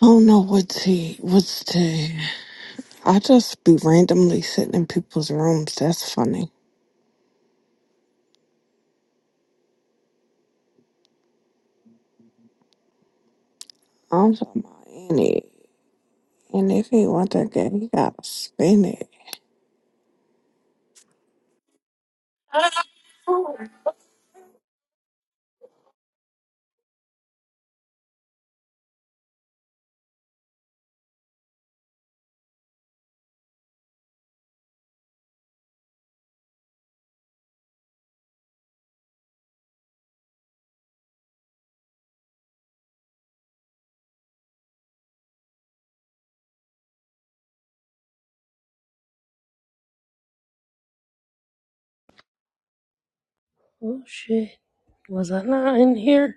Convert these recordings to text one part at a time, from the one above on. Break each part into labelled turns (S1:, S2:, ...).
S1: I don't know what to what's to. I just be randomly sitting in people's rooms. That's funny. I'm talking about any, and if he want that game, he gotta spin it.
S2: Oh shit. Was I not in here?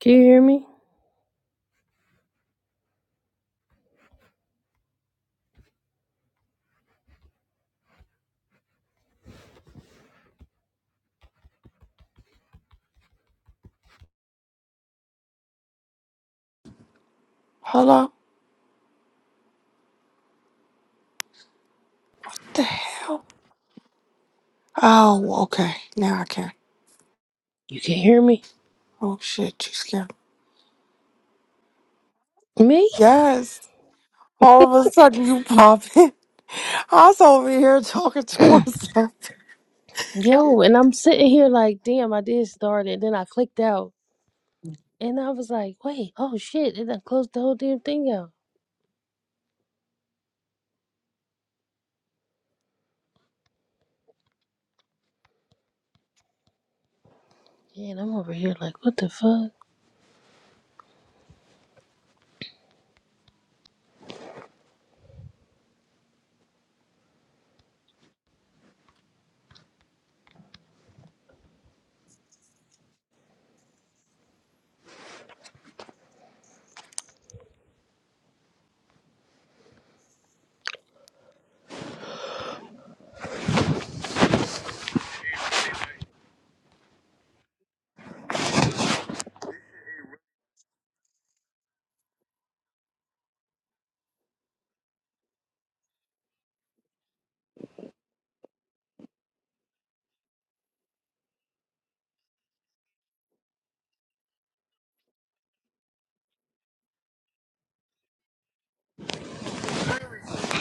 S2: Can you hear me?
S1: Hello, what the hell? Oh, okay, now I can.
S2: You can hear me?
S1: Oh shit, you scared? me.
S2: Me?
S1: Yes. All of a sudden you popping. I was over here talking to myself.
S2: Yo, and I'm sitting here like, damn, I did start it. Then I clicked out. And I was like, wait, oh shit. And I closed the whole damn thing out. Yeah, and I'm over here like, what the fuck?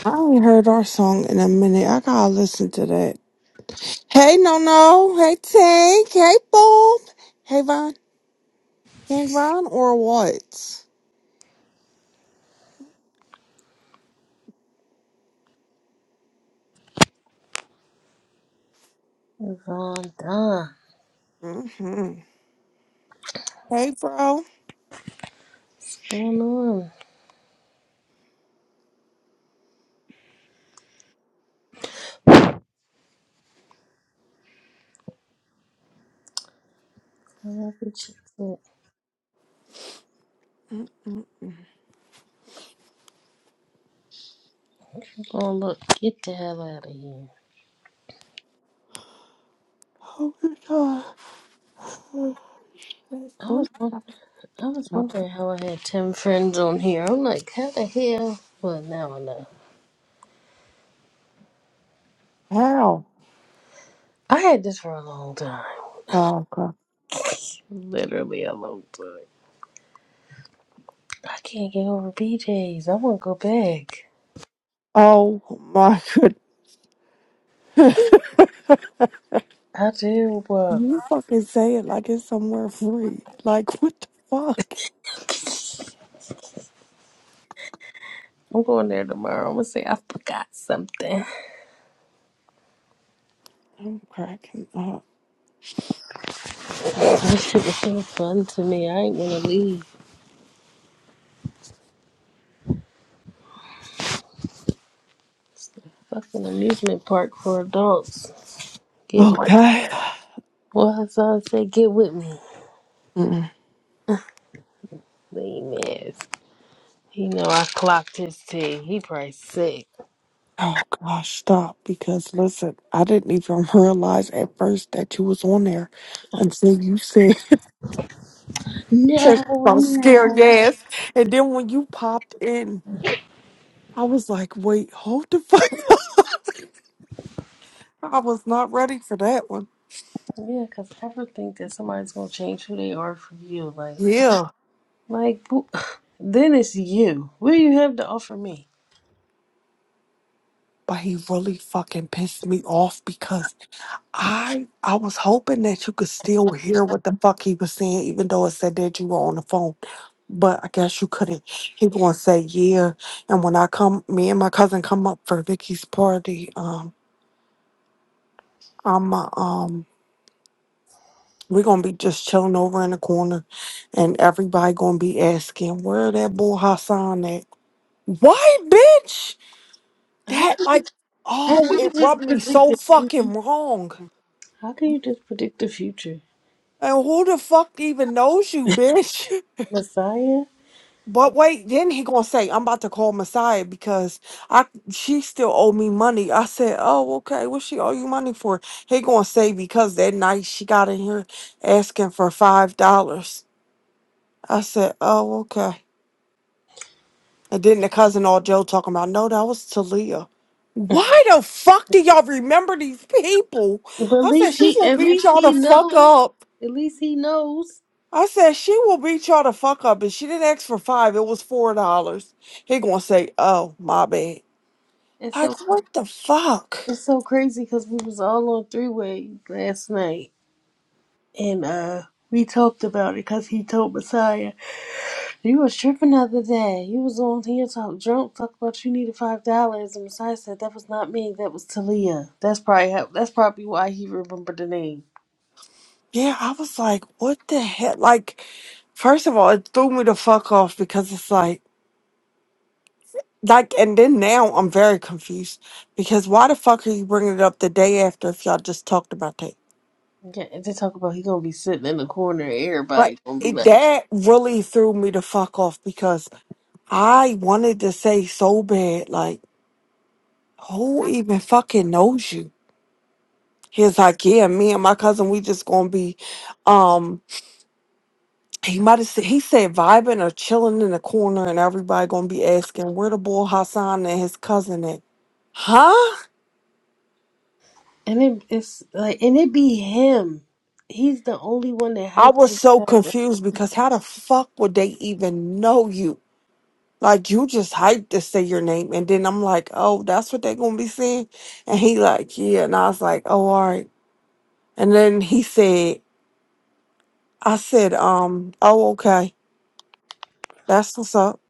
S1: I ain't heard our song in a minute. I gotta listen to that. Hey, no, no. Hey, Tank. Hey, Bob. Hey, Von. King Von or what?
S2: Yvonne, Don,
S1: hmm Hey, bro.
S2: what's going on? I'm up with you. I'm gonna look, get the hell out of here.
S1: Oh my god. Oh,
S2: I was, won- I was
S1: no.
S2: wondering how I had 10 friends on here. I'm like, how the hell? Well, now I know.
S1: How?
S2: I had this for a long time.
S1: Oh, god.
S2: Literally a long time. I can't get over BJ's. I want to go back.
S1: Oh my goodness.
S2: I do, but
S1: You fucking say it like it's somewhere free. Like, what the fuck?
S2: I'm going there tomorrow. I'm gonna say I forgot something.
S1: I'm cracking up.
S2: This shit was so fun to me. I ain't wanna leave. Fucking amusement park for adults. Get
S1: Okay.
S2: what his son said. Get with me.
S1: Mm.
S2: Lame ass. He know I clocked his tea. He probably sick.
S1: Oh gosh, stop. Because listen, I didn't even realize at first that you was on there until you said, said
S2: No,
S1: some scared
S2: no.
S1: ass. And then when you popped in, I was like, wait, hold the fuck up. I was not ready for that one.
S2: Yeah, 'cause I ever think that somebody's gonna change who they are for you. Like
S1: Yeah.
S2: Like, who- then it's you. What do you have to offer me?
S1: But he really fucking pissed me off because I I was hoping that you could still hear what the fuck he was saying, even though it said that you were on the phone. But I guess you couldn't. He gonna say yeah. And when I come me and my cousin come up for Vicky's party, um, I'm uh, um we're gonna be just chilling over in the corner and everybody gonna be asking, where that boy Hassan at? Why, bitch?
S2: How
S1: That
S2: can,
S1: like,
S2: how
S1: oh,
S2: can you
S1: it
S2: just
S1: rubbed me
S2: predict
S1: so
S2: the future?
S1: fucking wrong.
S2: How can you just predict the future,
S1: And who the fuck even knows you, bitch?
S2: Messiah?
S1: But wait, then he gonna say I'm about to call Messiah because I she still owe me money. I said, oh okay, what she owe you money for? He gonna say because that night she got in here asking for five dollars. I said, oh okay. And then the cousin all Joe talking about, no, that was Talia. Why the fuck do y'all remember these people?
S2: But at
S1: I said,
S2: least
S1: she
S2: he,
S1: will
S2: at
S1: beat
S2: least
S1: y'all the
S2: he
S1: fuck
S2: knows.
S1: up.
S2: At least he knows.
S1: I said, she will beat y'all the fuck up. And she didn't ask for five, it was four dollars. He gonna say, oh, my bad.
S2: It's so,
S1: Like,
S2: cra-
S1: what the fuck?
S2: it's so crazy because we was all on three way last night, and uh, we talked about it because he told Messiah. You was tripping the other day. You was on here talk drunk, talk about you needed five dollars, and Messiah said that was not me, that was Talia. That's probably how, that's probably why he remembered the name.
S1: Yeah, I was like, what the heck? Like, first of all, it threw me the fuck off because it's like, like, and then now I'm very confused because why the fuck are you bringing it up the day after if y'all just talked about that?
S2: Yeah, and they talk about he gonna be sitting in the corner, and
S1: But
S2: everybody gonna be
S1: it,
S2: like,
S1: that really threw me the fuck off because I wanted to say so bad, like, who even fucking knows you? He was like, yeah, me and my cousin, we just gonna be, um, he might have said, he said vibing or chilling in the corner and everybody gonna be asking where the boy Hassan and his cousin at. Huh?
S2: and it, it's like, and it be him. He's the only one that
S1: I
S2: hyped.
S1: was so confused because how the fuck would they even know you? Like you just hyped to say your name, and then I'm like, oh, that's what they're gonna be saying, and he like, yeah, and I was like, oh, all right, and then he said, I said, um, oh, okay, that's what's up,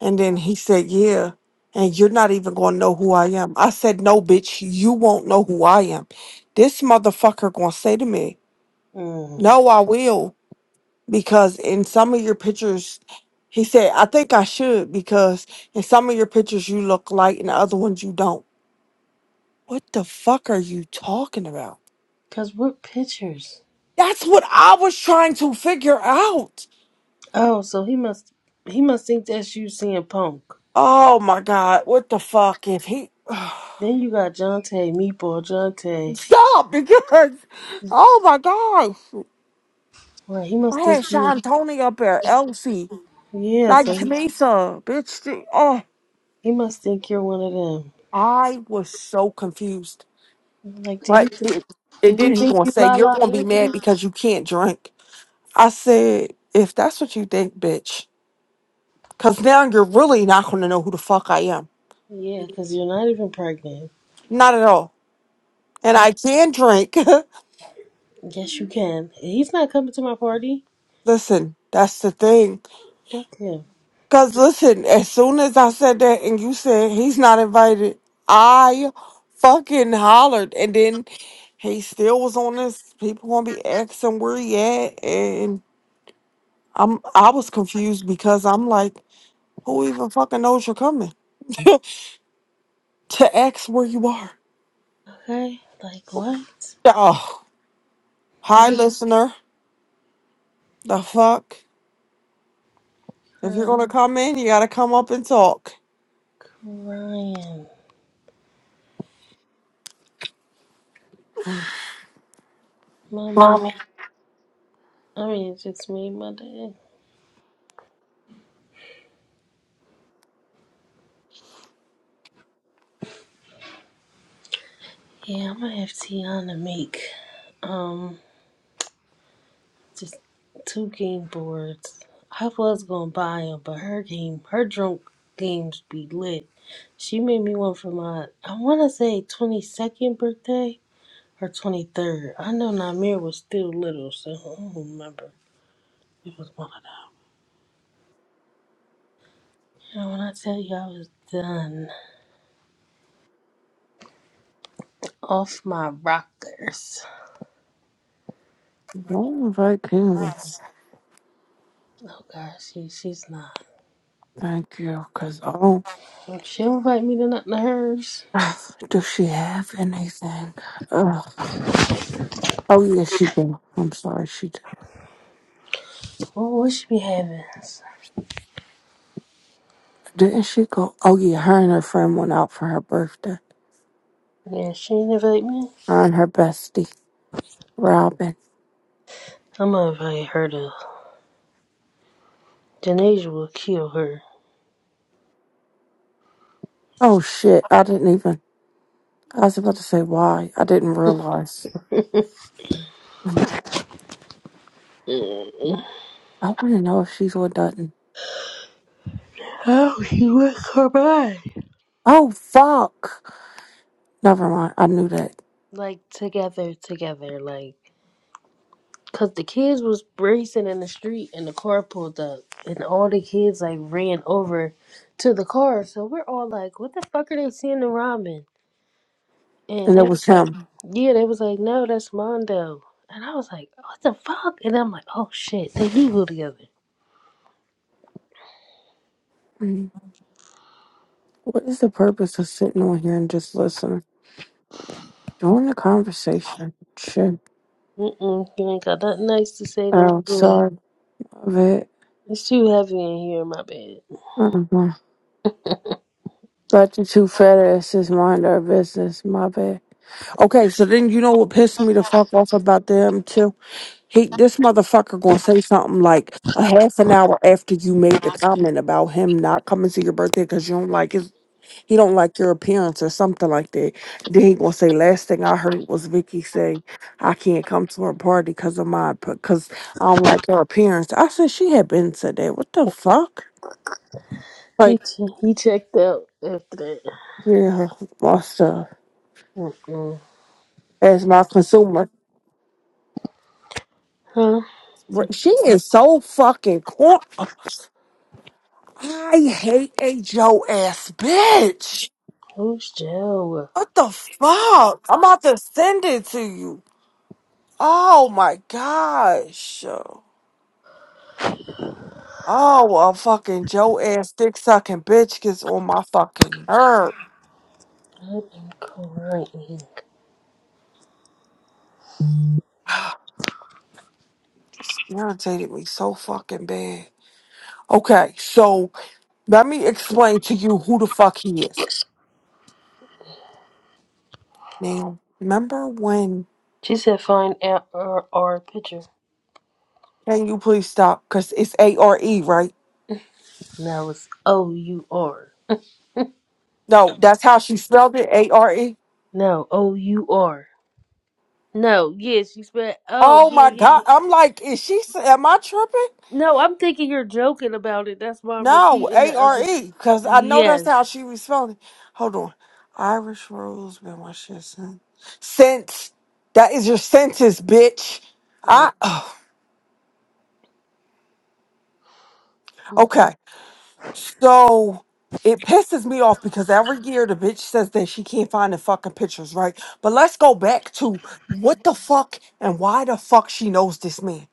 S1: and then he said, yeah, and you're not even gonna know who I am. I said, no, bitch, you won't know who I am. This motherfucker gonna say to me,
S2: Mm.
S1: no, I will, because in some of your pictures, he said, I think I should, because in some of your pictures you look like, and the other ones you don't. What the fuck are you talking about?
S2: Cause what pictures?
S1: That's what I was trying to figure out.
S2: Oh, so he must he must think that's you seeing Punk.
S1: Oh my god, what the fuck is he?
S2: Then you got Jonte, Meatball, Jonte.
S1: Stop because, oh my god,
S2: Right, he must
S1: I
S2: think
S1: had
S2: you.
S1: Sean Tony up there, Elsie,
S2: Yeah,
S1: like
S2: so he
S1: Tamisa, bitch. th- Oh,
S2: He must think you're one of them.
S1: I was so confused.
S2: Like, do you
S1: But
S2: think,
S1: it-
S2: do
S1: and
S2: we
S1: then he
S2: think
S1: gonna
S2: you
S1: say
S2: La
S1: you're
S2: La
S1: gonna be mad
S2: Anthony?
S1: because you can't drink. I said, if that's what you think, bitch, because now you're really not gonna know who the fuck I am.
S2: Yeah, because you're not even pregnant.
S1: Not at all. And
S2: And
S1: I can drink.
S2: yes, you can. He's not coming to my party.
S1: listen, that's the thing.
S2: Duck him.
S1: Because listen, as soon as I said that and you said he's not invited, I fucking hollered. And then he still was on this. People gonna be asking where he at. And I'm, I was confused because I'm like, who even fucking knows you're coming to ask where you are?
S2: Okay? Like, what?
S1: Oh,
S2: Did
S1: hi,
S2: it
S1: listener. The fuck? If you're
S2: cry
S1: gonna come in, you gotta come up and talk.
S2: crying? Mommy, I mean, it just made my day. Yeah, I'm gonna have Tiana make. Um. Just two game boards. I was gonna buy them, but her game, her drunk games be lit. She made me one for my, I wanna say 22nd birthday or 23rd. I know Namir was still little, so I don't remember. It was one of them. And when I tell you I was done off my rockers.
S1: Don't invite him.
S2: Oh gosh, she, she's not.
S1: Thank you, cause oh,
S2: If she don't invite me to nothing of hers,
S1: does she have anything? Ugh. Oh yeah, she do. I'm sorry, she did.
S2: what would she be having?
S1: Didn't she go? Oh yeah, her and her friend went out for her birthday.
S2: Yeah, she didn't invite me.
S1: Her and her bestie, Robin.
S2: I'm gonna invite her to Dinesh will kill her.
S1: Oh shit, I didn't even. I was about to say why. I didn't realize. I
S2: Mm.
S1: want to know if she's with Dutton.
S2: How he wreck her mind?
S1: Oh fuck! Never mind. I knew that,
S2: Like together, together, like. Cause the kids was racing in the street and the car pulled up and all the kids like ran over to the car. So we're all like, What the fuck are they seeing in Robin? And
S1: and
S2: they
S1: it
S2: was
S1: was
S2: like
S1: him.
S2: Yeah, they was like, No, that's Mondo and I was like, What the fuck? And I'm like, Oh shit, they do go together.
S1: Mm. What is the purpose of sitting on here and just listening? Join the conversation. Shit.
S2: Mm mm, you ain't got nothing nice to say, don't
S1: Oh,
S2: you?
S1: sorry. bad.
S2: It's too heavy in here, my bad.
S1: Uh-huh. But the two fat asses mind our business. My bad. Okay, so then you know what pissed me the fuck off about them too? He, this motherfucker gonna say something like a half an hour after you made the comment about him not coming to your birthday because you don't like his, he don't like your appearance or something like that. Then he gonna say, last thing I heard was Vicky saying I can't come to her party because of my, because I don't like her appearance. I said she had been said that. What the fuck?
S2: He
S1: Like,
S2: che- he checked out after that.
S1: yeah, what's up?
S2: Mm-mm.
S1: as my consumer.
S2: Huh?
S1: She is so fucking corn. I hate a Joe ass bitch.
S2: Who's Joe?
S1: What the fuck? I'm about to send it to you. Oh my gosh. Oh, a fucking Joe ass dick sucking bitch gets on my fucking nerve.
S2: I've been crying.
S1: Just irritated me so fucking bad. Okay, so let me explain to you who the fuck he is. Now, remember when?
S2: She said find out our, our picture.
S1: Can you please stop? Because it's A R E, right?
S2: Now it's O U R.
S1: No, that's how she spelled it A R E.
S2: No, O U R. No, yes, you spelled. Oh,
S1: Oh
S2: yeah,
S1: my
S2: yeah, yeah.
S1: God. I'm like, is she, am I tripping?
S2: No, I'm thinking you're joking about it. That's why I'm
S1: No,
S2: repeating
S1: A
S2: the
S1: R
S2: other.
S1: E. Because I know that's
S2: Yes.
S1: how she was spelling it. Hold on. Irish Rose been my shit since. Since. That is your sentence, bitch.
S2: Mm.
S1: I, oh,
S2: How about you?
S1: okay. So it pisses me off because every year the bitch says that she can't find the fucking pictures, right? But let's go back to what the fuck and why the fuck she knows this man.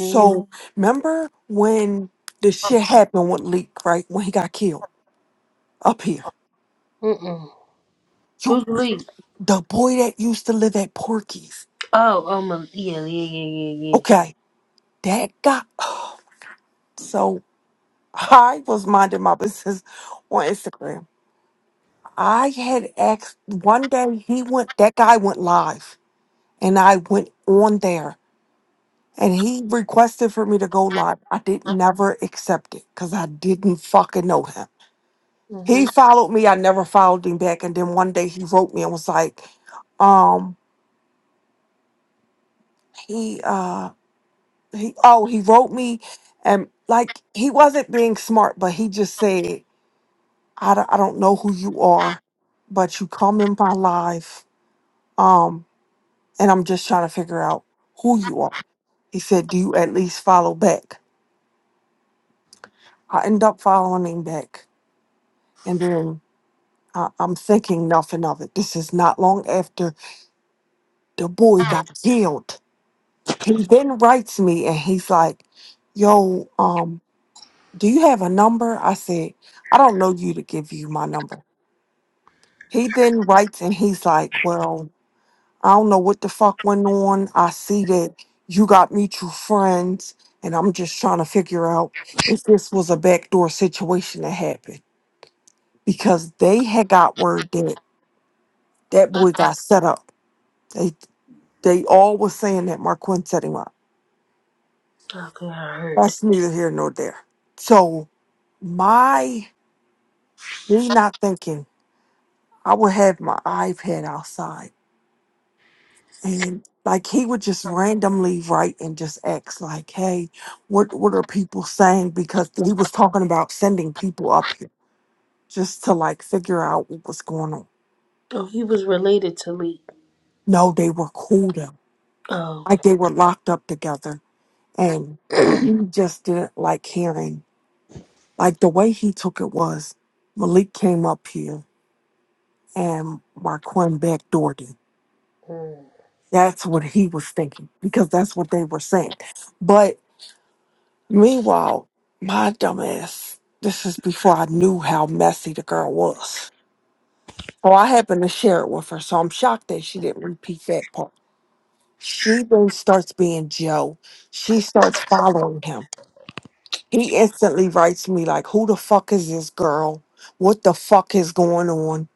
S2: Mm,
S1: remember when the shit happened with Leak, right? When he got killed up here.
S2: Mm-mm.
S1: You
S2: Who's Lee?
S1: the boy that used to live at Porky's.
S2: Oh, um, uh, yeah, yeah, yeah, yeah, yeah.
S1: Okay. That got so I was minding my business on Instagram. I had asked one day he went that guy went live. and I went on there and he requested for me to go live. I did never accept it because I didn't fucking know him.
S2: Mm-hmm.
S1: He followed me, I never followed him back. And then one day he wrote me and was like, um, he uh he oh he wrote me and like he wasn't being smart, but he just said, I don't, I don't know who you are, but you come in my life. Um, and I'm just trying to figure out who you are. He said, Do you at least follow back? I end up following him back. And then I, I'm thinking nothing of it. This is not long after the boy got killed. He then writes me and he's like, Yo, um, do you have a number? I said, I don't know you to give you my number. He then writes and he's like, Well, I don't know what the fuck went on. I see that you got mutual friends and I'm just trying to figure out if this was a backdoor situation that happened. Because they had got word that That boy got set up. They they all were saying that Marquand set him up.
S2: Okay, I heard.
S1: That's neither here nor there. So my me not thinking, I would have my iPad outside and like he would just randomly write and just ask like, hey, what what are people saying? Because he was talking about sending people up here just to like figure out what was going on.
S2: Oh, he was related to Lee.
S1: No, they were cool though. Like
S2: Okay.
S1: they were locked up together and he just didn't like hearing. Like the way he took it was Malik came up here and Marquand backdoored him.
S2: Mm.
S1: That's what he was thinking because that's what they were saying. But meanwhile, my dumbass, this is before I knew how messy the girl was. Oh, I happened to share it with her. So I'm shocked that she didn't repeat that part. She then starts being Joe. She starts following him. He instantly writes me like, "Who the fuck is this girl? What the fuck is going on?"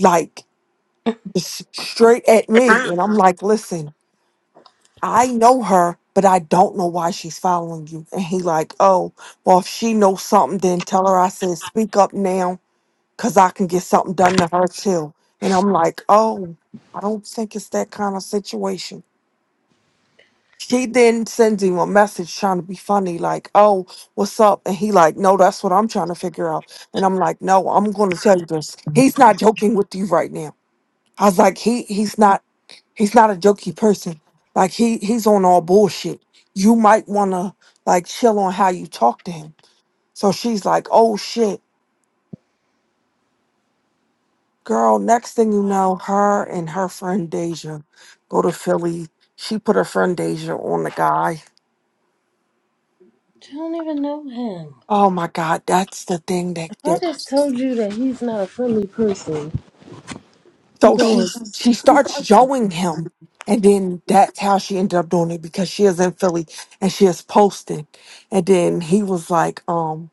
S1: Like s- straight at me and I'm like, listen, I know her, but I don't know why she's following you. And he like, oh, well, if she knows something, then tell her I said speak up now, cause I can get something done to her too. And I'm like, oh, I don't think it's that kind of situation. She then sends him a message trying to be funny, like, oh, what's up? And he like, no, that's what I'm trying to figure out. And I'm like, no, I'm gonna tell you this. He's not joking with you right now. I was like, he he's not He's not a jokey person. Like he he's on all bullshit. You might wanna like chill on how you talk to him. So she's like, oh shit, girl. Next thing you know, her and her friend Deja go to Philly. She put her friend Deja on the guy.
S2: You don't even know him.
S1: Oh my god, that's the thing that
S2: If I
S1: that.
S2: just told you that he's not a friendly person, you
S1: So she
S2: going
S1: she starts showing him, and then that's how she ended up doing it because she is in Philly and she is posting. And then he was like, um.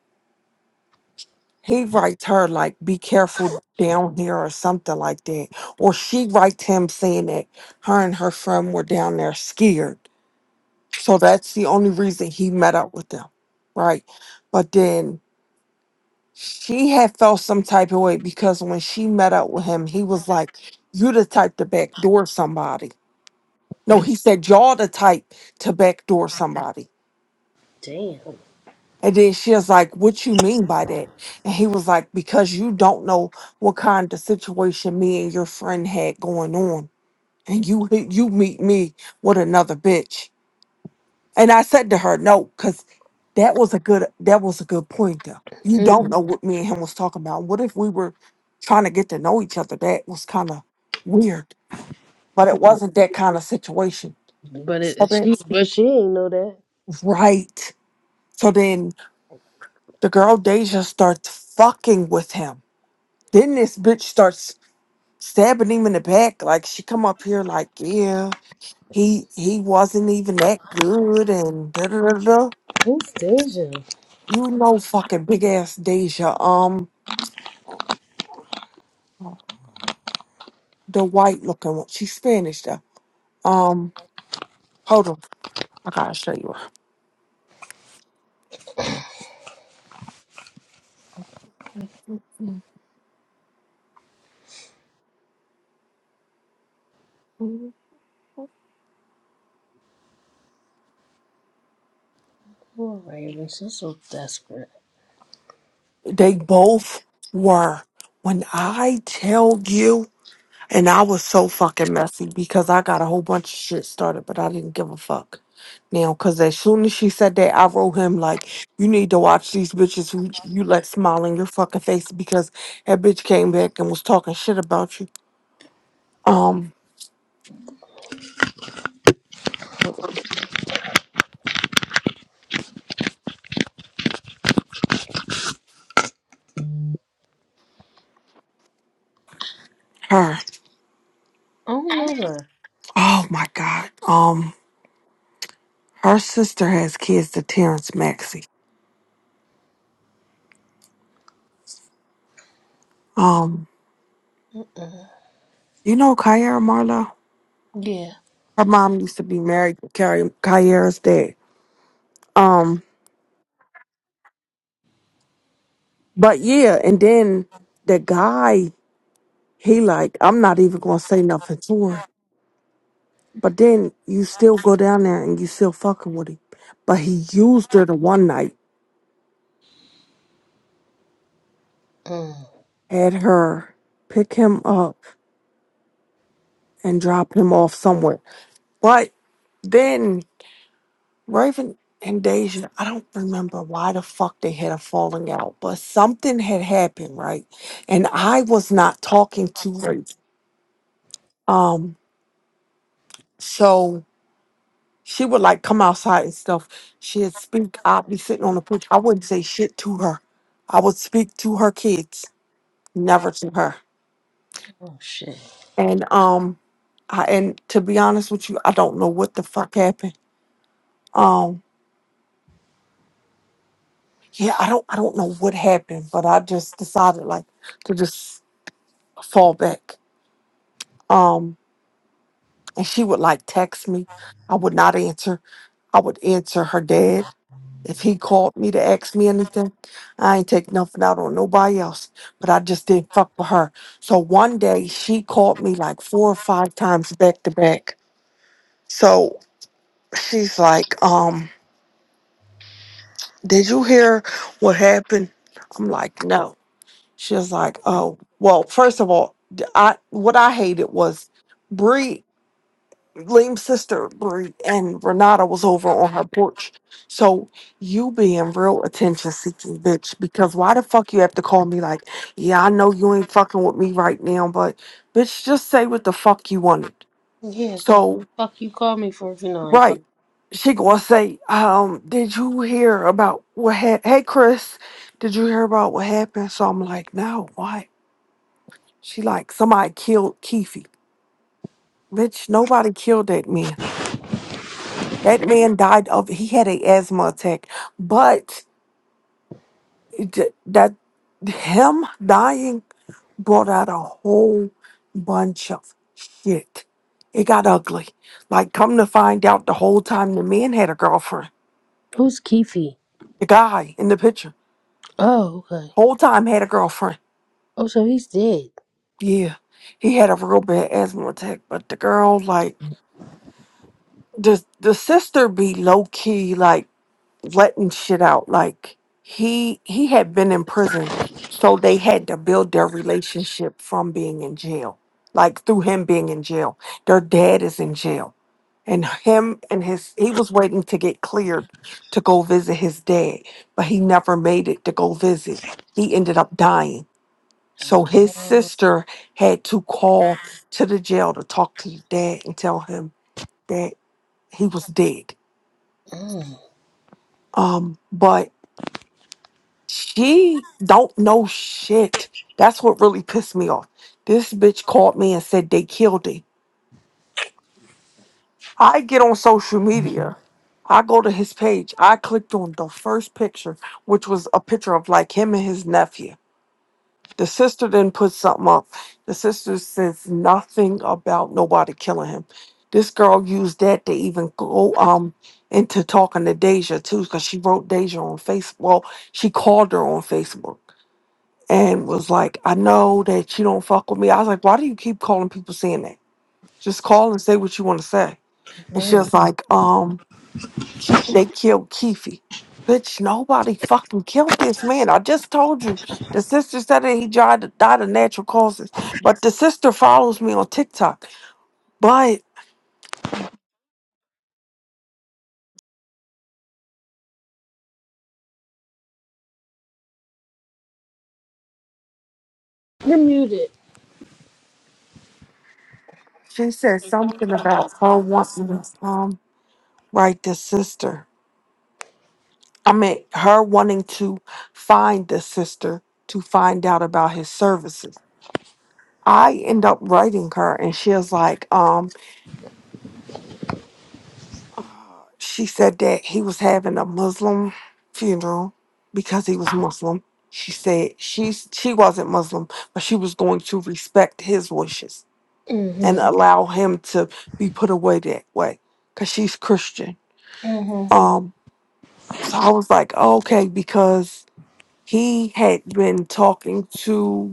S1: he writes her like be careful down here or something like that or she writes him saying that her and her friend were down there scared so that's the only reason he met up with them right but then she had felt some type of way because when she met up with him he was like you the type to backdoor somebody no he said y'all the type to backdoor somebody
S2: Damn.
S1: And then she was like, What you mean by that? And he was like, Because you don't know what kind of situation me and your friend had going on. And you you meet me with another bitch. And I said to her, No, because that was a good that was a good point though. You
S2: mm.
S1: don't know what me and him was talking about. What if we were trying to get to know each other? That was kind of weird. But it wasn't that kind of situation.
S2: but it, it- she but she ain't know that.
S1: Right. So then the girl Deja starts fucking with him. Then this bitch starts stabbing him in the back. Like she come up here like, yeah, he he wasn't even that good and da da da da.
S2: Who's Deja?
S1: You know fucking big ass Deja, um the white looking one. She's Spanish though. Um hold on. I gotta show you her.
S2: Poor Raven. She's so desperate.
S1: They both were when I tell you And I was so fucking messy because I got a whole bunch of shit started, but I didn't give a fuck. Now, because as soon as she said that, I wrote him like, you need to watch these bitches who you let smile in your fucking face because that bitch came back and was talking shit about you. Um,
S2: I
S1: her.
S2: don't know her.
S1: Oh my God. Um, her sister has kids to Terrence Maxey. Um,
S2: Mm.
S1: you know Kyra Marlowe?
S2: Yeah.
S1: Her mom used to be married to Kyra, Kyra's dad. Um, but yeah, and then the guy He like, I'm not even gonna say nothing to her. But then you still go down there and you still fucking with him. But he used her the one night,
S2: Mm.
S1: had her pick him up and drop him off somewhere. But then Raven and Deja, I don't remember why the fuck they had a falling out, but something had happened, right? And I was not talking to Raven. Um, so She would like come outside and stuff. She'd speak. I'd be sitting on the porch. I wouldn't say shit to her. I would speak to her kids, never to her.
S2: Oh, shit.
S1: And um, I and to be honest with you, I don't know what the fuck happened. Um, yeah, I don't I don't know what happened, but I just decided like to just fall back. Um, and she would like text me. I would not answer. I would answer her dad. If he called me to ask me anything, I ain't take nothing out on nobody else. But I just didn't fuck with her. So one day she called me like four or five times back to back. So she's like, um, did you hear what happened? I'm like, no. She was like, oh, well, first of all, d- I what I hated was Bree. Liam's sister Bree, and Renata was over on her porch. So you being real attention seeking bitch because why the fuck you have to call me like, yeah, I know you ain't fucking with me right now, but bitch, just say what the fuck you wanted.
S2: Yeah, 'cause the
S1: So
S2: fuck you call me for if you know I ain't fuck.
S1: right. She gonna say, um, did you hear about what happened? Hey Chris, did you hear about what happened? So I'm like, no, what? She like somebody killed Keefe. Bitch, nobody killed that man. That man died of he had a asthma attack, but th- that him dying brought out a whole bunch of shit. It got ugly. Like come to find out the whole time the man had a girlfriend.
S2: Who's Keefe?
S1: The guy in the picture
S2: Oh, okay.
S1: whole time had a girlfriend.
S2: Oh, so he's dead.
S1: Yeah. He had a real bad asthma attack, but the girl like the the sister be low key like letting shit out. Like he he had been in prison, so they had to build their relationship from being in jail. Like through him being in jail. Their dad is in jail. And him and his he was waiting to get cleared to go visit his dad, but he never made it to go visit. He ended up dying. So his
S2: Oh.
S1: sister had to call to the jail to talk to the dad and tell him that he was dead.
S2: mm.
S1: Um, but She don't know shit. That's what really pissed me off. This bitch called me and said they killed him. I get on social media. I go to his page. I clicked on the first picture, which was a picture of like him and his nephew. The sister then put something up. The sister says nothing about nobody killing him. This girl used that to even go um into talking to Deja too, because she wrote Deja on Facebook. Well, she called her on Facebook. and was like, I know that you don't fuck with me. I was like, why do you keep calling people saying that? Just call and say what you want to say. And she
S2: Right.
S1: was like, um, Ke- they killed Keefe. Bitch, nobody fucking killed this man. I just told you. The sister said that he died, died of natural causes. But the sister follows me on TikTok. But
S2: You're muted.
S1: she said something about her wanting to um, right, the sister. I mean, her wanting to find the sister to find out about his services. I end up writing her, and she was like, um, uh, she said that he was having a Muslim funeral because he was Muslim. She said she's she wasn't Muslim, but she was going to respect his wishes
S2: Mm-hmm.
S1: and allow him to be put away that way because she's Christian.
S2: Mm-hmm.
S1: Um, so I was like, "Oh, okay, because he had been talking to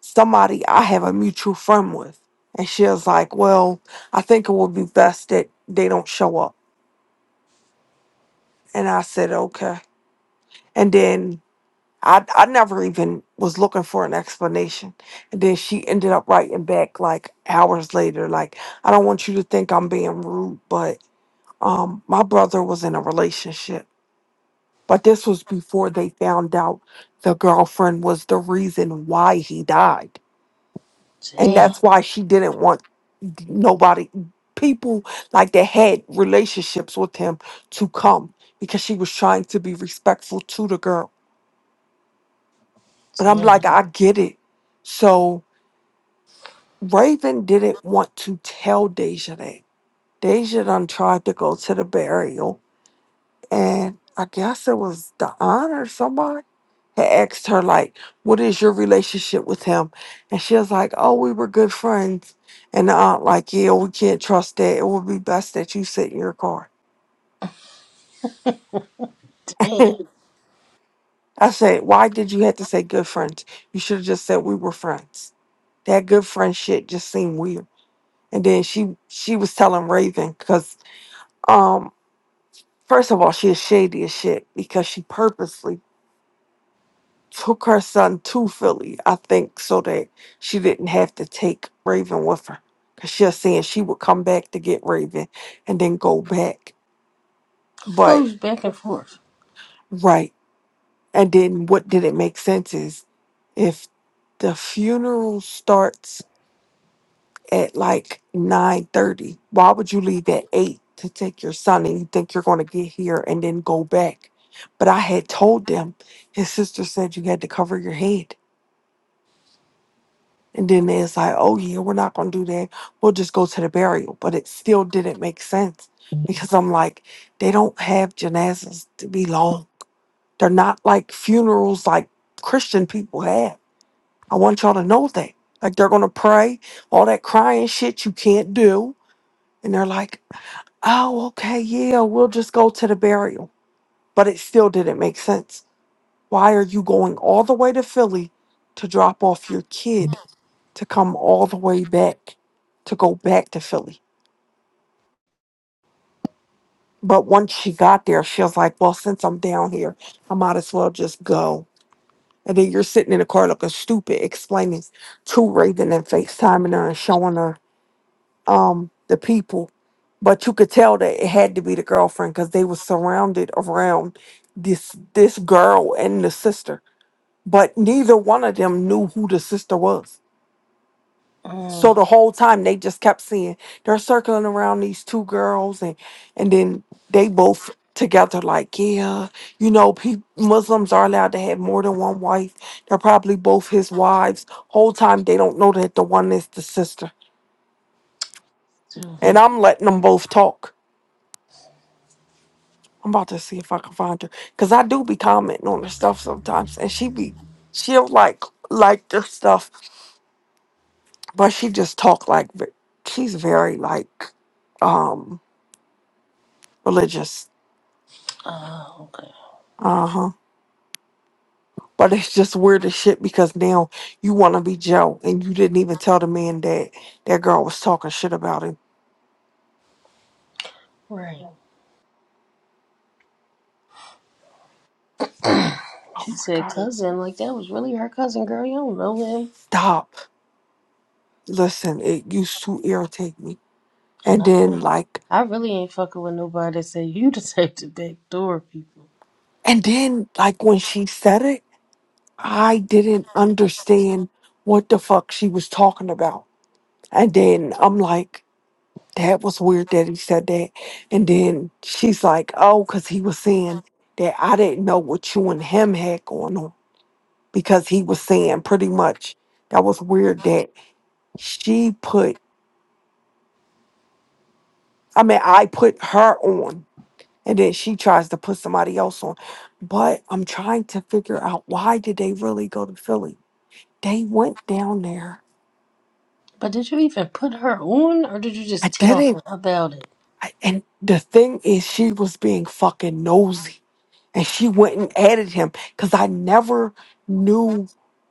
S1: somebody I have a mutual friend with. And she was like, Well, I think it would be best that they don't show up. And I said, Okay. And then I, I never even was looking for an explanation. And then she ended up writing back like hours later, like, I don't want you to think I'm being rude, but um, my brother was in a relationship. But this was before they found out the girlfriend was the reason why he died. And
S2: Damn.
S1: that's why she didn't want nobody people like that had relationships with him to come because she was trying to be respectful to the girl but i'm
S2: Damn,
S1: like i get it so raven didn't want to tell deja that deja done tried to go to the burial and i guess it was the honor somebody had asked her like what is your relationship with him and she was like oh we were good friends and the aunt like yeah we can't trust that it would be best that you sit in your car
S2: damn.
S1: I said, why did you have to say good friends? You should have just said we were friends. That good friend shit just seemed weird. And then she she was telling Raven because um first of all she is shady as shit because she purposely took her son to Philly, I think, so that she didn't have to take Raven with her. Cause she was saying she would come back to get Raven and then go back. But
S2: Goes back and forth.
S1: right. And then what didn't make sense is if the funeral starts at like nine thirty. Why would you leave at eight to take your son and you think you're gonna get here and then go back? But I had told them his sister said you had to cover your head. And then it's like, oh yeah, we're not gonna do that. We'll just go to the burial. But it still didn't make sense because I'm like, they don't have janazas to be long. They're not like funerals like Christian people have. I want y'all to know that. Like they're gonna pray, all that crying shit you can't do. And they're like, Oh, okay, yeah, we'll just go to the burial. But it still didn't make sense. Why are you going all the way to Philly to drop off your kid to come all the way back to go back to Philly? But once she got there, she was like, Well, since I'm down here, I might as well just go. And then you're sitting in the car looking stupid, explaining to Raven and FaceTiming her and showing her um the people but you could tell that it had to be the girlfriend because they were surrounded around this this girl and the sister but neither one of them knew who the sister was so
S2: Mm,
S1: the whole time they just kept seeing they're circling around these two girls and and then they both together like yeah you know pe- muslims are allowed to have more than one wife they're probably both his wives whole time they don't know that the one is the sister
S2: two.
S1: and i'm letting them both talk I'm about to see if I can find her because I do be commenting on her stuff sometimes, and she be she'll like like their stuff, but she just talk like ve- she's very like um religious.
S2: Oh, okay.
S1: Uh huh. But it's just weird as shit because now you want to be Joe and you didn't even tell the man that that girl was talking shit about him.
S2: Right.
S1: Oh
S2: She
S1: my
S2: said
S1: god!
S2: cousin, like that was really her cousin, girl. You don't know him.
S1: Stop. Listen, it used to irritate me,
S2: And
S1: and then
S2: I
S1: like
S2: I really ain't fucking with nobody that said you the type to backdoor people.
S1: and then like when she said it. I didn't understand what the fuck she was talking about. And then I'm like, that was weird that he said that. And then she's like, oh, because he was saying that I didn't know what you and him had going on. Because he was saying pretty much that was weird that she put, I mean, I put her on. And then she tries to put somebody else on. But I'm trying to figure out why did they really go to Philly? They went down there.
S2: But did you even put her on or did you
S1: I
S2: just tell
S1: didn't
S2: her about it?
S1: I- And the thing is, she was being fucking nosy. And she went and added him because I never knew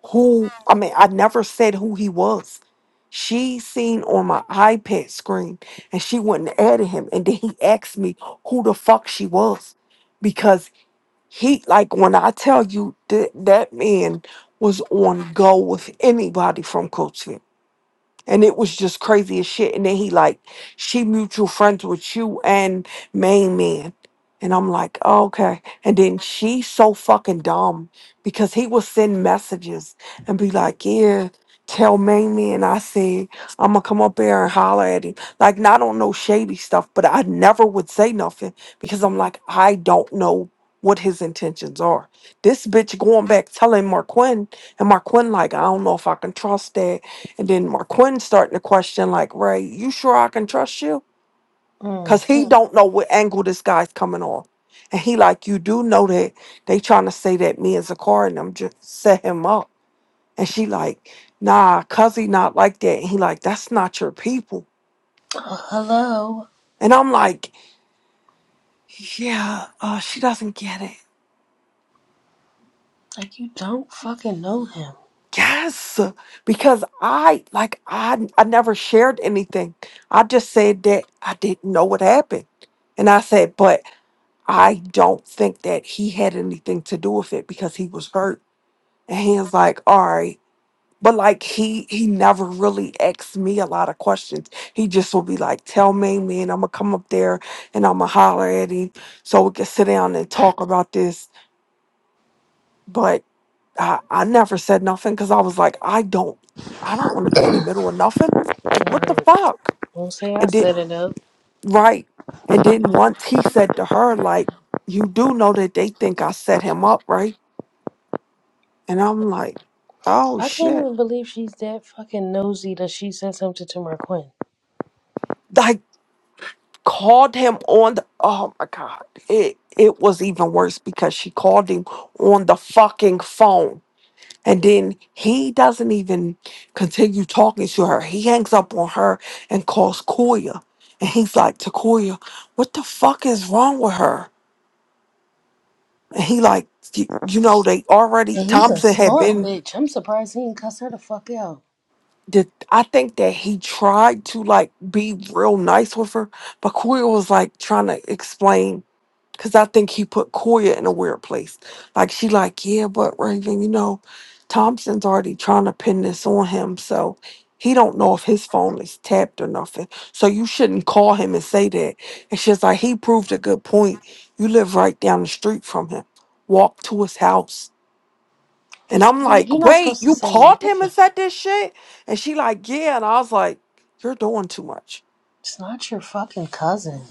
S1: who, I mean, I never said who he was. She seen on my iPad screen and she went and added him. And then he asked me who the fuck she was. Because he, like, when I tell you that that man was on go with anybody from Coach and it was just crazy as shit. And then he like, she mutual friends with you and main man. And I'm like, "Oh, okay. And then she's so fucking dumb because he will send messages and be like, yeah, tell main man I said I'm gonna come up there and holler at him. Like, not on no shady stuff, but I never would say nothing because I'm like, I don't know what his intentions are. This bitch going back telling Marquin and Marquin like, I don't know if I can trust that. And then Marquinn starting to question, like, Ray, you sure I can trust you?
S2: Mm.
S1: Cause he
S2: Mm.
S1: don't know what angle this guy's coming on. And he like, you do know that they trying to say that me and Zakari and them just set him up. And she like, nah, cuz he not like that. And he like, that's not your people.
S2: Oh, hello.
S1: And I'm like, yeah, uh, she doesn't get it.
S2: Like you don't fucking know him.
S1: Yes, because I like I I never shared anything. I just said that I didn't know what happened. And I said, but I don't think that he had anything to do with it because he was hurt. And he was like, all right. But like he he never really asked me a lot of questions. He just would be like, tell me, man, I'ma come up there and I'ma holler at him so we can sit down and talk about this. But I, I never said nothing because I was like, I don't I don't want to be in the middle of nothing. Like what the
S2: Mm.
S1: fuck?
S2: Won't say I
S1: And then
S2: set it up.
S1: right. And then once he said to her, like, you do know that they think I set him up, right? And I'm like, oh
S2: I can't
S1: shit.
S2: even believe she's that fucking nosy that she said something to Marquez.
S1: I called him on the oh my god. It it was even worse because she called him on the fucking phone. And then he doesn't even continue talking to her. He hangs up on her and calls Koya. And he's like, Takoya, what the fuck is wrong with her? And he like, you, you know, they already
S2: And he's a
S1: Thompson had
S2: smart
S1: been
S2: bitch. I'm surprised he didn't cuss her the fuck out.
S1: the I think that he tried to like be real nice with her, but Koya was like trying to explain because I think he put Koya in a weird place. Like she like, yeah, but Raven, you know, Thompson's already trying to pin this on him, so he don't know if his phone is tapped or nothing. So you shouldn't call him and say that. It's just like he proved a good point. You live right down the street from him. Walk to his house. And
S2: Bitch,
S1: I'm
S2: you- you're
S1: like,
S2: not
S1: wait,
S2: supposed to
S1: you
S2: say
S1: called him
S2: nothing.
S1: and said this shit? And she like, yeah. And I was like, you're doing too much.
S2: It's not your fucking cousin.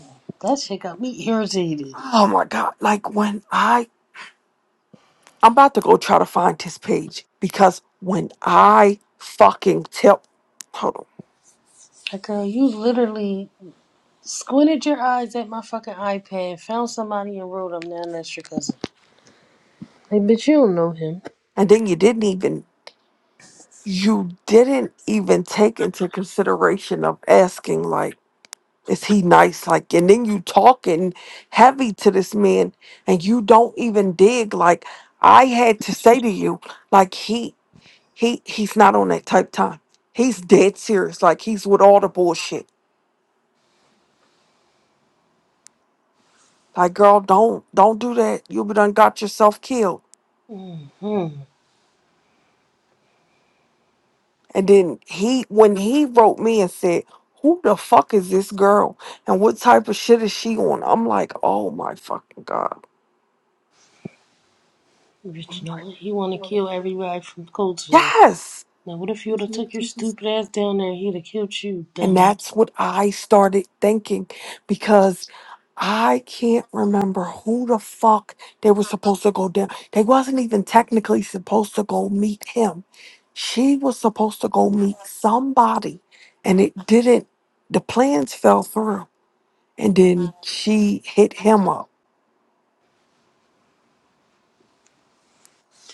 S2: That shit got me irritated.
S1: Oh my God. Like when I, I'm about to go try to find his page because when I fucking tell, hold on.
S2: Like, girl, you literally squinted your eyes at my fucking iPad, found somebody and wrote him down. That's your cousin. Hey, bitch, you don't know him.
S1: And then you didn't even, you didn't even take into consideration of asking like, is he nice? Like, and then you talking heavy to this man and you don't even dig. Like I had to say to you, like he He he's not on that type time. He's dead serious. Like he's with all the bullshit. Like, girl, don't don't do that. You'll be done got yourself killed.
S2: Mm-hmm.
S1: And then he when he wrote me and said, Who the fuck is this girl? And what type of shit is she on? I'm like, oh my fucking God.
S2: Bitch, you
S1: I'm
S2: know
S1: like,
S2: what? He want to kill everybody from Coltsville.
S1: yes.
S2: Now, what if you would have took your stupid ass down there? He'd have killed you,
S1: And
S2: dummy.
S1: that's what I started thinking because I can't remember who the fuck they were supposed to go down. They wasn't even technically supposed to go meet him. She was supposed to go meet somebody and it didn't the plans fell through. And then she hit him up.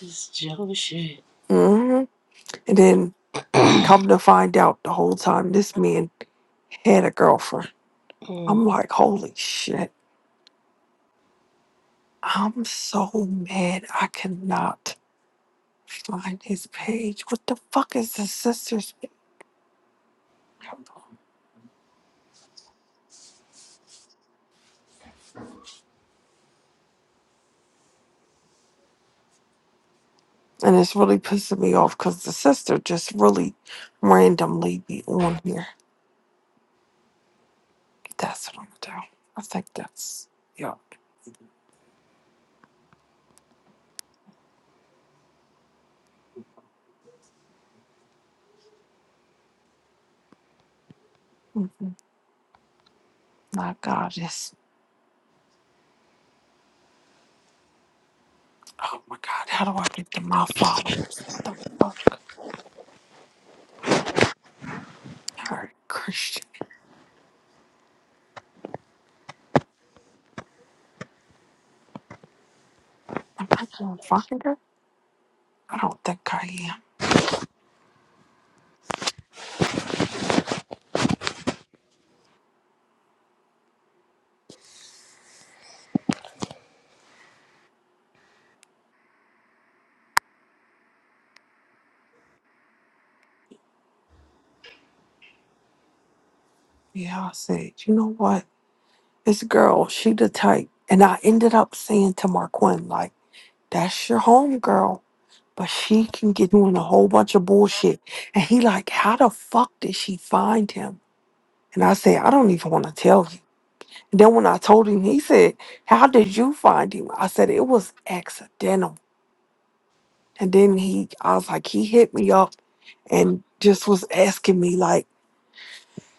S2: This is Joe shit.
S1: hmm And then come to find out the whole time this man had a girlfriend. I'm like, holy shit. I'm so mad. I cannot. Find his page. What the fuck is the sister's page? And it's really pissing me off because the sister just really randomly be on here. That's what I'm gonna do. I think that's yeah. hmm My God, it's oh my God. How do I get to my followers? What the fuck? All right, Christian, am I gonna find her? I don't think I am. Yeah, I said, you know what? This girl, she the type. And I ended up saying to Marquin, like, that's your home girl. but she can get doing a whole bunch of bullshit. And he like, how the fuck did she find him? And I said, I don't even want to tell you. And then when I told him, he said, How did you find him? I said, It was accidental. And then he I was like, he hit me up and just was asking me like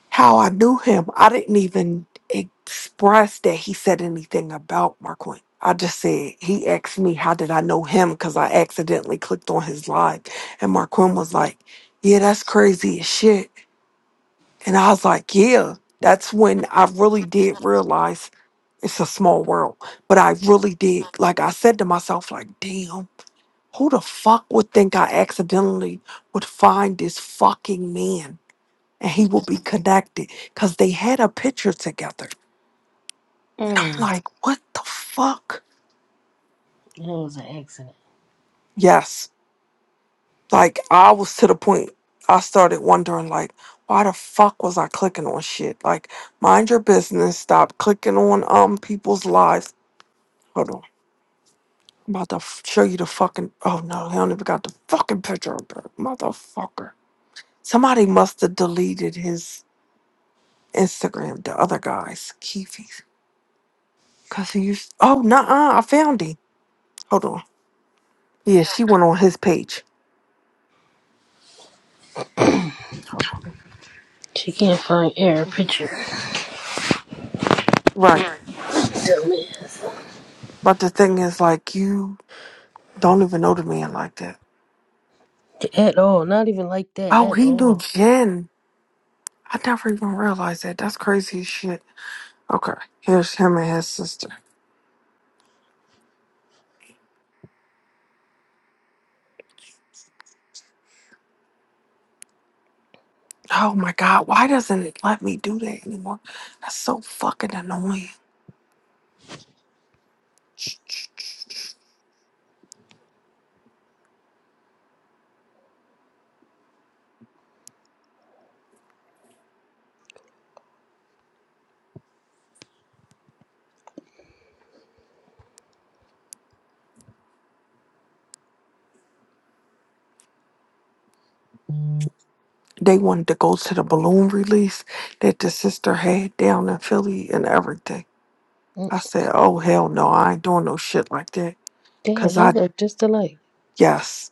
S1: how I knew him, I didn't even express that he said anything about Marquand. I just said he asked me how did I know him because I accidentally clicked on his live, and Marquand was like, "Yeah, that's crazy as shit," and I was like, "Yeah." That's when I really did realize it's a small world, but I really did like I said to myself, like, "Damn, who the fuck would think I accidentally would find this fucking man?" and he will be connected because they had a picture together. I'm
S2: Mm-mm.
S1: like, what the fuck?
S2: It was an accident.
S1: Yes. Like, I was to the point, I started wondering, like, why the fuck was I clicking on shit? Like, mind your business. Stop clicking on um people's lives. Hold on. I'm about to f- show you the fucking. Oh no, he don't even got the fucking picture up there. Motherfucker. Somebody must have deleted his Instagram, the other guy's, Keefe's. Because he used. Oh, nah, I found him. Hold on. Yeah, she went on his page. Hold on.
S2: She can't find air picture.
S1: Right.
S2: Dumbass.
S1: But the thing is, like, you don't even know the man like that.
S2: At all. Not even like that.
S1: Oh,
S2: At
S1: he knew
S2: all.
S1: Jen. I never even realized that. That's crazy as shit. Okay, here's him and his sister. Oh my god, why doesn't it let me do that anymore? That's so fucking annoying.
S2: Mm,
S1: They wanted to go to the balloon release that the sister had down in Philly and everything. I said, oh hell no, I ain't doing no shit like that.
S2: Damn,
S1: Cause
S2: they
S1: I,
S2: look just alike.
S1: yes.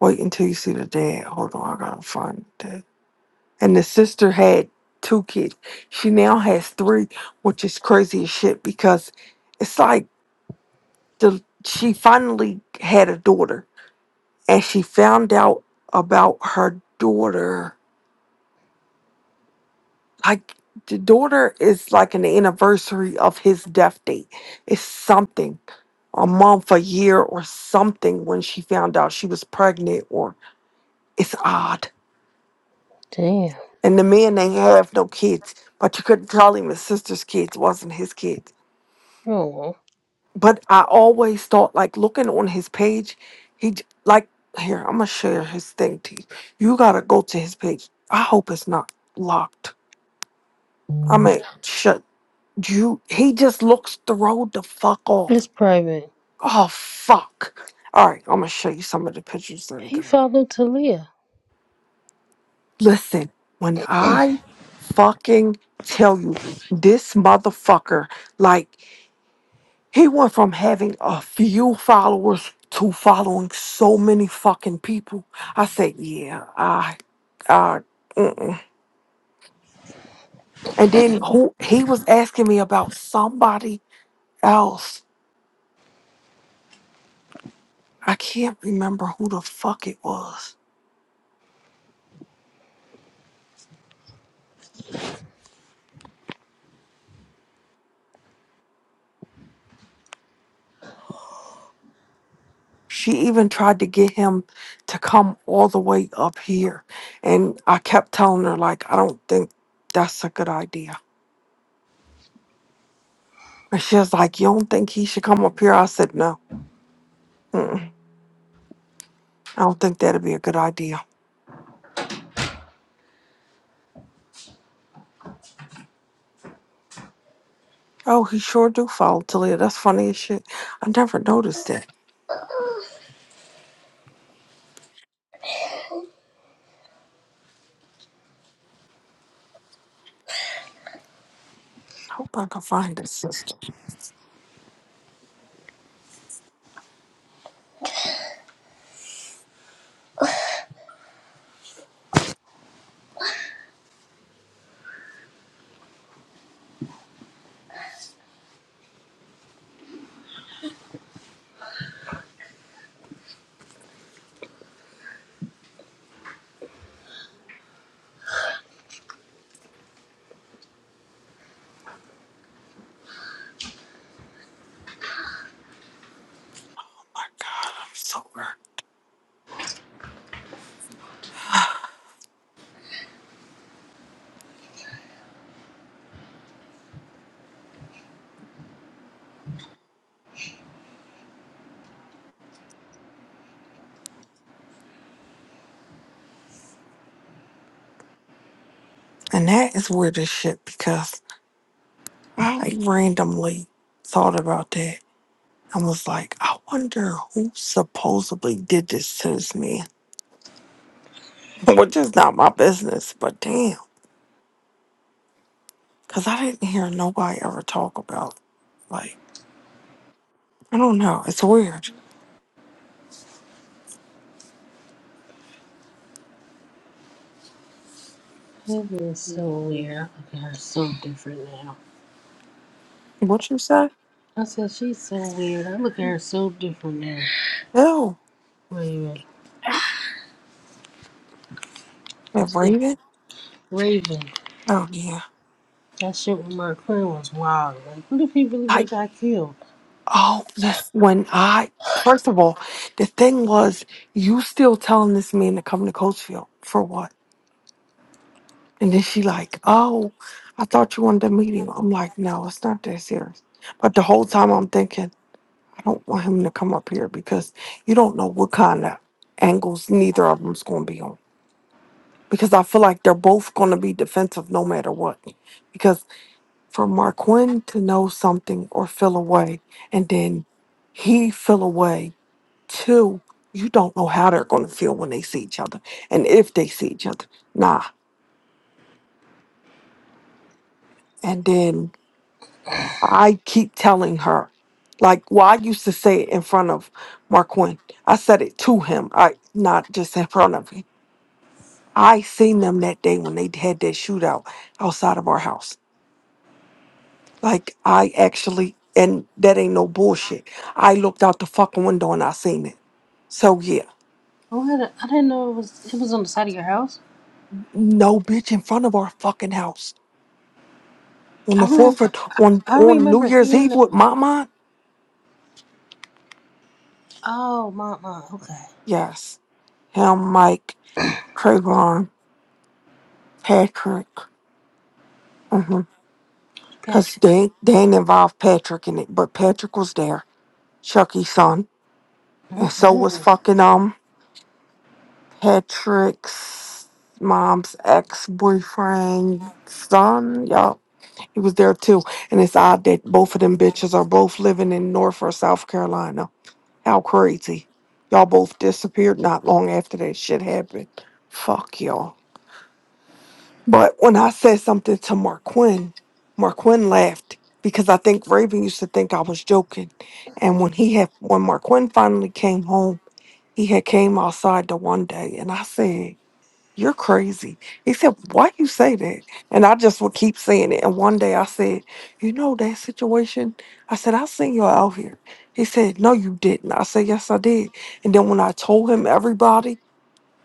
S1: Wait until you see the dad. Hold on, I gotta find that. And the sister had two kids. She now has three, which is crazy as shit because it's like the she finally had a daughter and she found out about her daughter. Like the daughter is like an anniversary of his death date. It's something. A month, a year or something when she found out she was pregnant or it's odd
S2: Damn.
S1: And the man ain't have no kids, but you couldn't tell him his sister's kids wasn't his kids.
S2: Oh
S1: But I always thought, like looking on his page, he j- like here. I'm gonna share his thing to you. You gotta go to his page. I hope it's not locked. I
S2: well.
S1: mean, shut you. He just looks the road the fuck off.
S2: It's private.
S1: Oh fuck. All right, I'm gonna show you some of the pictures that are
S2: He
S1: going.
S2: followed Talia.
S1: Listen, when I fucking tell you this motherfucker, like. He went from having a few followers to following so many fucking people. I said, yeah, I, I, mm-mm. and then who he was asking me about somebody else. I can't remember who the fuck it was. She even tried to get him to come all the way up here, and I kept telling her like, I don't think that's a good idea. And she was like, you don't think he should come up here? I said, no, mm-mm. I don't think that'd be a good idea. Oh, he sure do follow Talia. That's funny as shit. I never noticed that. I hope I can find his sister. My God, I'm so hurt. And that is weird as shit because I randomly thought about that and was like, I wonder who supposedly did this to this man. Which is not my business, but damn. Because I didn't hear nobody ever talk about, like, I don't know. It's weird.
S2: That is so weird. I look at her so different now.
S1: What you say?
S2: I said she's so weird. I look at her so different now.
S1: Ew.
S2: Raven. That
S1: That
S2: shit
S1: Raven?
S2: Raven.
S1: Oh, yeah.
S2: That shit with my friend was wild. Like what if he really would have got killed?
S1: Oh, that's when I first of all, the thing was you still telling this man to come to Coachfield for what? And then she like, Oh, I thought you wanted to meet him. I'm like, No, it's not that serious. But the whole time I'm thinking, I don't want him to come up here because you don't know what kind of angles neither of them's gonna be on. Because I feel like they're both gonna be defensive no matter what. Because for Marquin to know something or feel away and then he feel away Two, you don't know how they're going to feel when they see each other and if they see each other. Nah. And then I keep telling her, like, well, I used to say it in front of Marquin. I said it to him, I not just in front of him. I seen them that day when they had that shootout outside of our house. Like, I actually, and that ain't no bullshit. I looked out the fucking window and I seen it. So, yeah,
S2: What? I d- I didn't know it was. It was on the side of your house.
S1: no bitch in front of our fucking house. on
S2: I
S1: the fourth
S2: remember.
S1: of, on
S2: I
S1: on New
S2: remember
S1: Year's
S2: hearing
S1: Eve
S2: the.
S1: with Mama.
S2: Oh, my, my. Okay,
S1: Yes, him, Mike, Trayvon, Patrick. Mm-hmm. Cause
S2: Patrick.
S1: they ain't- they ain't involved Patrick in it, but Patrick was there, Chucky's son, and so was
S2: Mm-mm.
S1: fucking um Patrick's mom's ex boyfriend son. Yup, he was there too. And it's odd that both of them bitches are both living in North or South Carolina. How crazy. Y'all both disappeared not long after that shit happened. Fuck y'all. But when I said something to Marquin, Marquin laughed because I think Raven used to think I was joking. And when he had when Marquin finally came home, he had came outside the one day and I said you're crazy. He said, Why you say that? And I just would keep saying it. And one day I said, You know that situation? I said, I seen you out here. He said, No, you didn't. I said, Yes, I did. And then when I told him everybody,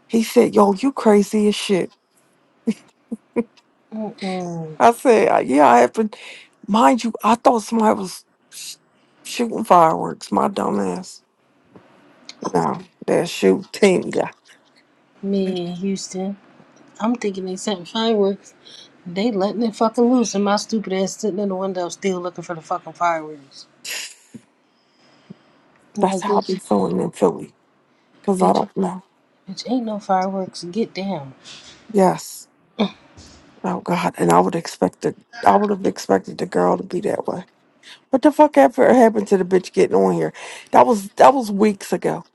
S1: he said, Yo, you crazy as shit.
S2: Mm-mm.
S1: I said, "Uh, Yeah, I happened. Mind you, I thought somebody was sh- shooting fireworks, my dumb ass. No, they're shooting.
S2: Man, Houston. I'm thinking they sent fireworks. They letting it fucking loose, and my stupid ass sitting in the window still looking for the fucking fireworks.
S1: That's
S2: Like
S1: how I be
S2: bitch,
S1: feeling in Philly. Cause I
S2: bitch,
S1: don't know.
S2: bitch. Ain't no fireworks. Get down,
S1: Yes. Oh God! And I would expect the I would have expected the girl to be that way. What the fuck ever happened to the bitch getting on here? That was that was weeks ago.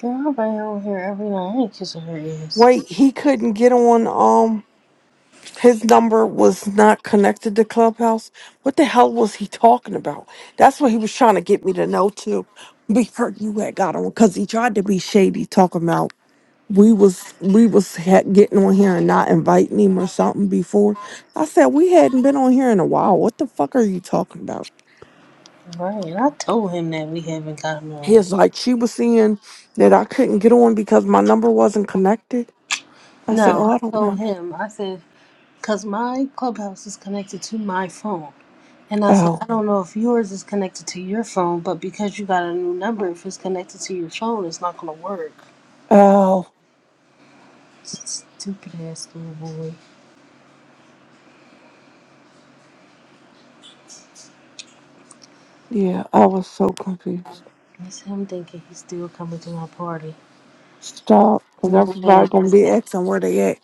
S2: girl. I'm right over here every night. I ain't kissing her ass.
S1: Wait, he couldn't get on. Um, his number was not connected to Clubhouse. What the hell was he talking about? That's what he was trying to get me to know too. Before you had got on, because he tried to be shady, talking about we was we was ha- getting on here and not inviting him or something before. I said we hadn't been on here in a while. What the fuck are you talking about?
S2: Right, and I told him that we haven't got him on.
S1: He's like, she was seeing that I couldn't get on because my number wasn't connected. I said,
S2: No,
S1: oh,
S2: I
S1: I don't
S2: told
S1: know.
S2: him. I said. Because my clubhouse is connected to my phone. And I said, I
S1: Oh,
S2: don't know if yours is connected to your phone, but because you got a new number, if it's connected to your phone, it's not going to work.
S1: oh,
S2: Stupid ass little boy.
S1: yeah, I was so confused.
S2: That's him thinking he's still coming to my party.
S1: Stop, because
S2: No, ma'am.
S1: everybody going to
S2: 'cause
S1: be
S2: that-
S1: asking where they at.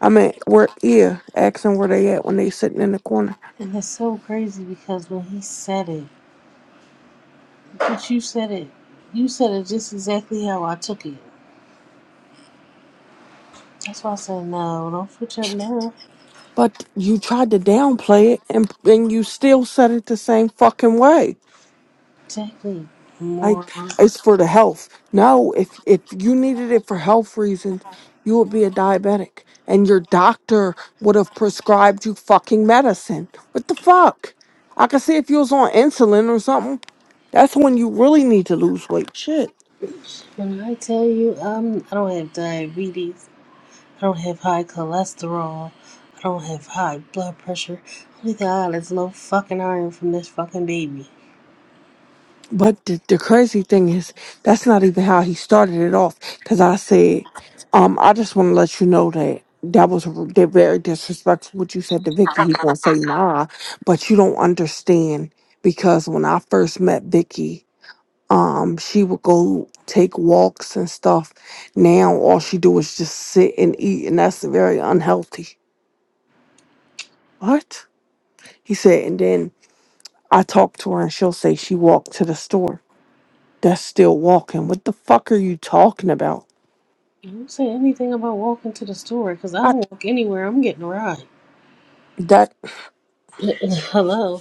S1: I mean, where, yeah, asking where they at when they sitting in the corner.
S2: And it's so crazy because when he said it, but you said it. You said it just exactly how I took it. That's why I said, no, don't switch up now.
S1: But you tried to downplay it, and, and you still said it the same fucking way.
S2: Exactly.
S1: Like
S2: Moron.
S1: it's for the health. No, if if you needed it for health reasons, you would be a diabetic, and your doctor would have prescribed you fucking medicine. What the fuck? I could see if you was on insulin or something. That's when you really need to lose weight. Shit.
S2: When I tell you, um, I don't have diabetes, I don't have high cholesterol, I don't have high blood pressure. Only thing I got is low fucking iron from this fucking baby.
S1: But the, the crazy thing is, that's not even how he started it off. Because I said, um, I just want to let you know that that was r- they're very disrespectful. What you said to Vicky, he gonna say nah, but you don't understand because when I first met Vicky, um, she would go take walks and stuff. Now all she do is just sit and eat, and that's very unhealthy. What he said, and then I talk to her, and she'll say she walked to the store. that's still walking. What the fuck are you talking about?
S2: You don't say anything about walking to the store, cause I
S1: I
S2: don't walk anywhere. I'm getting a ride.
S1: that
S2: Hello.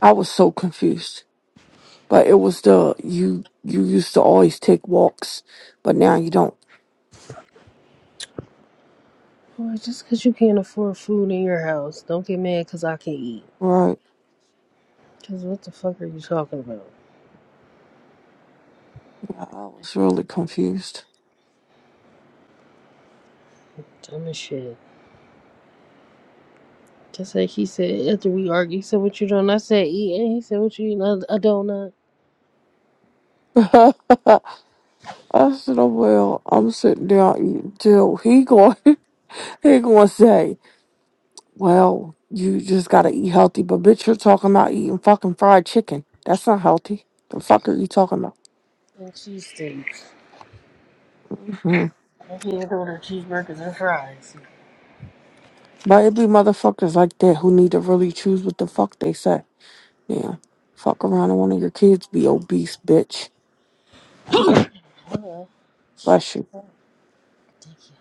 S1: I was so confused. But it was the you you used to always take walks, but now you don't.
S2: Boy, just cause you can't afford food in your house, don't get mad, cause I can eat.
S1: Right.
S2: Cause what the fuck are you talking about?
S1: Yeah, I was really confused.
S2: Dumb as shit. Just like he said after we argued, he said, What you doing? I said, Eat. And he said, What you eating? a donut.
S1: I said, oh, well, I'm sitting down till he going he gonna say, Well, you just gotta eat healthy, but bitch you're talking about eating fucking fried chicken. That's not healthy. The fuck are you talking about?
S2: And cheese steaks. And he had ordered cheeseburgers and fries.
S1: But it be motherfuckers like that who need to really choose what the fuck they say. Damn. Fuck around and one of your kids be obese, bitch.
S2: Hello.
S1: Bless you.
S2: So ridiculous.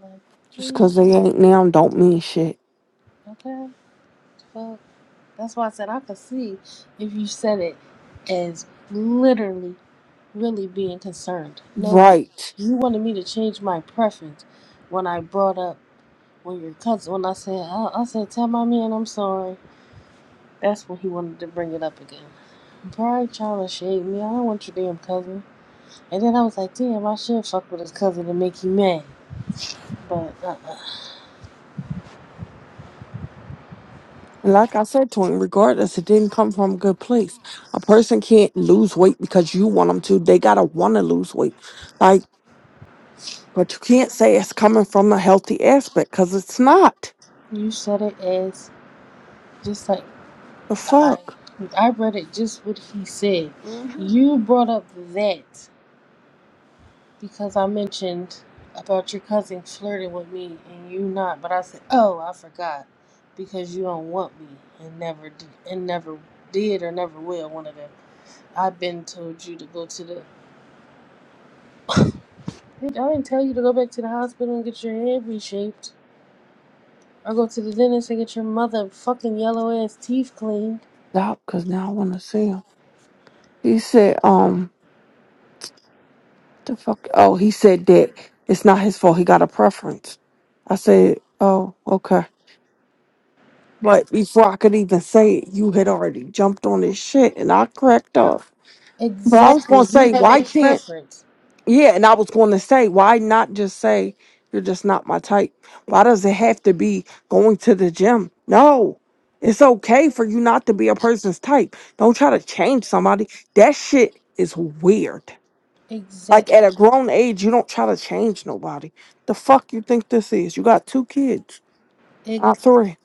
S2: Like,
S1: Just
S2: please,
S1: 'cause they ain't now don't mean shit.
S2: okay. Well, that's why I said I could see if you said it as literally, really being concerned. No, bitch.
S1: Right.
S2: You wanted me to change my preference when I brought up when your cousin. When I said, I, I said, tell my man I'm sorry. That's when he wanted to bring it up again. Probably trying to shade me. I don't want your damn cousin. And then I was like, damn, I should fuck with his cousin to make you mad. But uh,
S1: And like I said to him, regardless, it didn't come from a good place. A person can't lose weight because you want them to. They gotta want to lose weight. Like, but you can't say it's coming from a healthy aspect because it's not.
S2: you said it as just like
S1: The
S2: I,
S1: fuck?
S2: I read it just what he said.
S1: Mm-hmm.
S2: You brought up that because I mentioned about your cousin flirting with me and you not, but I said, oh, I forgot because you don't want me and never did, and never did or never will. One of them. I've been told you to go to the. I didn't tell you to go back to the hospital and get your head reshaped. Or go to the dentist and get your mother fucking yellow ass teeth cleaned.
S1: Stop, because now I want to see him. He said, um, The fuck? Oh, he said that it's not his fault. He got a preference. I said, oh, okay. But before I could even say it, you had already jumped on this shit, and I cracked up. But I was gonna
S2: Exactly. You
S1: say,
S2: have a
S1: why can't?
S2: preference.
S1: Yeah, and I was gonna say, why not just say you're just not my type? Why does it have to be going to the gym? No. It's okay for you not to be a person's type. Don't try to change somebody. That shit is weird. Like
S2: Exact.
S1: at a grown age, you don't try to change nobody. The fuck you think this is? You got two kids,
S2: Ex-
S1: not three.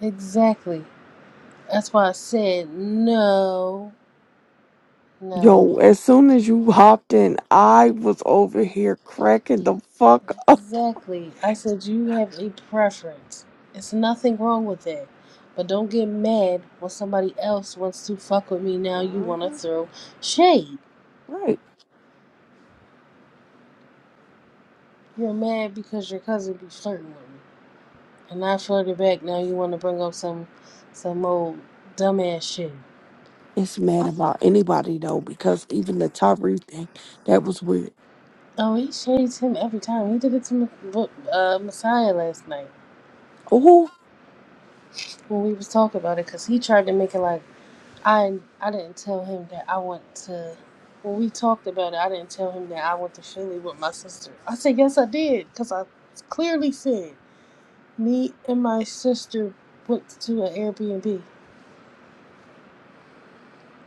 S2: exactly. That's why I said no. No.
S1: Yo, as soon as you hopped in, I was over here cracking the fuck up.
S2: Exactly. I said you have a preference. It's nothing wrong with that. But don't get mad when somebody else wants to fuck with me. Now you
S1: hmm
S2: want to throw shade.
S1: Right.
S2: You're mad because your cousin be flirting with me, and I flirted back. Now you want to bring up some, some old dumbass shit.
S1: It's mad about anybody though, because even the Tyree thing, that was weird.
S2: Oh, he shades him every time. He did it to Ma- uh, Messiah last night
S1: Oh.
S2: when we was talking about it, cause he tried to make it like I I didn't tell him that I went to. When we talked about it, I didn't tell him that I went to Philly with my sister. I said yes, I did, cause I clearly said me and my sister went to an Airbnb.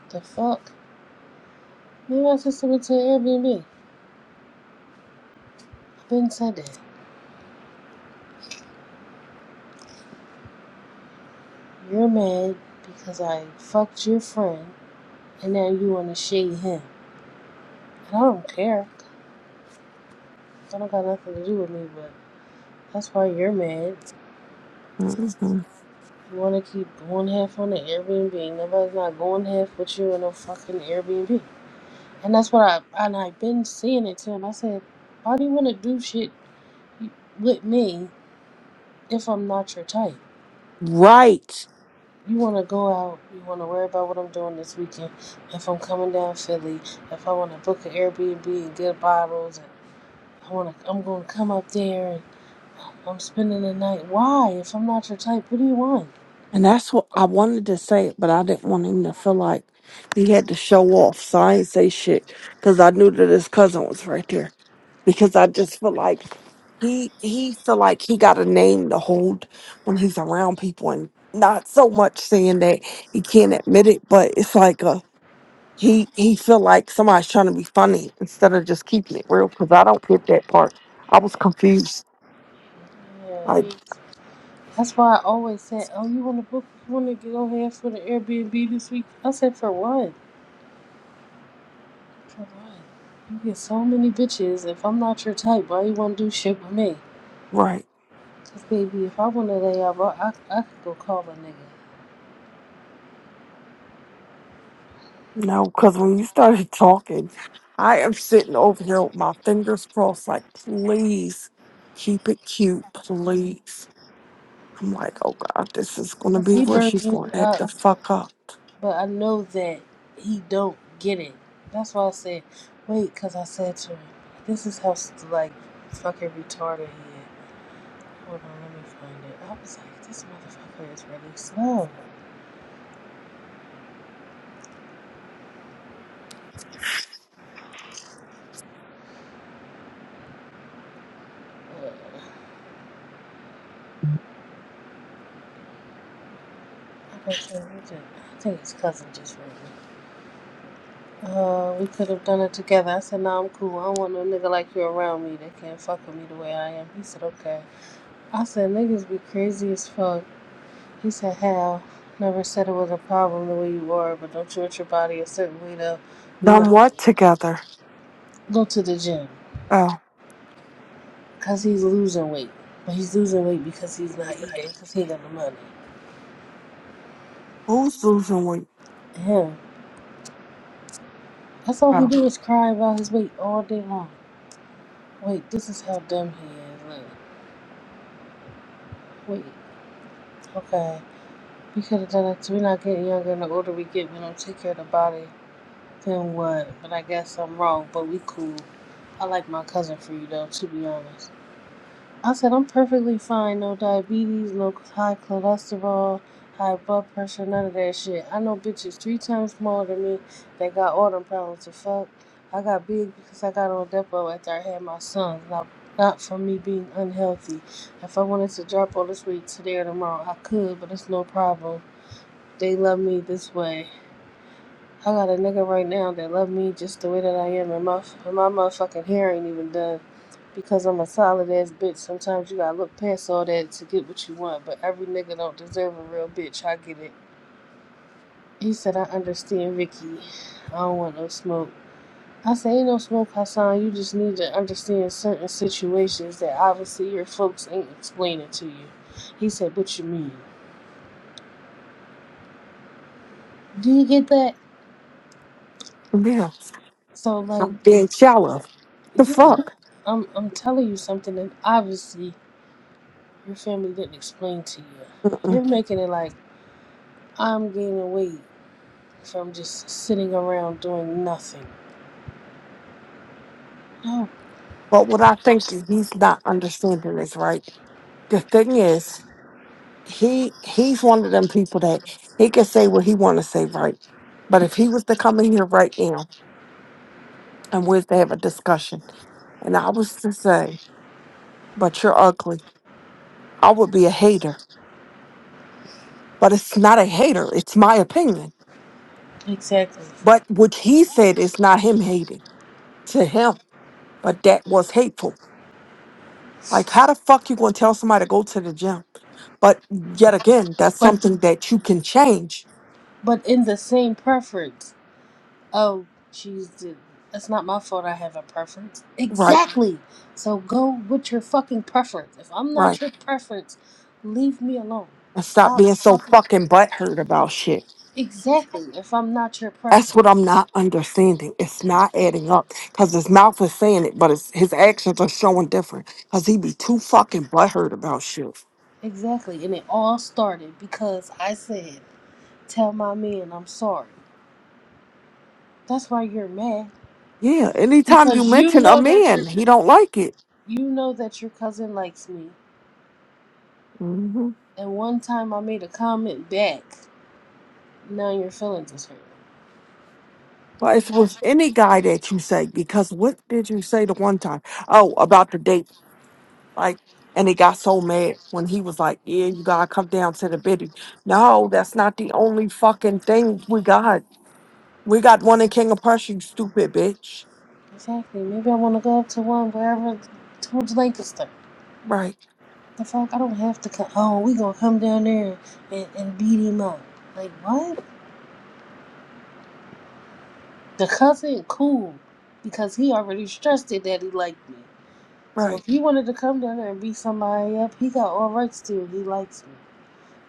S2: The fuck? Me and my sister went to an Airbnb. I've been said that. You're mad because I fucked your friend, and now you want to shade him. And I don't care. I don't got nothing to do with me, but that's why you're mad.
S1: hmm
S2: You want to keep going half on the Airbnb. Nobody's not going half with you in no fucking Airbnb. And that's what I and I've been saying it to him. I said, why do you want to do shit with me if I'm not your type?
S1: Right.
S2: You want to go out. You want to worry about what I'm doing this weekend. If I'm coming down Philly, if I want to book an Airbnb and get bottles, and I want to, I'm going to come up there and I'm spending the night. Why? If I'm not your type, what do you want?
S1: And that's what I wanted to say, it, but I didn't want him to feel like he had to show off. So I ain't say shit because I knew that his cousin was right there. Because I just feel like he he feel like he got a name to hold when he's around people, and not so much saying that he can't admit it, but it's like a he he feel like somebody's trying to be funny instead of just keeping it real. Because I don't get that part. I was confused.
S2: Yeah,
S1: Like
S2: we. That's why I always said, "Oh, you want to book? You want to go ahead for the Airbnb this week?" I said, "For what? For what? You get so many bitches. If I'm not your type, why you want to do shit with me?
S1: right.
S2: Cause baby, if I want to lay out, bro, I I could go call a nigga.
S1: No, because when you started talking, I am sitting over here with my fingers crossed, like, please keep it cute, please. I'm like, oh God, this is going to
S2: Cause
S1: be
S2: he
S1: where
S2: burned
S1: she's
S2: me
S1: going to act
S2: up,
S1: the
S2: but,
S1: fuck up.
S2: but I know that he don't get it. That's why I said, 'Wait,' cause I said to him, this is how like fucking retarded he is. Hold on, let me find it. I was like, this motherfucker is really slow. Uh, I was saying, we just, I think his cousin just wrote me. Uh, we could have done it together. I said, nah, I'm cool. I don't want no nigga like you around me that can't fuck with me the way I am. He said, okay. I said, niggas be crazy as fuck. He said, how? Never said it was a problem the way you are, but don't treat your body a certain way though. We
S1: Done
S2: not
S1: what
S2: getting it.
S1: together?
S2: go to the gym.
S1: Oh,
S2: Cause he's losing weight. But he's losing weight because he's not eating, cause he got the money
S1: who's losing weight?
S2: him. That's all he
S1: Oh,
S2: do is cry about his weight all day long. Wait, this is how dumb he is. Like, wait, okay. We could have done it. We're not getting younger, and the older we get, we don't take care of the body. Then what? But I guess I'm wrong. But we cool. I like my cousin for you though, to be honest. I said I'm perfectly fine. No diabetes, no high cholesterol, high blood pressure, none of that shit. I know bitches three times smaller than me that got all them problems to fuck. I got big because I got on Depo after I had my son. Not, not from me being unhealthy. If I wanted to drop all this weight today or tomorrow, I could, but it's no problem. They love me this way. I got a nigga right now that love me just the way that I am, and my and my motherfucking hair ain't even done. Because I'm a solid ass bitch, sometimes you gotta look past all that to get what you want, but every nigga don't deserve a real bitch. I get it. He said, I understand Ricky. I don't want no smoke. I said, Ain't no smoke, Hassan. You just need to understand certain situations that obviously your folks ain't explaining to you. He said, What you mean? Do you get that?
S1: yeah,
S2: So, like,
S1: I'm being shallow. The
S2: yeah,
S1: fuck?
S2: I'm, I'm telling you something that obviously your family didn't explain to you.
S1: Mm-mm.
S2: You're making it like I'm gaining weight. So I'm just sitting around doing nothing. No,
S1: But what I think he's not understanding is right. The thing is, he he's one of them people that he can say what he want to say right but if he was to come in here right now and we was to have a discussion and i was to say but you're ugly i would be a hater but it's not a hater it's my opinion
S2: exactly.
S1: but what he said is not him hating to him but that was hateful like how the fuck you gonna tell somebody to go to the gym but yet again that's
S2: But
S1: something that you can change
S2: but in the same preference. Oh, she's the, that's not my fault. I have a preference.
S1: right
S2: Exactly. So go with your fucking preference. If I'm
S1: right
S2: not your preference, leave me alone.
S1: and stop
S2: Stop
S1: being so
S2: fucking.
S1: fucking butthurt about shit
S2: Exactly. If I'm not your
S1: That's what I'm
S2: preference.
S1: not understanding. It's not adding up because his mouth is saying it, but it's, his actions are showing different because he be too fucking butthurt about shit.
S2: Exactly. And it all started because I said, "Tell my man I'm sorry." That's why you're mad
S1: Yeah, anytime you
S2: because you
S1: mention a
S2: know that you're
S1: man, he don't like it.
S2: You know that your cousin likes me,
S1: hmm
S2: and one time I made a comment back. Now your feelings is hurt.
S1: Well, it's with
S2: Watch-
S1: any guy that you say because what did you say the one time? Oh, about the date, like, and he got so mad when he was like, "Yeah, you gotta come down to the biddy." No, that's not the only fucking thing we got. We got one in King of Prussia, you stupid bitch.
S2: Exactly. Maybe I want to go up to one wherever towards Lancaster.
S1: Right,
S2: The fuck? I don't have to come. Oh, we gonna come down there and, and beat him up. Like what? The cousin cool because he already stressed it that he liked me. So
S1: right.
S2: if he wanted to come down there and beat somebody up, he got all rights to. He likes me.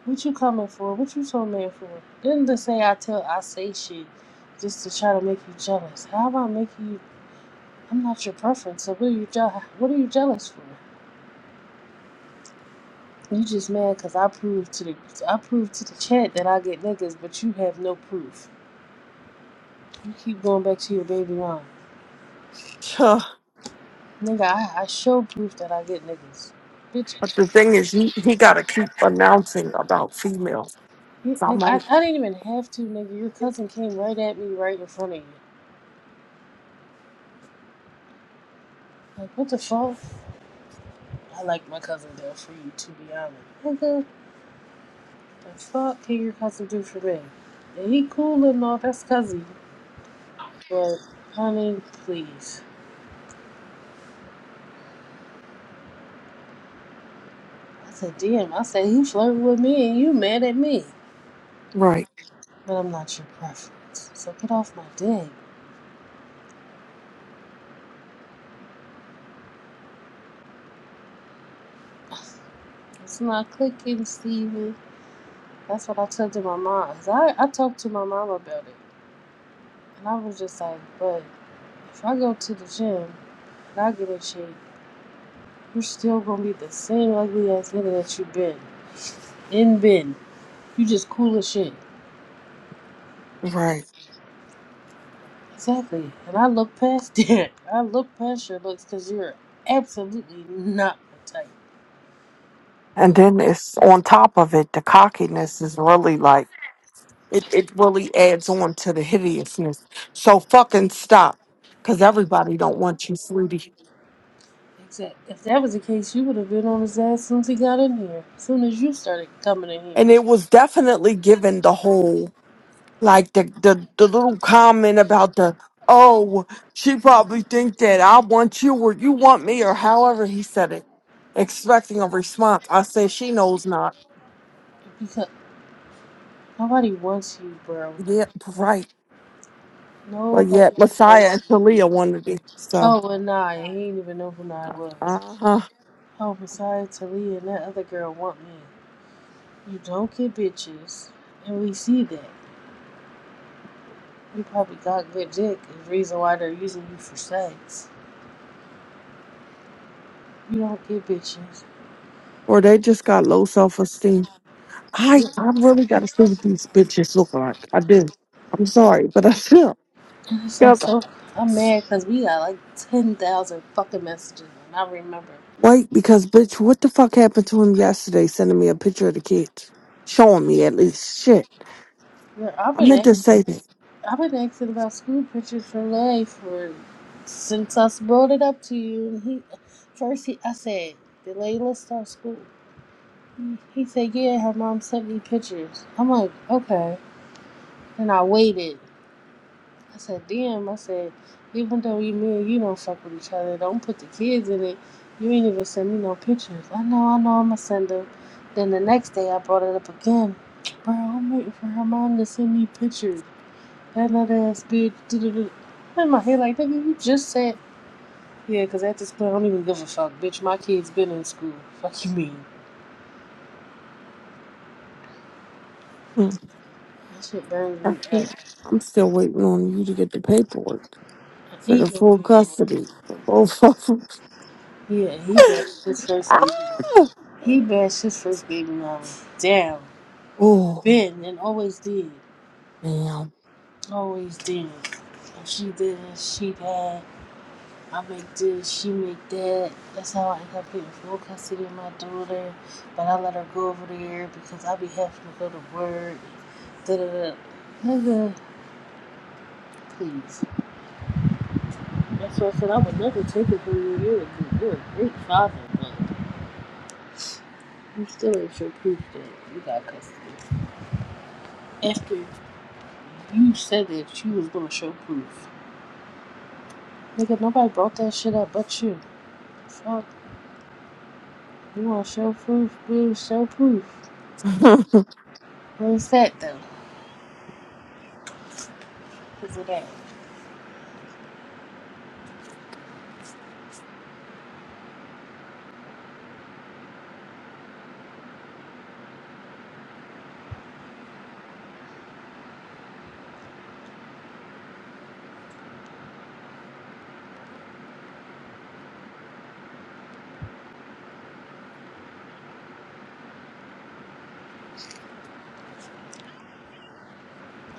S2: What you coming for? What you told man for? Didn't they say I tell I say shit just to try to make you jealous? How about make you? I'm not your preference, so what are you jealous? What are you jealous for? You just mad because I proved to the I proved to the chat that I get niggas, but you have no proof. You keep going back to your baby mom,
S1: Huh.
S2: nigga. I, I show proof that I get niggas, bitch.
S1: But the thing is, he, he got to keep announcing about females.
S2: you- Nigga, I,
S1: Someone.
S2: I didn't even have to, nigga. Your cousin came right at me right in front of you. Like what the fuck? I like my cousin though, for you to be honest, nigga. As fuck can your cousin do for me? And he cool and all, that's cousin. But honey, please. I said, damn, I said he flirted with me and you mad at me.
S1: Right,
S2: But I'm not your preference. So get off my dick. It's not clicking, Steven. That's what I told to my mom. I, I talked to my mom about it. And I was just like, but if I go to the gym and I get in shape, you're still gonna be the same ugly ass nigga that you been. In been. You just cool as shit.
S1: right.
S2: Exactly. And I look past that. I look past your looks because you're absolutely not my type.
S1: And then it's on top of it, the cockiness is really like, it, it really adds on to the hideousness. So fucking stop, because everybody don't want you, sweetie.
S2: Exact. If that was the case, you would have been on his ass soon as he got in here. soon as you started coming in here.
S1: And it was definitely given the whole like the, the the little comment about the oh she probably think that i want you or you want me or however he said it expecting a response i said she knows not
S2: Because nobody wants you, bro.
S1: yep right but yet
S2: Nobody
S1: messiah and
S2: wants you.
S1: talia wanted it so
S2: Oh, and Nye. He ain't even know who Nye was.
S1: uh-huh
S2: Oh, Messiah, Talia, and that other girl want me. You don't get bitches. And we see that. You probably got good dick. Is the reason why they're using you for sex. You don't get bitches.
S1: or they just got low self-esteem i i really gotta see what these bitches look like i do i'm sorry but i do
S2: Yes, I'm so I'm mad because we got like ten thousand fucking messages, and I remember.
S1: Wait, because bitch, what the fuck happened to him yesterday? Sending me a picture of the kids, showing me at least. Shit,
S2: Yeah, I've
S1: I
S2: been
S1: meant to
S2: ask,
S1: say that.
S2: I've been asking about school pictures for life for since I brought it up to you. And he first he I said, "Did Layla start school?" He said, "Yeah, her mom sent me pictures." I'm like, "Okay." And I waited. I said, damn, I said, even though you me you don't fuck with each other, don't put the kids in it. You ain't even send me no pictures. I know, I know, I'ma send them. Then the next day I brought it up again. Bro, I'm waiting for her mom to send me pictures. That nut ass bitch. doo-doo-doo." I'm in my head like, nigga, you just said. yeah, because at this point I don't even give a fuck, bitch. My kids been in school. Fuck you mean?
S1: Hmm.
S2: That shit burns
S1: I
S2: me
S1: can't.
S2: up.
S1: I'm still waiting on you to get the paperwork
S2: I
S1: for the
S2: hate no
S1: full
S2: paperwork.
S1: custody for both of them.
S2: Yeah, he bashed his first baby
S1: Ah!
S2: mom. He bashed his first baby mama down.
S1: Oh,
S2: Been and always did.
S1: damn.
S2: Always did. If she did this, she that. I make this, she make that. That's how I end up getting full custody of my daughter. But I let her go over there because I be having to go to work. Da da da. Nigga, please. That's why I said I would never take it from you. You're a, good- you're a great father, but you still ain't show proof that you got custody. After you said that you was gonna show proof. Nigga, nobody brought that shit up but you. Fuck. You want show proof, boo, show proof.
S1: I
S2: Where's that though? Is it that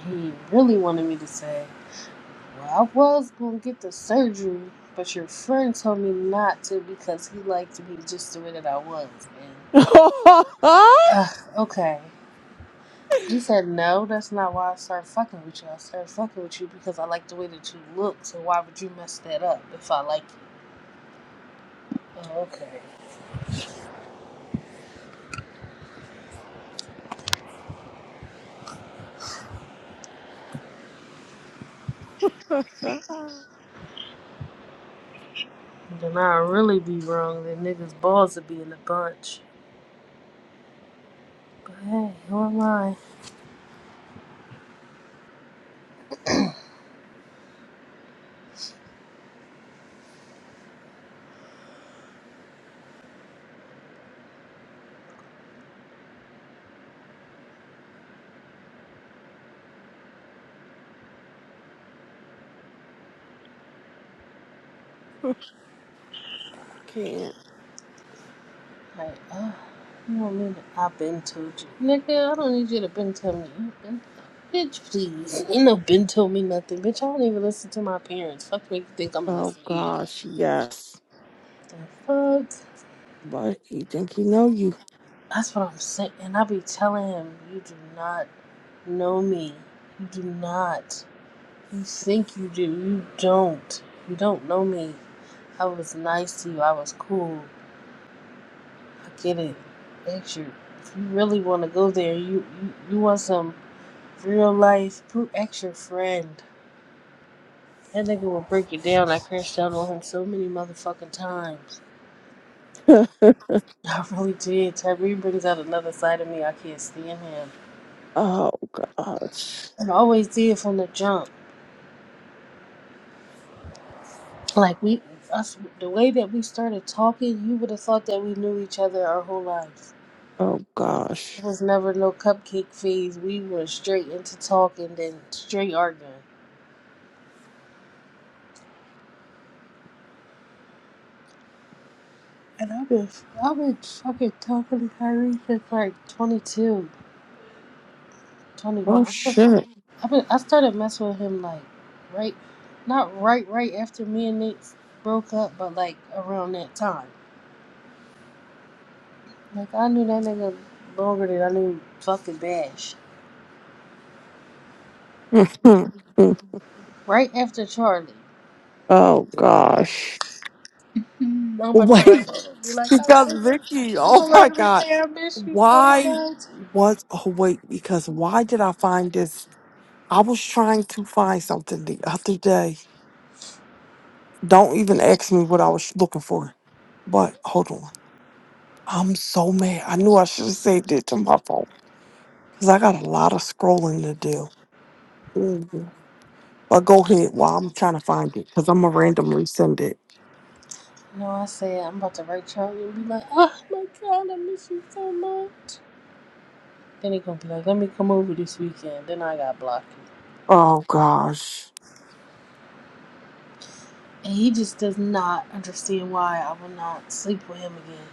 S2: He really wanted me to say, Well, I was gonna get the surgery, but your friend told me not to because he liked me just the way that I was. And ugh, okay. He said, No, that's not why I started fucking with you. I started fucking with you because I like the way that you look, so why would you mess that up if I like you? Oh, okay. Then I'd really be wrong. Then niggas' balls would be in a bunch. But hey, who am I?
S1: can't.
S2: Like, oh, you don't need to. I've been told you. Nigga, I don't need you to been tell me. anything. Bitch, please. You know, been told me nothing. Bitch, I don't even listen to my parents. Fuck make you think I'm gonna
S1: Oh
S2: listen to you.
S1: gosh, yes.
S2: The fuck?
S1: But you think he know you?
S2: That's what I'm saying. And I be telling him, you do not know me. You do not. You think you do. You don't. You don't know me. I was nice to you. I was cool. I get it. Thank you. If you really want to go there, you, you, you want some. Real life, Poot X your friend. That nigga will break you down. I crashed down on him so many motherfucking times. I really did. Tyree brings out another side of me. I can't stand him.
S1: oh gosh.
S2: And I always did from the jump. Like we, us, the way that we started talking, you would have thought that we knew each other our whole lives.
S1: Oh gosh.
S2: It was never no cupcake phase. We went straight into talking, then straight arguing. And I've been, I've been fucking talking to Tyree since like 22, 21.
S1: Oh shit.
S2: I been, I started messing with him like right, not right right after me and Nate broke up, but like around that time. Like I knew that nigga longer than I knew fucking Bash. Right after Charlie,
S1: Oh gosh.
S2: I'm about to
S1: Wait,
S2: write. Be like, I
S1: because
S2: miss,
S1: Vicky,
S2: I'm
S1: oh
S2: gonna
S1: my
S2: write him and
S1: god.
S2: say I miss you so
S1: Why
S2: much.
S1: was oh wait, because why did I find this? I was trying to find something the other day. Don't even ask me what I was looking for. But hold on. I'm so mad. I knew I should have saved it to my phone. Because I got a lot of scrolling to do. Mm. But go ahead while I'm trying to find it. Because I'm going to randomly send it.
S2: No, I said I'm about to write Charlie and be like, oh my god, I miss you so much. Then he gonna be like, let me come over this weekend. Then I got blocked.
S1: Oh gosh.
S2: And he just does not understand why I will not sleep with him again.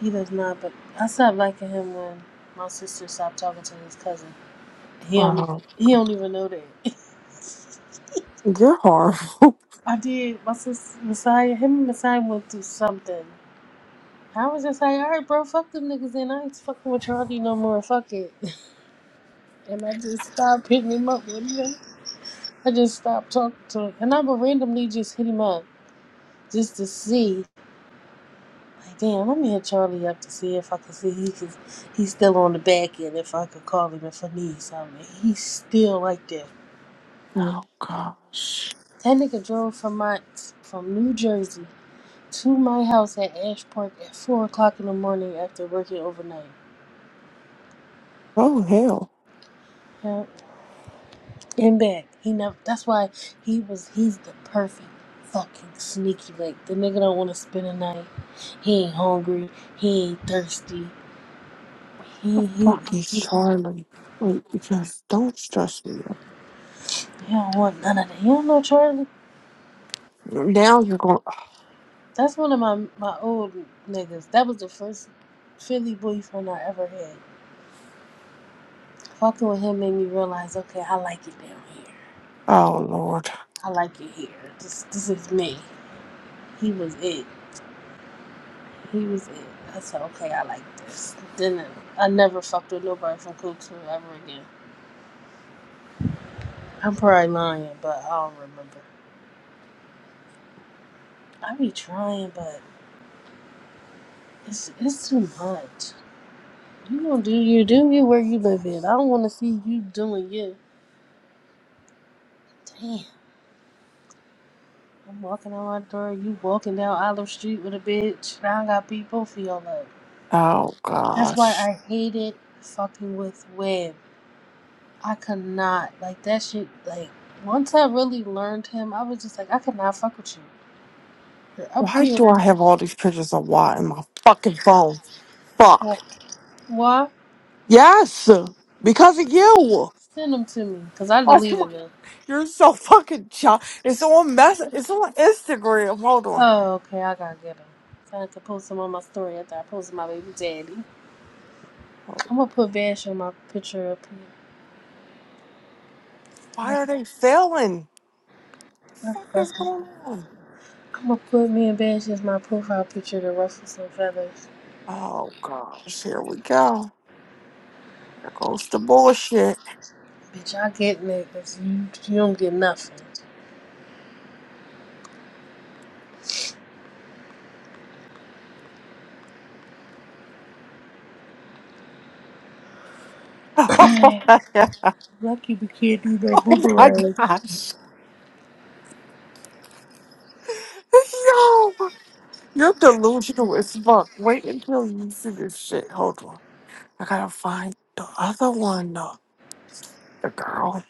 S2: He does not, but I stopped liking him when my sister stopped talking to his cousin. He don't even
S1: Oh,
S2: he don't even know that.
S1: you're horrible.
S2: I did my sister Messiah him and Messiah went through something. I was just like, all right, bro, fuck them niggas, and I ain't fucking with Charlie no more. Fuck it, and I just stopped hitting him up with him. I just stopped talking to him, and I would randomly just hit him up just to see. Like, damn, let me hit Charlie up to see if I can see he can, he's still on the back end. If I could call him if I need something, he's still like that.
S1: Oh gosh.
S2: That nigga drove from my from New Jersey to my house at Ash Park at four o'clock in the morning after working overnight.
S1: Oh hell,
S2: Yeah, and back. He never. That's why he was. He's the perfect fucking sneaky. Like the nigga don't want to spend a night. He ain't hungry. He ain't thirsty. He he.
S1: fuck is
S2: he
S1: Charlie. Wait, because don't stress me. out.
S2: he don't want none of that. You don't know Charlie.
S1: Now you're going.
S2: That's one of my my old niggas. That was the first Philly boyfriend I ever had. Fucking with him made me realize, okay, I like it down here.
S1: Oh lord.
S2: I like it here. This this is me. He was it. He was it. I said, okay, I like this. Then I never fucked with nobody from Cookson ever again. I'm probably lying, but I don't remember. I be trying, but it's it's too much. You gonna do you do you where you live in. I don't want to see you doing you. Damn. I'm walking out my door, you walking down Olive Street with a bitch. Now I got people feel like.
S1: Oh
S2: That's why
S1: gosh.
S2: I hated fucking with Web. I could not like that shit. Like once I really learned him, I was just like, I could not fuck with you. You're up
S1: Why do
S2: here.
S1: I have all these pictures of Watt in my fucking phone?
S2: Wh-
S1: Fuck.
S2: Why?
S1: Yes, because of you.
S2: Send them to me, cause I
S1: Oh my,
S2: deleted them.
S1: you're so fucking child. It's on mess. It's on Instagram. Hold on.
S2: Oh, okay, I gotta get them. So I can post them on my story after I posted my baby daddy. I'm gonna put Bash on my picture up here.
S1: Why
S2: That's,
S1: are they failing? The
S2: that's,
S1: fuck is
S2: that's
S1: going on?
S2: I'm gonna put me in bed as my profile picture to ruffle some feathers.
S1: Oh gosh, here we go. Here goes the bullshit.
S2: Bitch, I get niggas. You, you don't get nothing. Man, lucky we can't do no
S1: Oh my
S2: boomerang.
S1: gosh. Yo, you're delusional as fuck. Wait until you see this shit. Hold on. I gotta find the other one, the, the girl.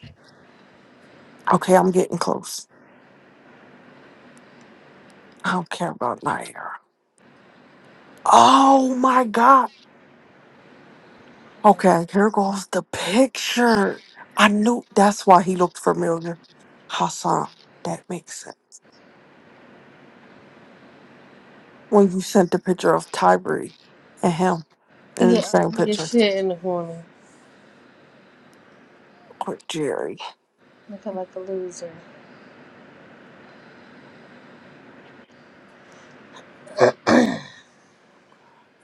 S1: Okay, I'm getting close. I don't care about Nair. Oh my god. Okay, here goes the picture. I knew that's why he looked familiar. Hassan, that makes sense. When you sent the picture of Tyree and him
S2: You
S1: in the
S2: get
S1: same
S2: ugly as
S1: picture,
S2: shit in the corner.
S1: or Jerry.
S2: Looking like a loser.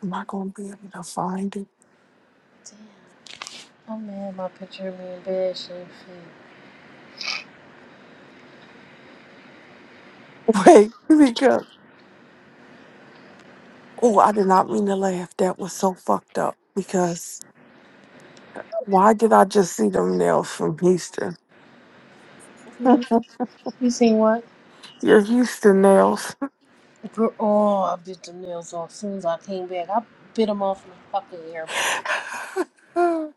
S1: Am I gonna be able to find it?
S2: I'm mad my picture of me in bed shit fit.
S1: Wait, because oh, I did not mean to laugh. That was so fucked up. Because why did I just see them nails from Houston?
S2: You, you seen what?
S1: Your Houston nails,
S2: Girl, oh, I bit them nails off. As soon as I came back, I bit them off in the fucking ear.
S1: and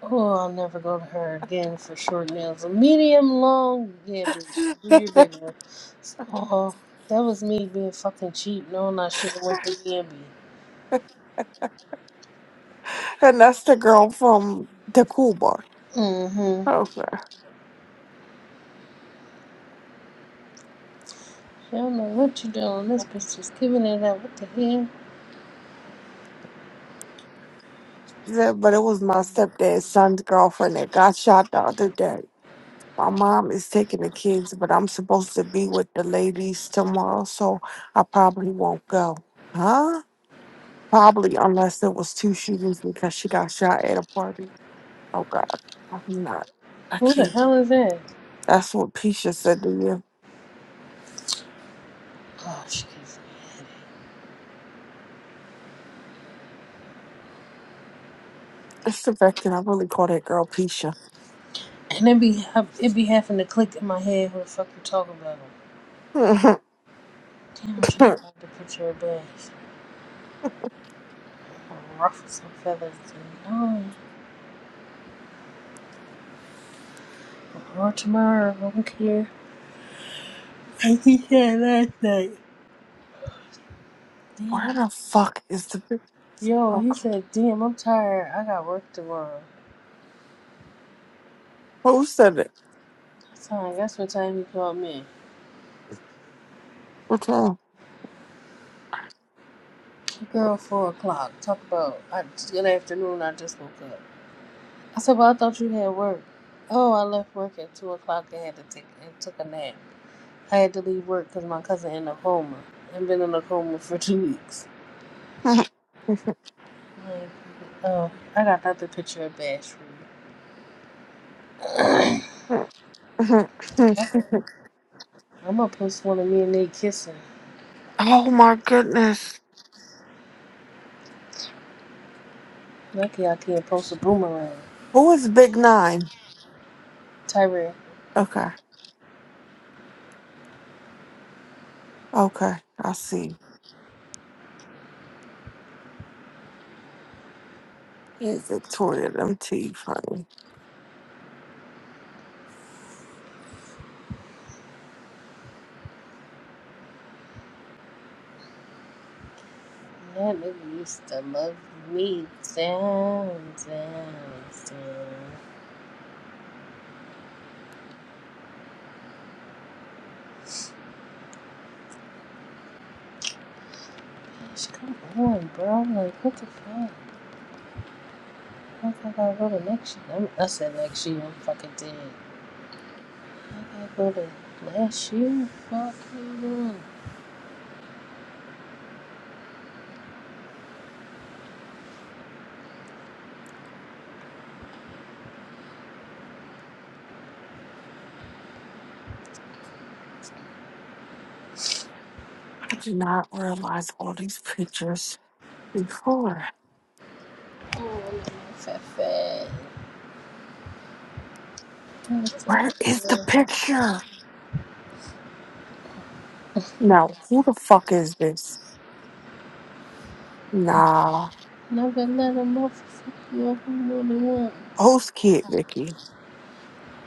S2: Oh, I'll never go to her again for short nails. A medium long, yeah, bitch. Do your big one. Oh, that was me being fucking cheap, knowing I should have went to B and B.
S1: that's the girl from the cool bar.
S2: Mm-hmm.
S1: Okay,
S2: I don't know what you doing. This bitch is giving it up. What the hell?
S1: yeah, but it was my stepdad's son's girlfriend that got shot the other day. My mom is taking the kids, but I'm supposed to be with the ladies tomorrow, so I probably won't go. Huh? Probably unless there was two shootings because she got shot at a party. Oh God, I'm not. I
S2: Who the
S1: can't.
S2: hell is that?
S1: That's what Pisha said to you.
S2: Oh, she gives me a headache.
S1: It's the fact that I really call that girl Pisha.
S2: And it be ha- it be having to click in my head who the fuck you talking about.
S1: Where
S2: Damn, I'm trying to
S1: the
S2: find the picture of bass. Ruffle some feathers. And, oh, or tomorrow. I don't care. I think that last night. Damn.
S1: fuck is the big
S2: Yo, he
S1: fuck?
S2: said, damn, I'm tired. I got work tomorrow.
S1: Who said it?
S2: That's time. That's what time he called me.
S1: What's wrong?
S2: Girl, four o'clock. Talk about I, good afternoon. I just woke up. I said, well, I thought you had work. Oh, I left work at two o'clock and had to take and took a nap. I had to leave work because my cousin in a coma and been in a coma for two weeks. Like, oh, I got another picture of Bash for you. I'm gonna post one of me and Nate kissing.
S1: oh my goodness.
S2: Lucky I can't post a boomerang.
S1: Who is Big Nine?
S2: Tyrell.
S1: Okay. Okay. I see. He's Victoria them teeth, honey.
S2: That nigga used to love me down, down, down. Bitch, come on, bro. I'm Like, what the fuck? Fuck, I gotta go to next year. I'm, I said next year. I'm fucking dead. I gotta go to last year. Fuck you.
S1: I did not realize all these pictures before.
S2: Fat, fat. That's all,
S1: Where is the
S2: man.
S1: picture? No. Who the fuck is this? Nah.
S2: Never let a motherfucker fuck you up more than once.
S1: Host kid, Vicky.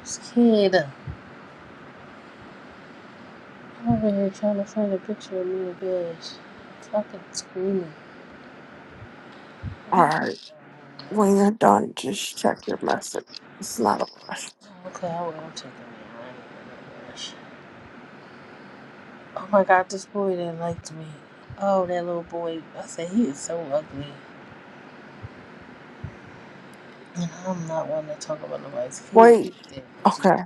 S2: This kid. I'm over here trying to find a picture of me bitch. Fucking screaming.
S1: All right. When you're done, just check your message. It's not a rush.
S2: Okay, I will. I'm taking it. I ain't going Oh my god, this boy that liked me. Oh, that little boy. I said he is so ugly, and I'm not one to talk about nobody's kids.
S1: Wait. Okay.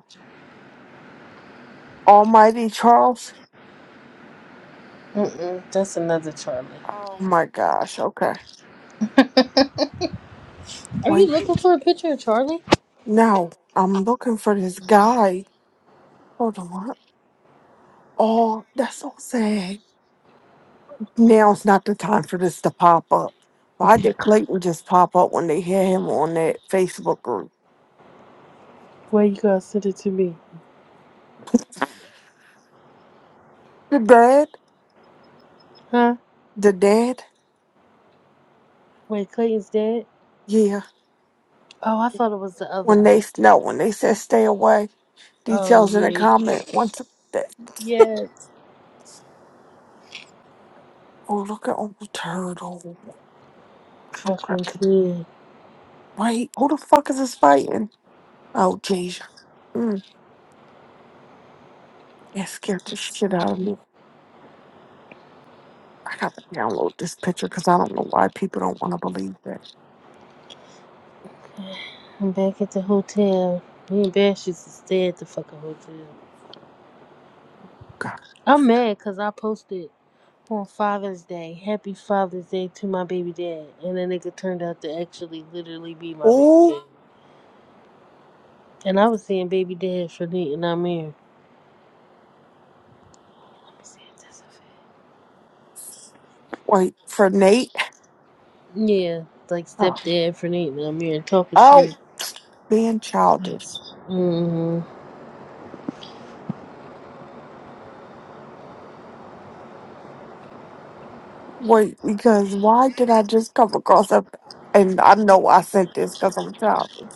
S1: Almighty Charles?
S2: Mm-mm, that's another Charlie.
S1: Oh my gosh. Okay.
S2: Are you
S1: Wait.
S2: looking for a picture of Charlie?
S1: No. I'm looking for this guy. Hold on. Oh, that's so sad. Now's not the time for this to pop up. Why did Clayton just pop up when they had him on that Facebook group?
S2: Wait, you gonna send it to me?
S1: The dad?
S2: Huh?
S1: The dad?
S2: Wait, Clayton's dead?
S1: Yeah.
S2: Oh, I thought it was the other
S1: When they
S2: one.
S1: no, when they said stay away.
S2: Oh
S1: Details in the
S2: yeah,
S1: comment. Once a day.
S2: yes.
S1: Oh, look at Uncle Turtle. I'm
S2: Fucking
S1: cracking.
S2: kid.
S1: Wait, who the fuck is this fighting? Oh, Jasia. Mm, it scared the shit out of me. I gotta download this picture because I don't know why people don't want to believe that.
S2: I'm back at the hotel. Me and Bash used to stay at the fucking hotel.
S1: God.
S2: I'm mad because I posted on Father's Day, Happy Father's Day to my baby dad. And the nigga turned out to actually literally be my baby
S1: Oh,
S2: dad. And I was saying baby dad for Nate and Amir. Let me see if that's a fact.
S1: wait, for Nate?
S2: Yeah, like
S1: Oh,
S2: stepdad for Nate and Amir and talking
S1: oh,
S2: shit.
S1: being childish.
S2: Mm-hmm.
S1: Wait, because why did I just come across a. And I know I sent this because I'm childish.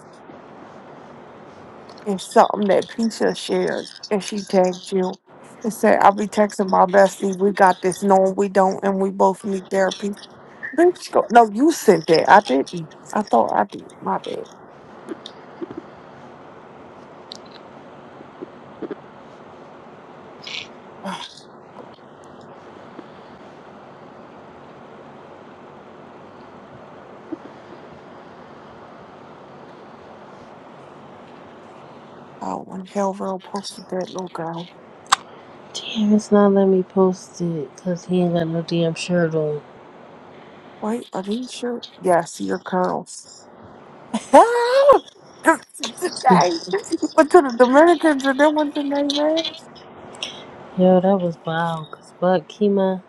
S1: and something that Keisha shared, and she tagged you and said, "I'll be texting my bestie. We got this. No, we don't, and we both need therapy." Bitch, go- no, you sent that. I didn't. I thought I did. My bad. Oh, God. oh when Helville posted that little girl.
S2: Damn, it's not letting me post it because he ain't got no damn shirt on.
S1: Wait, are these your? Yeah, see your curls. Today, went to the Dominicans and then went to Neyman's.
S2: Yo, that was wild. Cause Black Kima.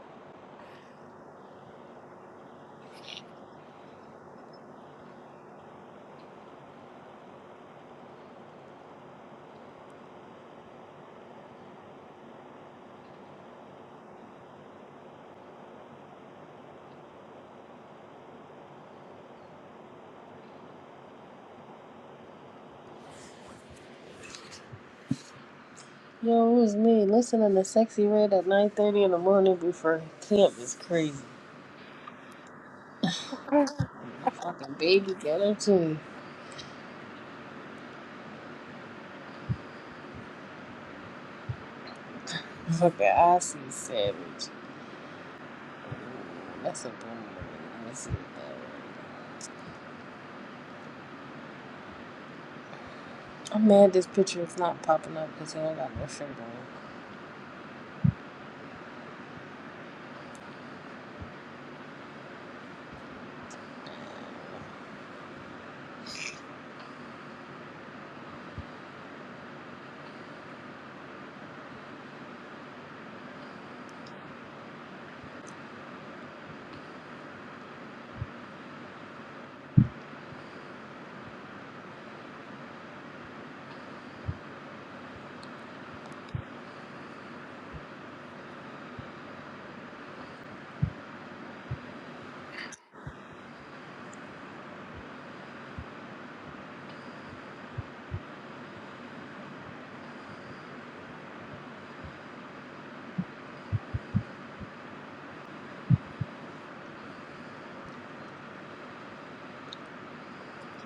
S2: Yo, it was me listening to Sexy Red at 9.30 in the morning before camp is crazy. That fucking baby got her too. Fucking Aussie Savage. That's a boomer. Let me see what that was. I'm mad this picture is not popping up because you don't got no shirt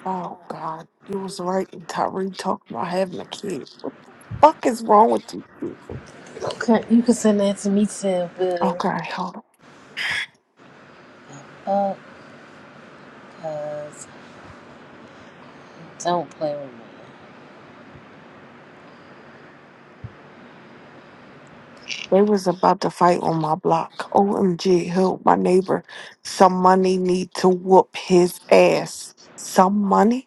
S1: Oh God, you was right. And Tyree talking about having a kid. Fuck is wrong with you?
S2: on. Okay, you can send that to me too, Bill.
S1: Okay, hold on.
S2: Uh, cuz don't play with me.
S1: They was about to fight on my block. OMG, help my neighbor. Some money need to whoop his ass. Some money?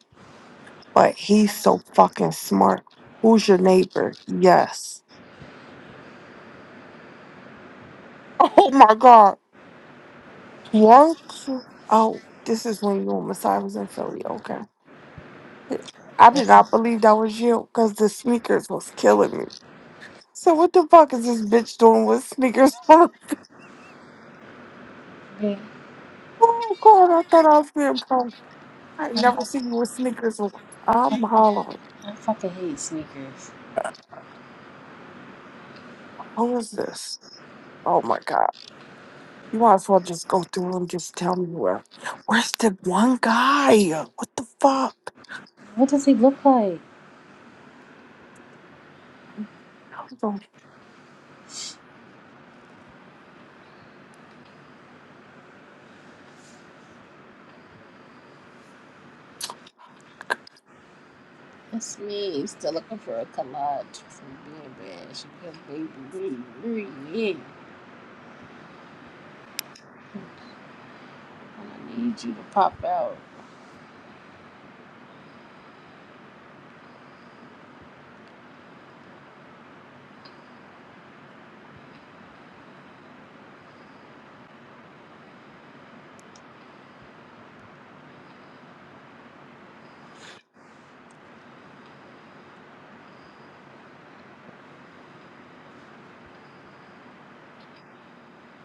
S1: But he's so fucking smart. Who's your neighbor? Yes. Oh my god. What? Oh, this is when you and Messiah was in Philly. Okay. I did not
S2: That's,
S1: believe that was you because the sneakers was killing me. So what the fuck is this bitch doing with sneakers on?
S2: man,
S1: Oh god, I thought I was being punked. I never seen you with sneakers on. I'm hollering.
S2: I fucking hate sneakers.
S1: Who is this? Oh my god. You might as well just go through and just tell me where. Where's the one guy? What the fuck?
S2: What does he look like?
S1: Hold on.
S2: That's me. Still looking for a collage from Being Bad. She goes, baby, where you, where I need you to pop out.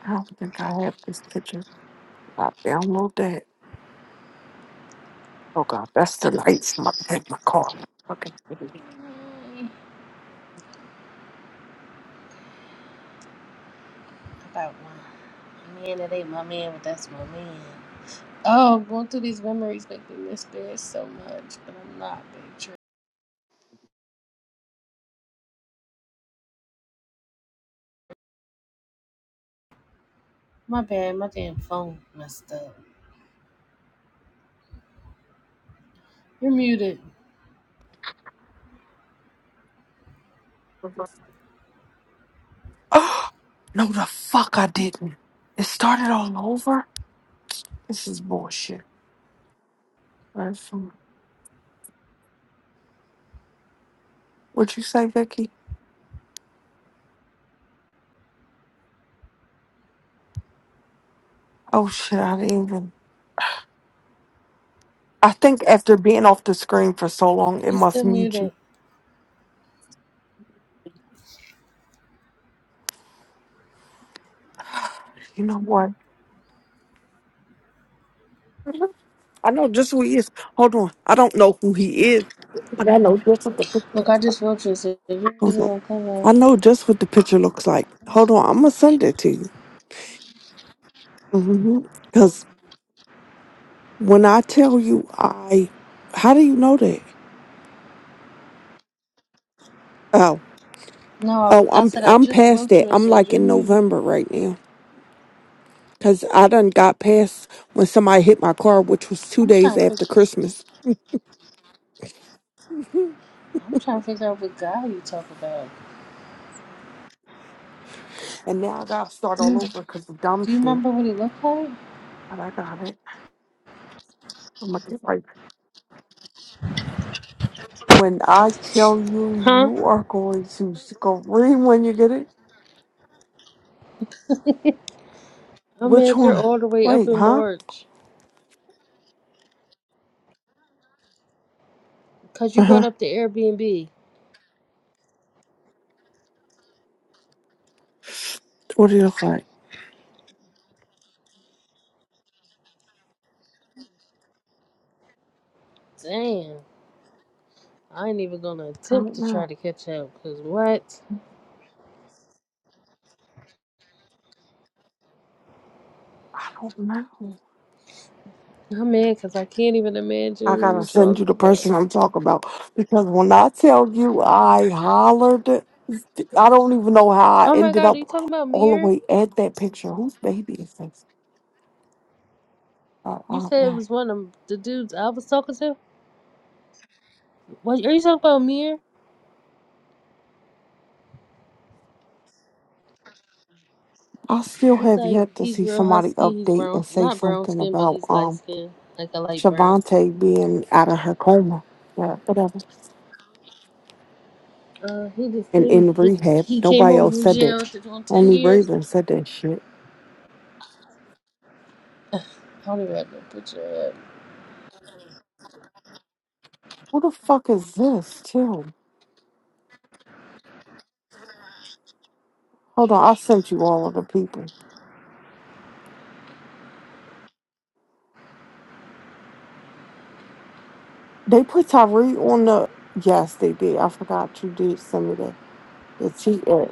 S1: I don't think I have this picture. I download that. Oh god, that's the lights in my, in my car. Fucking kidding me.
S2: Mm, About my man, that ain't my man, but that's my man. Oh, going through these memories make me miss bed so much, but I'm not, big trip. My bad, my damn phone messed up. You're muted.
S1: no, the fuck I didn't. It started all over? This is bullshit. Where's What'd you say, Vicky? Oh shit, I didn't even I think after being off the screen for so long, it
S2: You're still
S1: must mute you.
S2: muted.
S1: You know what? I know just who he is. Hold on. I don't know who he is, but I know just what the pic-
S2: Look, I just wrote you and said you're
S1: hold
S2: muted
S1: on.
S2: on cover.
S1: I know just what the picture looks like. Hold on. I'm gonna send it to you. Mm-hmm. Because when I tell you, I how do you know that? Oh,
S2: No,
S1: oh,
S2: I, I
S1: I'm
S2: said I
S1: I'm
S2: just
S1: past
S2: wrote
S1: that.
S2: you and
S1: I'm
S2: said
S1: like
S2: you're
S1: in
S2: muted.
S1: November right now. Cause I done got past when somebody hit my car, which was two
S2: I'm
S1: days
S2: trying to figure
S1: after Christmas,
S2: I'm trying to figure out what guy you talk about.
S1: and now I gotta start
S2: Do
S1: all
S2: you,
S1: over
S2: do
S1: because of dumb
S2: you
S1: shit.
S2: remember what he looked like?
S1: But I got it. I'm gonna get right. When I tell you,
S2: Huh?
S1: you are going to scream when you get it.
S2: I'm
S1: Which
S2: at you
S1: one?
S2: all the way up
S1: Wait,
S2: in
S1: huh?
S2: March. Cause you
S1: Uh
S2: brought
S1: huh.
S2: up the Airbnb.
S1: What do you look like?
S2: Damn. I ain't even gonna
S1: I
S2: attempt
S1: don't
S2: to try
S1: know.
S2: to catch up. Cause what?
S1: I don't know.
S2: I'm mad cause I can't even imagine
S1: I
S2: who
S1: gotta
S2: you're
S1: send you
S2: talking
S1: the
S2: about.
S1: person I'm talking about because when I tell you, I hollered. it. I don't even know how I
S2: Oh my
S1: ended
S2: god, are you
S1: up
S2: talking about
S1: all the
S2: Mir?
S1: way at that picture. Whose baby is this? Uh, I
S2: You
S1: don't
S2: said it
S1: know.
S2: was one of the dudes I was talking to? What are you talking about Mir?
S1: I still
S2: He's
S1: have
S2: like
S1: yet to
S2: he's
S1: see
S2: real
S1: somebody
S2: husky, he's
S1: update and
S2: brown
S1: say
S2: not brown
S1: something
S2: skin, but
S1: about
S2: he's light
S1: um.
S2: skin. Like a light brown.
S1: Shavante being out of her coma, yeah, whatever,
S2: Uh, he just
S1: and
S2: came.
S1: in
S2: He
S1: rehab.
S2: he came
S1: Nobody
S2: home
S1: else
S2: from
S1: said that.
S2: jail after doing ten
S1: Only
S2: years.
S1: Raven said that shit.
S2: How did I get a picture of?
S1: Who the fuck is this, too? Hold on, I sent you all of the people. They put Tyree on the. Yes, they did. I forgot you did send me that. The T ad.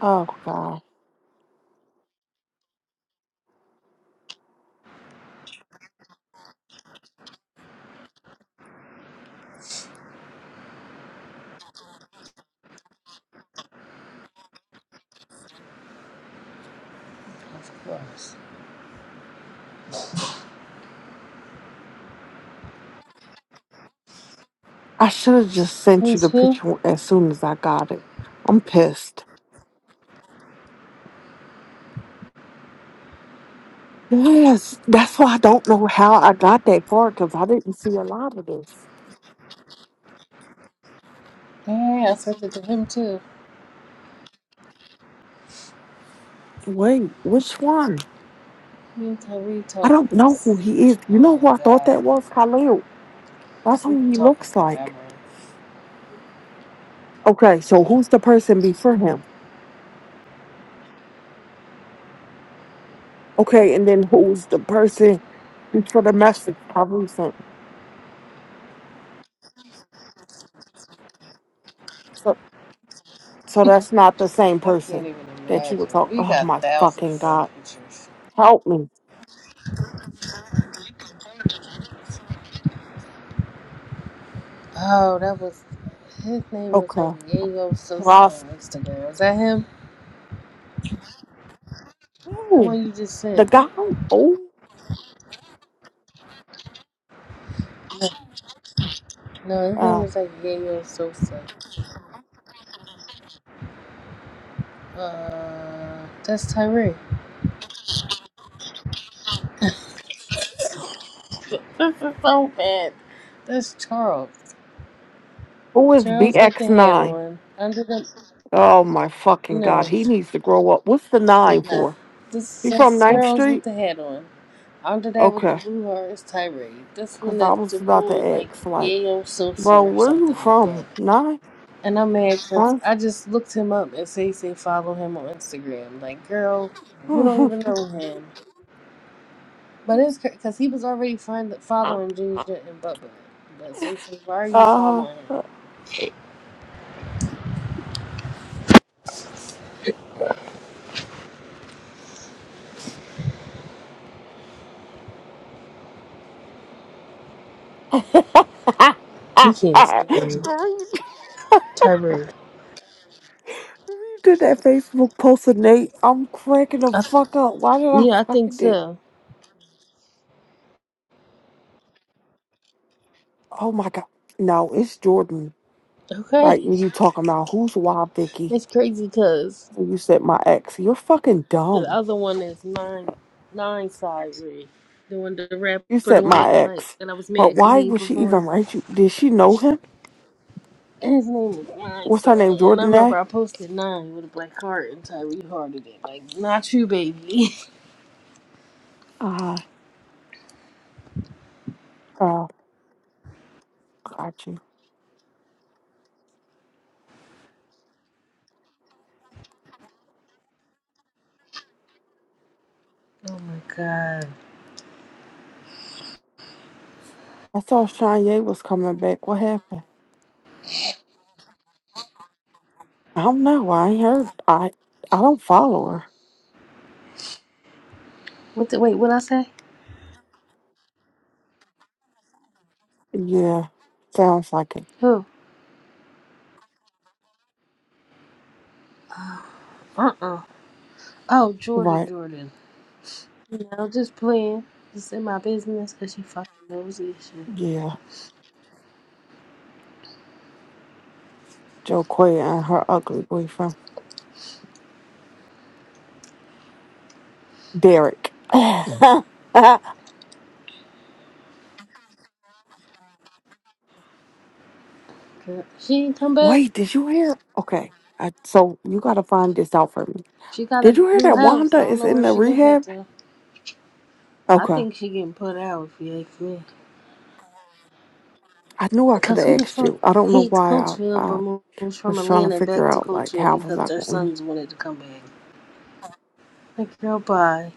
S1: Oh, God.
S2: Of course.
S1: I should have just sent you
S2: Who's
S1: the
S2: who?
S1: picture as soon as I got it. I'm pissed. Yes, that's why I don't know how I got that far because I didn't see a lot of this.
S2: Yeah, yeah, yeah. I sent it to him too.
S1: Wait, which one?
S2: Me and Tyree
S1: I
S2: talked.
S1: don't know who he is. You
S2: Oh
S1: know
S2: my
S1: who I thought
S2: God,
S1: that was? Khalil. That's
S2: we've
S1: who
S2: been
S1: he
S2: talking
S1: looks
S2: forever.
S1: like. Okay, so who's the person before him? Okay, and then who's the person before the message I resent? So, so that's not the same
S2: I can't
S1: person
S2: even
S1: that you were
S2: imagine.
S1: talking.
S2: We
S1: Oh
S2: got
S1: my
S2: thousand
S1: fucking
S2: and one
S1: god,
S2: pictures.
S1: help me.
S2: Oh, that was his name was like
S1: Okay,
S2: Yayo Sosa
S1: Ross,
S2: on Instagram. Was that him? The
S1: no,
S2: one you just
S1: the
S2: sent?
S1: guy. Oh,
S2: No, no his name
S1: uh,
S2: was like Yayo Sosa. Uh, that's Tyree. This is so bad. That's Charles.
S1: who is
S2: Charles got the
S1: BX
S2: hat
S1: nine?
S2: on. Under the
S1: Oh my fucking
S2: no,
S1: god, he needs to grow up. What's the nine
S2: no.
S1: for?
S2: This is
S1: He from
S2: just
S1: Ninth
S2: Charles with
S1: Street?
S2: the hat on. Under that with the
S1: Okay.
S2: blue heart is Tyree. This
S1: Cause
S2: one
S1: I
S2: is the
S1: was about to
S2: bull like
S1: ask, like,
S2: Yale Sosa
S1: bro,
S2: or
S1: where you
S2: something like that.
S1: from? Nah?
S2: And I'm mad because
S1: Nine?
S2: I just looked him up and say say follow him on Instagram. Like, girl, you don't even know him. But it's because he was already find, following Ginger and Bubba. But say say, why are you
S1: uh,
S2: following him? He can't stand me.
S1: Remember you
S2: Tyree.
S1: you did that Facebook post of Nate? I'm cracking the
S2: I th-
S1: fuck up. Why did I
S2: yeah, I think
S1: find it?
S2: so.
S1: Oh my god. No, it's Jordan.
S2: Okay,
S1: Right when you talking about who's wild Vicky
S2: it's crazy because
S1: and you said my ex. You're fucking
S2: the
S1: dumb.
S2: other one is nine nine Tyree, the one the
S1: You
S2: rapper, the
S1: said
S2: one
S1: my
S2: that I like,
S1: ex.
S2: and I was mad
S1: But
S2: because
S1: why
S2: he ain't
S1: would she
S2: performed.
S1: even write you? Did she know him?
S2: And His name is Nine
S1: What's
S2: Sign,
S1: her name?
S2: and I
S1: Jordan
S2: remember
S1: A?
S2: I posted nine with a black heart, and Tyree hearted it like, "Not you, baby."
S1: Ah, oh, gotcha.
S2: oh my god.
S1: I saw Kanye was coming back. What happened? I don't know. I ain't heard. I I don't follow her.
S2: What the wait? What I say?
S1: Yeah, sounds like it.
S2: Who? Uh uh. Oh, Jordan,
S1: Right.
S2: Jordan. You know, just playing. Just in my business because she fucking nosy.
S1: Yeah, Joquay and her ugly boyfriend Derek.
S2: Girl, She ain't come back.
S1: Wait, did you hear? Okay, I, so you gotta find this out for me.
S2: She got
S1: Did
S2: a
S1: you hear
S2: new
S1: that
S2: house.
S1: Wanda
S2: I don't
S1: is
S2: know where
S1: in the
S2: she live at
S1: rehab?
S2: though. I
S1: Okay,
S2: think she getting put out if you ask me.
S1: I knew I could
S2: Cause
S1: have
S2: who the
S1: asked
S2: fuck
S1: you. I don't know
S2: hates
S1: why I
S2: Coachville
S1: I
S2: but moves from
S1: was trying to
S2: Atlanta back
S1: figure
S2: to
S1: out like
S2: Coachville
S1: how was
S2: because
S1: I
S2: their
S1: going.
S2: sons wanted to come back? Like girl, bye.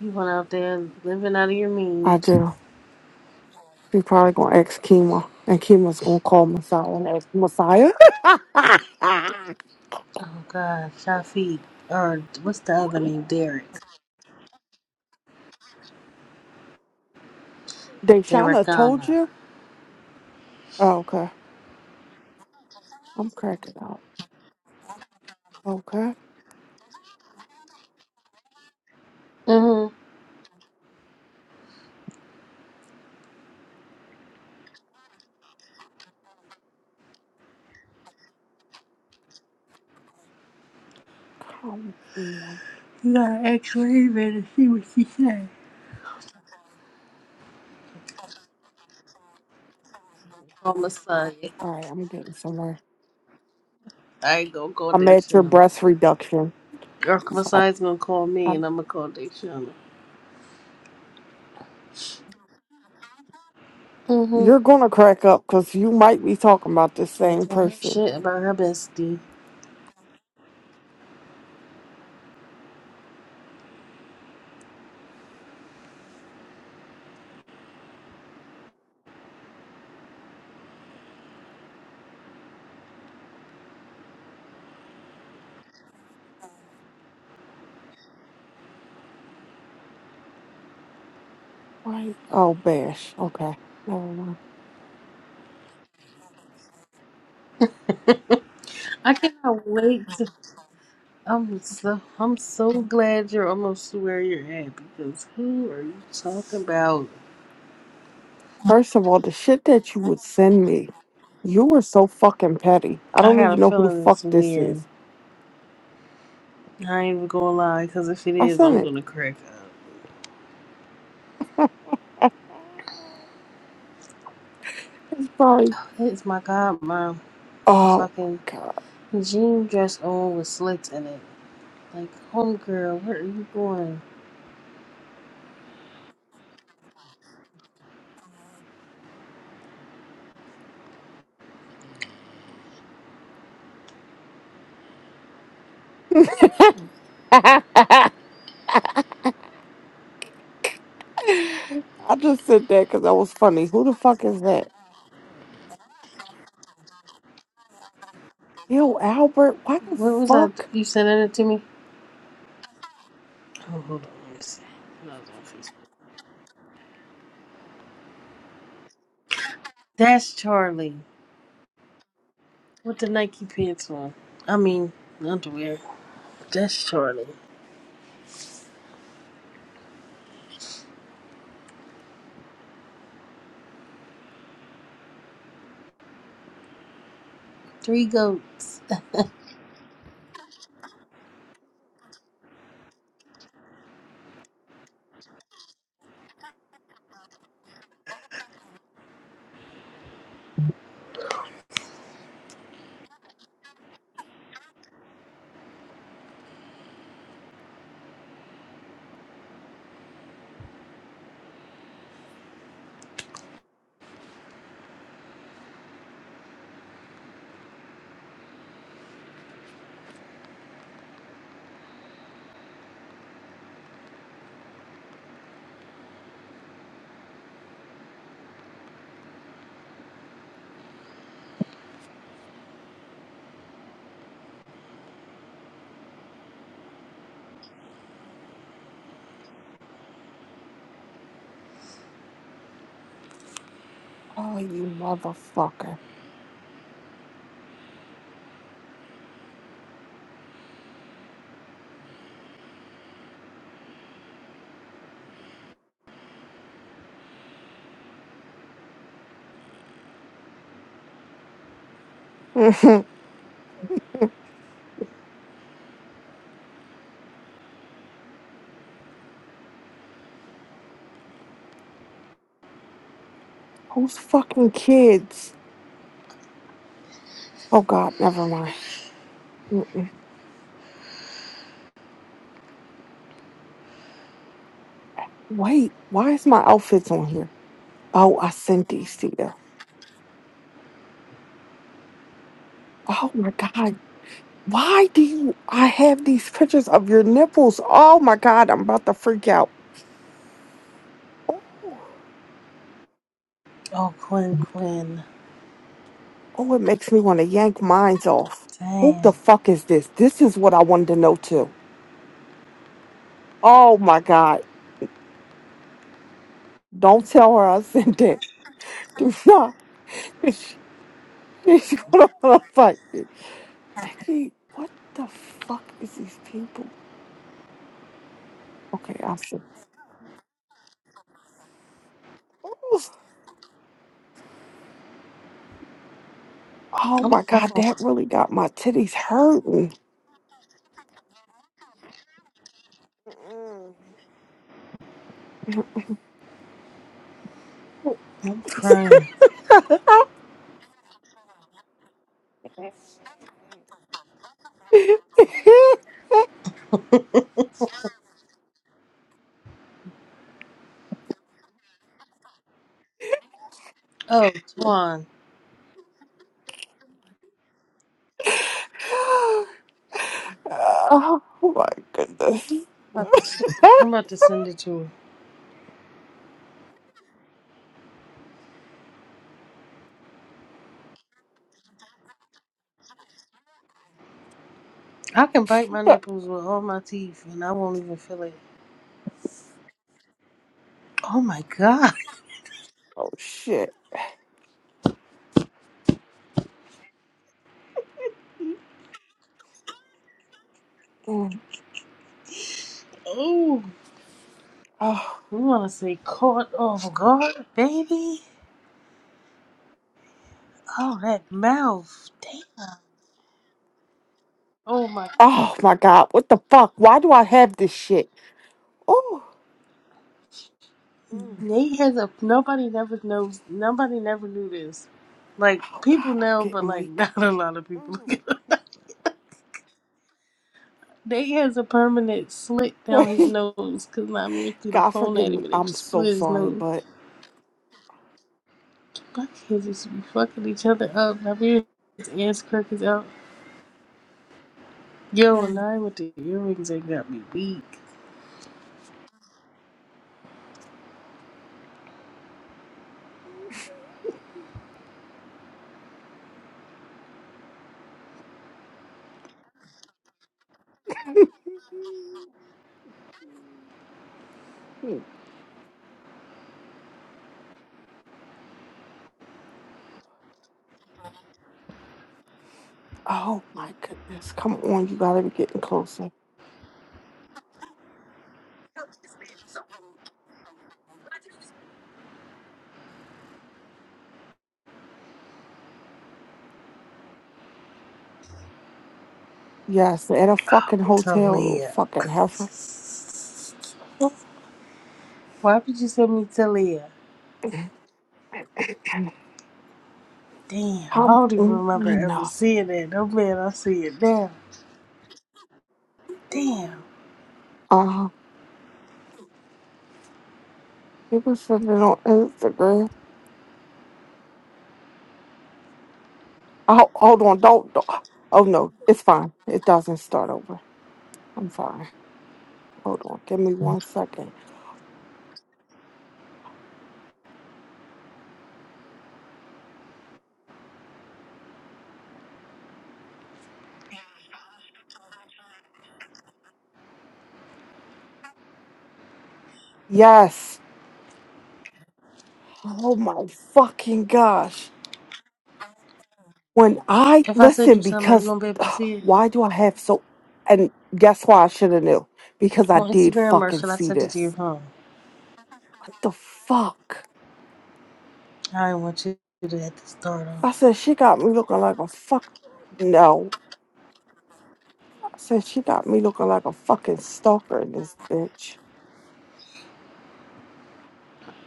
S2: You went out there living out of your
S1: I
S2: means.
S1: do. She's probably gonna ask Kima, and Kima's gonna call Messiah and ask Messiah.
S2: Oh God, Shafiq or what's the other name? Derek.
S1: Deshana told
S2: Derekana.
S1: you? Oh, okay. I'm cracking up. Okay.
S2: Mm-hmm.
S1: Come on.
S2: You gotta ask Raven and see what she say. Oh Messiah.
S1: All right, I'm getting somewhere.
S2: I ain't gonna call
S1: I'm
S2: this
S1: at your
S2: shit.
S1: breast reduction.
S2: Girl,
S1: So I,
S2: Masai's gonna call me
S1: I,
S2: and I'm gonna call Dayshana. Mm-hmm.
S1: you're gonna crack up because you might be talking about the
S2: Can't
S1: same
S2: tell her
S1: person.
S2: shit about her bestie.
S1: Right? Oh, bash. Okay. Never mind.
S2: I cannot wait. To, I'm so I'm so glad you're almost to where you're at because who are you talking about?
S1: First of all, the shit that you would send me, you were so fucking petty. I
S2: I
S1: don't
S2: got a
S1: even know who the
S2: feeling
S1: fuck
S2: it's
S1: this
S2: weird.
S1: is.
S2: I ain't even gonna lie because if it
S1: I
S2: is,
S1: sent
S2: I'm
S1: it.
S2: gonna crack
S1: It's probably
S2: up. It's my god, mom. With a
S1: Oh
S2: fucking
S1: my god.
S2: jean dress on with slits in it. Like, homegirl, where are you going?
S1: I just said that because that was funny. Who the fuck is that? Yo, Albert, why the
S2: What was I?
S1: fuck?
S2: You sending it to me? Oh, hold on a second. No, it's on Facebook. That's Charlie with the Nike pants on. I mean, underwear. That's Charlie. Three goats.
S1: Oh, you motherfucker. Who's fucking kids? Oh god, never mind. Mm, Wait, why is my outfits on here? Oh, I sent these to you. Oh my god. Why do you I have these pictures of your nipples? Oh my god, I'm about to freak out. Oh.
S2: Oh, Quinn, Quinn.
S1: Oh, it makes me want to yank minds off. Who the
S2: Damn.
S1: fuck is this? This is what I wanted to know too. Oh my god. Don't tell her I sent it. Do not. She's gonna wanna fight me. Becky, what the fuck is these people? Okay, I said. Oh
S2: I'm
S1: my god,
S2: stuck on.
S1: that really got my titties hurting.
S2: I'm crying. Oh, Twan. I'm
S1: oh my goodness.
S2: about to, s- I'm about to send it to her. I can bite my nipples with all my teeth and I won't even feel it. Oh my god.
S1: oh shit. Mm.
S2: Oh,
S1: Oh.
S2: you want to say caught off guard, baby? Oh, that mouth. Damn. Oh my
S1: Oh my God, what the fuck? Why do I have this shit? Oh, Mm.
S2: Nate has a nobody never knows nobody never knew this. Like
S1: oh
S2: people
S1: God, I'm
S2: know, but
S1: getting
S2: like
S1: weak.
S2: not a lot of people.
S1: Mm.
S2: Nate has a permanent slit down his
S1: Wait,
S2: nose because Namir threw the
S1: God
S2: phone
S1: forgive
S2: at him
S1: me.
S2: and it
S1: I'm so
S2: split his
S1: sorry,
S2: nose.
S1: but.
S2: Buckheads used to be fucking each other up. Namir his ass crack is out. Yo, and I with the earrings ain't got me weak.
S1: Mm. oh my goodness, come on, you gotta be getting closer. Yes, at a fucking hotel, little
S2: Talia.
S1: fucking heifer. Oh,
S2: Why would you send me Talia? Damn, I
S1: Come
S2: don't even remember
S1: on.
S2: ever seeing that. No man, I see it now. Damn.
S1: Uh, people sending on Instagram. Oh, hold on. Don't, don't. Oh, no. It's fine. It doesn't start over. I'm sorry. Hold on. Give me one second. Yes. Oh, my fucking gosh. When I
S2: If I sent you
S1: listen,
S2: something, are you
S1: because
S2: gonna be able to
S1: ugh,
S2: see it
S1: why do I have so. And guess why I should have knew? Because I
S2: on
S1: did
S2: Instagram or
S1: fucking
S2: should I
S1: see
S2: send it to your
S1: this.
S2: phone?
S1: What the fuck?
S2: I didn't want you to have to start off.
S1: I said, she got me looking like a fuck. No. I said, she got me looking like a fucking stalker in this bitch.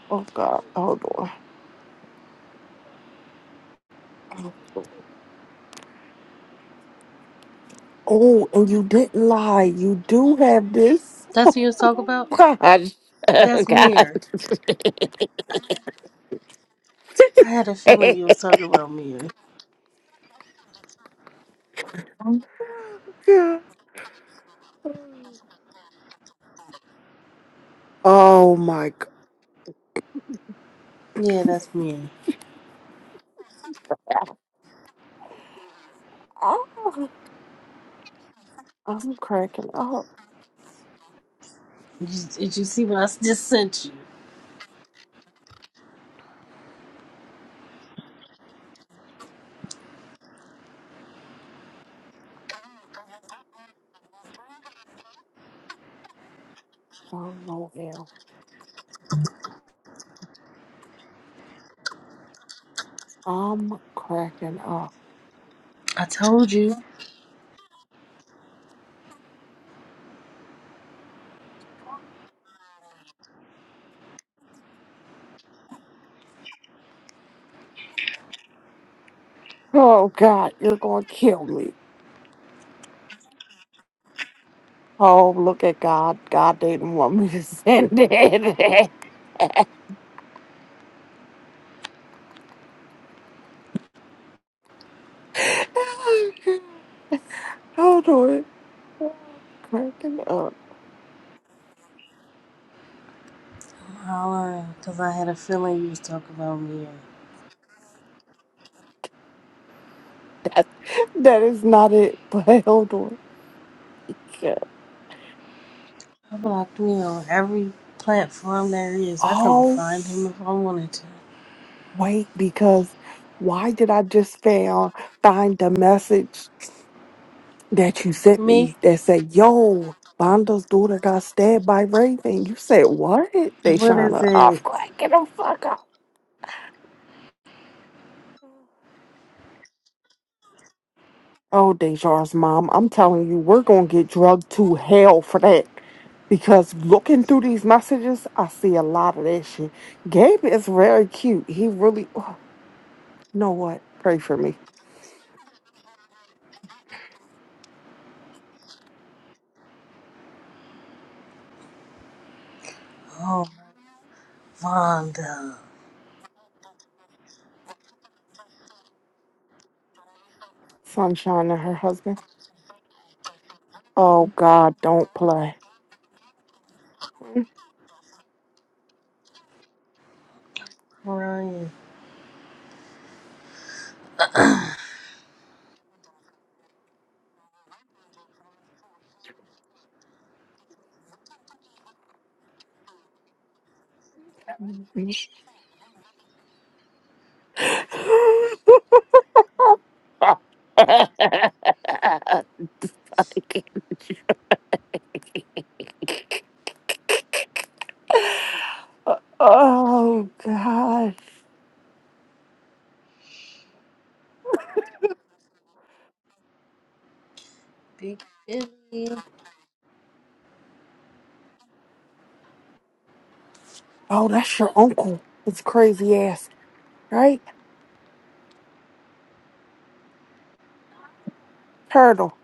S1: Oh, God. Hold on. Oh, and you didn't lie. You do have this.
S2: That's what you was talking about?
S1: God.
S2: That's
S1: God.
S2: Mir. I had a feeling you was talking about Mir.
S1: Oh my
S2: Yeah, that's Mir.
S1: God. Oh, I'm cracking up.
S2: Did you, did you see what I s- just sent you?
S1: Oh no, hell. I'm cracking up.
S2: I told you.
S1: Oh God, you're gonna kill me. Oh, look at God. God didn't want me to send it. Oh, God. Hold on. I'm cracking up.
S2: Holla, Because I had a feeling you was talking about Mir.
S1: That, that is not it, but hold on.
S2: I blocked me on every platform there is. I couldn't
S1: Oh.
S2: find him if I wanted to.
S1: Wait, because why did I just found find the message that you sent
S2: Me?
S1: me that said, "Yo, Bondo's daughter got stabbed by Raven." You said what,
S2: What is
S1: Deshana? I'm
S2: it?
S1: cracking the fuck up. Oh, Dejar's mom, I'm telling you, we're gonna get drugged to hell for that. Because looking through these messages, I see a lot of that shit. Gabe is very cute. He really, oh, you know what? Pray for me,
S2: Oh, Vonda.
S1: Sunshine and her husband. Oh God, don't play.
S2: Ryan.
S1: oh God.
S2: Big Billy.
S1: Oh, that's your uncle. It's crazy ass, right? Turtle.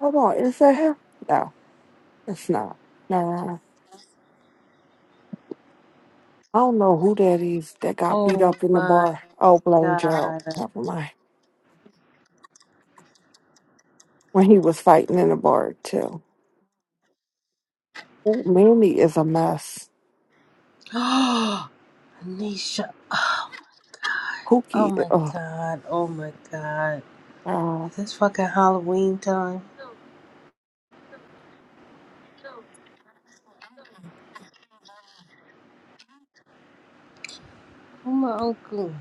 S1: Hold on, is that him? No, it's not. No, no, no. I don't know who that is that got beat
S2: Oh
S1: up in the
S2: my
S1: bar. Oh, blame Gerald.
S2: god.
S1: Never mind. When he was fighting in the bar too. Ooh, Manny is a mess.
S2: Anisha! Oh, oh
S1: Pookie.
S2: my god. Oh my god.
S1: Oh,
S2: Is this fucking Halloween time? Oh my uncle.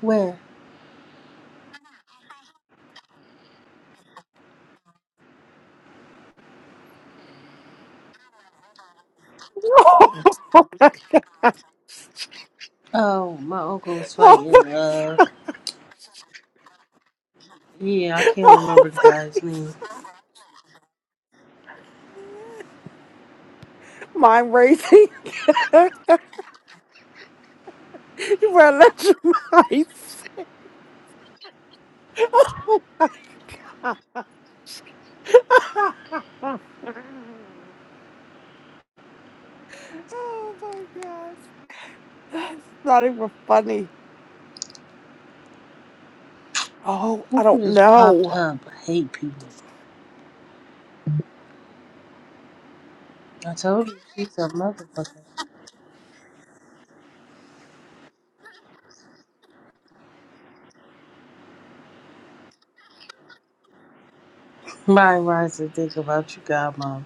S2: Where?
S1: God.
S2: Oh, my uncle was fighting. Uh, yeah, I can't
S1: Oh,
S2: remember the guy's name.
S1: mind racing. you were electromized. Oh my god. oh my god. That's not even funny. Oh, I
S2: Who
S1: don't
S2: just popped
S1: know.
S2: up? I hate people. I told you she's a motherfucker. My rising think about you, godmom.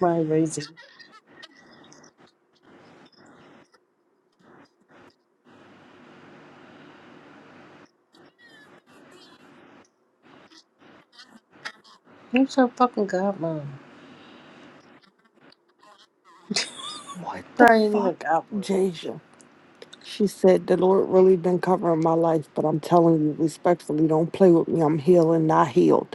S2: My raising. Who's her fucking godmom?
S1: What the
S2: Probably ain't even
S1: fuck,
S2: godmom.
S1: Jasia? She said the Lord really been covering my life, but I'm telling you respectfully, don't play with me. I'm healing, not healed.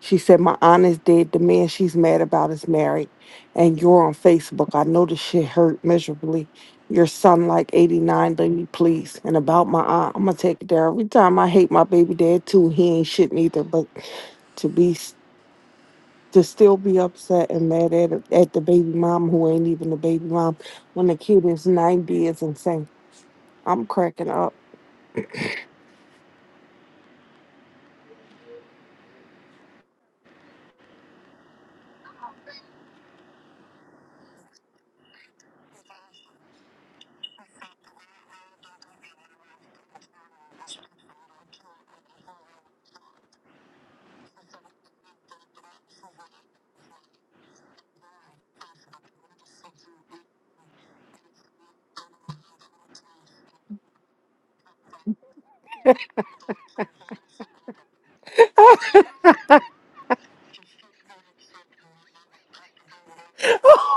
S1: She said, My aunt is dead. The man she's mad about is married. And you're on Facebook. I know this shit hurt miserably. Your son, like 89, lady, please. And about my aunt, I'm going to take it there. Every time I hate my baby dad, too, he ain't shit neither. But to be, s- to still be upset and mad at, at the baby mom who ain't even the baby mom when the kid is 90 is insane. I'm cracking up.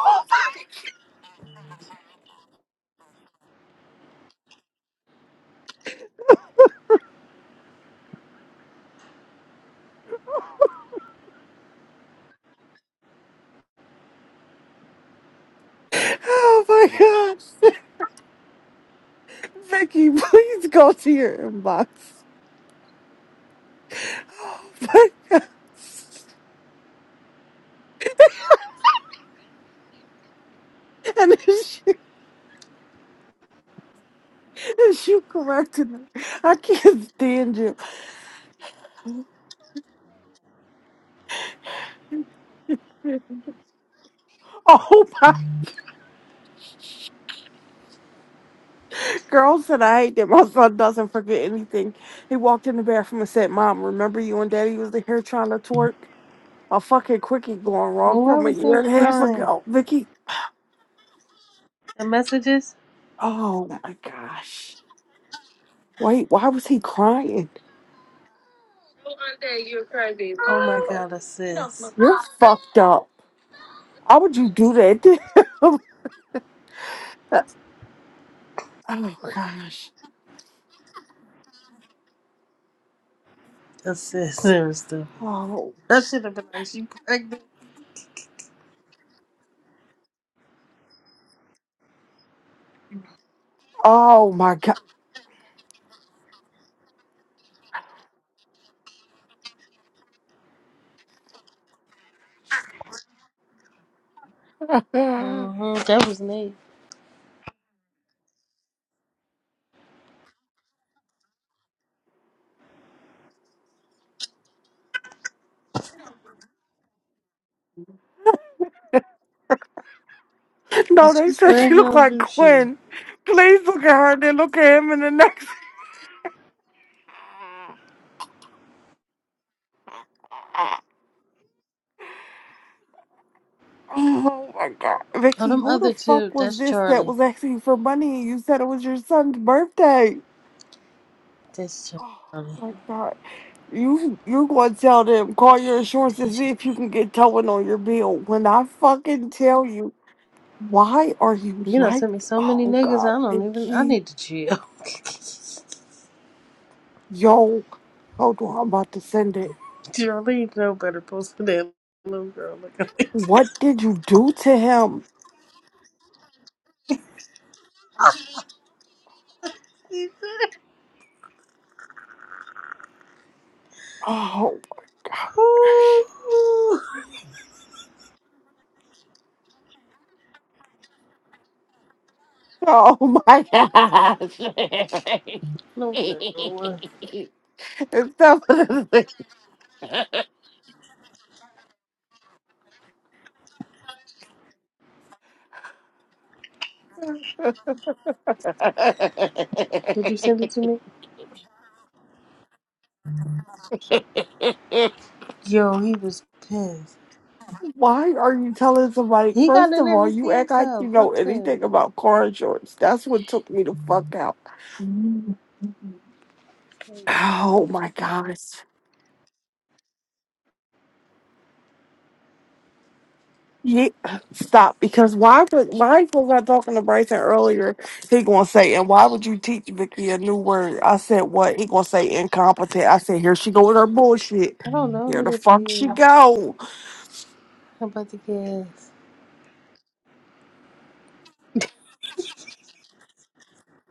S1: Oh my God. Vicky, please go to your inbox. and then she, if you corrected me, I can't stand you. Oh my girl said I hate that my son doesn't forget anything. He walked in the bathroom and said, "Mom, remember you and Daddy was here trying to twerk a fucking quickie going wrong
S2: Why
S1: from a
S2: was they
S1: year and a half
S2: crying?
S1: ago, Vicky."
S2: The messages?
S1: Oh my gosh! Wait, why was he crying?
S2: Oh my god, assist.
S1: You're fucked up. How would you do that? oh gosh.
S2: Assist. They were stupid.
S1: Oh.
S2: That should have been like, she pregnant.
S1: Oh my God. No,
S2: Mm-hmm. That was Nate. I
S1: they said
S2: swear
S1: she
S2: he
S1: looked
S2: don't
S1: like
S2: do shit.
S1: Quinn. Please look at her, then look at him in the next. Oh my god.
S2: Oh,
S1: Vicky,
S2: them
S1: who the
S2: other two.
S1: fuck was
S2: That's
S1: this that
S2: Charlie.
S1: was asking for money? You said it was your son's birthday.
S2: That's
S1: Oh
S2: Charlie.
S1: my god. You you gonna tell them, call
S2: Damn,
S1: your insurance to see
S2: Deja's
S1: if you
S2: baby.
S1: can get towing on your bill. When I fucking tell you, why are you
S2: You know,
S1: like
S2: sent me so many
S1: oh
S2: niggas,
S1: god,
S2: I don't even, I
S1: Vicky.
S2: need to chill.
S1: Yo, hold on, I'm about to send it.
S2: Charlie ain't no better post than that little girl. like at me.
S1: What did you do to him? Oh god. Oh my gosh.
S2: no, no.
S1: It's so-
S2: Did you send it to me? Yo, he was pissed.
S1: Why are you telling somebody?
S2: He got
S1: First
S2: in
S1: of
S2: there.
S1: all,
S2: He
S1: you
S2: see
S1: act like you
S2: himself.
S1: know
S2: Fuck
S1: anything
S2: him.
S1: about car insurance. That's what took me the fuck out. Oh my gosh. Yeah, stop. Because why would why was I talking to Bryson earlier? He gonna say, and why would you teach Vicky a new word? I said what? He gonna say incompetent. I said here she go with her bullshit.
S2: I don't know
S1: Here
S2: who
S1: the
S2: this
S1: fuck she
S2: is.
S1: go.
S2: I'm about to guess.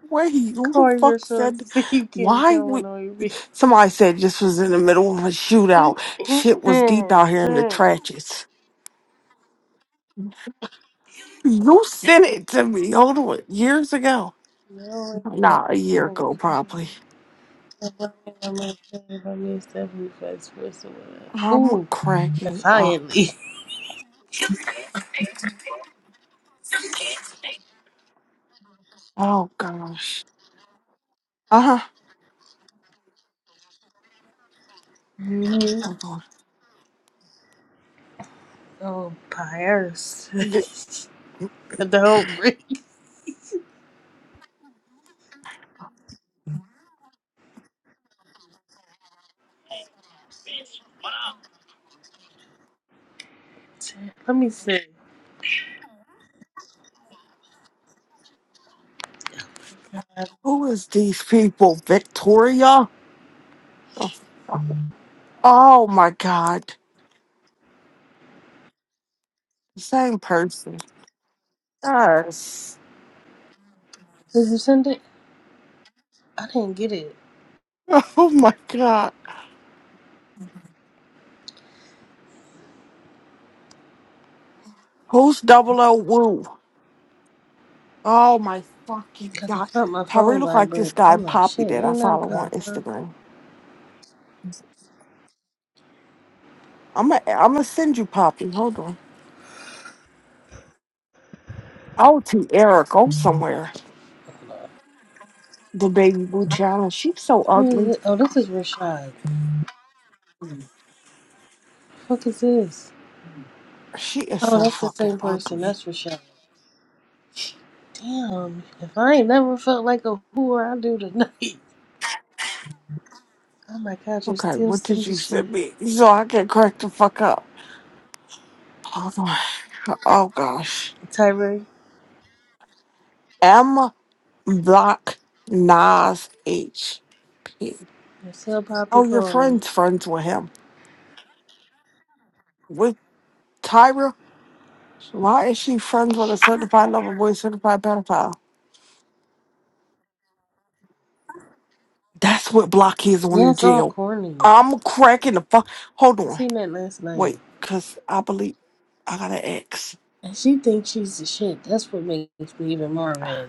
S1: Wait, who the
S2: Corey, your
S1: fuck said?
S2: shorts. See, you can't
S1: Why
S2: tell when
S1: would
S2: I be.
S1: somebody said this was in the middle of a
S2: He
S1: shootout?
S2: is
S1: Shit was deep
S2: dead.
S1: out here in the
S2: Dead.
S1: trenches. You sent it to me. Hold on, years ago.
S2: No, it
S1: Nah, a year ago
S2: don't.
S1: probably.
S2: I'm gonna tell you about me and Stephanie first, first of all.
S1: I'm
S2: Ooh,
S1: cracking up.
S2: defiantly.
S1: Oh gosh. Uh huh.
S2: Mhm.
S1: Hold on.
S2: Oh, Pierce.
S1: D-
S2: the whole breed. Let me see. Did
S1: Who is these people? Victoria? Oh my God. The Same person. Yes.
S2: you send it? I didn't get it
S1: Oh my God. Who's double O woo? Oh my fucking
S2: because I
S1: God.
S2: felt my
S1: Tyree
S2: phone
S1: look like this
S2: vibrate, but
S1: guy
S2: I'm like,
S1: Poppy
S2: shit,
S1: that I
S2: ain't nothing
S1: follow on
S2: popping.
S1: Instagram. I'm gonna I'm gonna send you Poppy. Hold on. Oh, to Eric. Go somewhere. The baby boo challenge. She's so
S2: Who is
S1: ugly.
S2: it? Oh, this is Rashad. fuck is this?
S1: She is
S2: Oh,
S1: so
S2: that's the
S1: fucking
S2: same person.
S1: ugly.
S2: That's Rashad. Damn, if I ain't never felt like a whore, I do tonight. Oh my god, you're
S1: Okay,
S2: still
S1: what did
S2: sending
S1: you
S2: shit.
S1: send me so I can crack the fuck up? Hold on. Oh gosh.
S2: Tyree,
S1: M Block Nas H P.
S2: Marcel Poppy
S1: Oh, your
S2: called me.
S1: friend's friends with him. With Tyra? Why is she friends with a certified lover boy, certified pedophile? That's what Block is on
S2: Yeah,
S1: in
S2: it's all
S1: jail.
S2: corny.
S1: I'm cracking the fuck. Hold
S2: I
S1: on.
S2: seen that last night.
S1: Wait, because I believe I got an ex.
S2: And she thinks she's the shit. That's what makes me even more mad.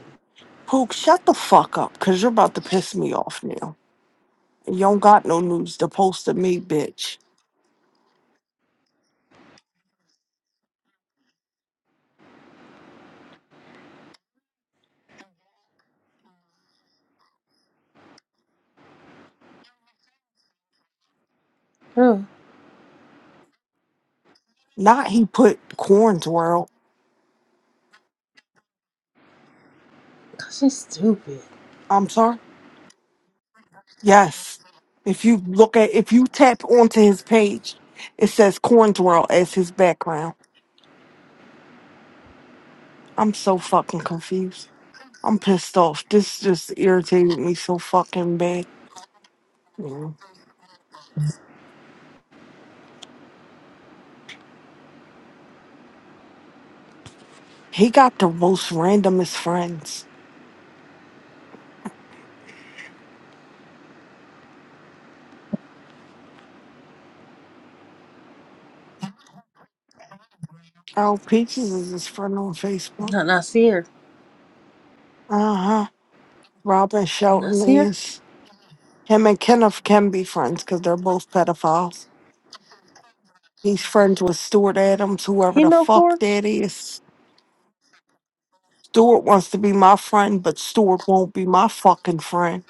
S1: Pook, shut the fuck up, because you're about to piss me off now. You don't got no news to post to me, bitch.
S2: Huh,
S1: Not he put corn world.
S2: 'cause she's stupid.
S1: I'm sorry. Yes. If you look at if you tap onto his page, it says corn world as his background. I'm so fucking confused. I'm pissed off. This just irritated me so fucking bad. Mm. He got the most randomest friends. Oh, Peaches is his friend on Facebook.
S2: Not, not see her.
S1: Uh huh. Robin
S2: Not
S1: Shelton
S2: see her?
S1: is. Him and Kenneth can be friends because they're both pedophiles. He's friends with Stuart Adams, whoever
S2: He
S1: the
S2: no
S1: fuck
S2: core?
S1: that is. Stuart wants to be my friend, but Stuart won't be my fucking friend.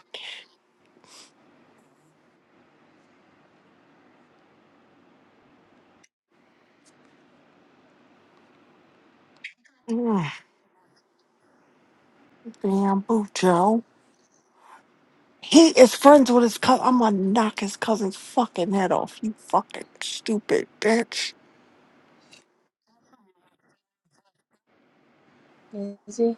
S1: Mm, damn, boo, Joe. He is friends with his cousin. I'm gonna knock his cousin's fucking head off. You fucking stupid bitch.
S2: Is he?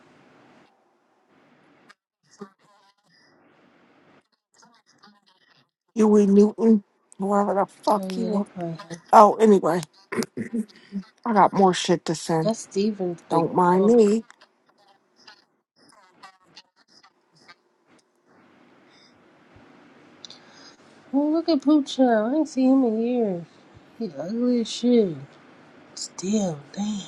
S1: Huey Newton, whoever the
S2: Oh
S1: fuck
S2: yeah,
S1: you
S2: they
S1: are.
S2: probably. Have.
S1: Oh, anyway, I got more shit to send.
S2: That's Steven's big
S1: Don't mind
S2: old.
S1: me.
S2: Oh look at Poocha. I ain't seen him in years. He ugly as shit. Still, damn.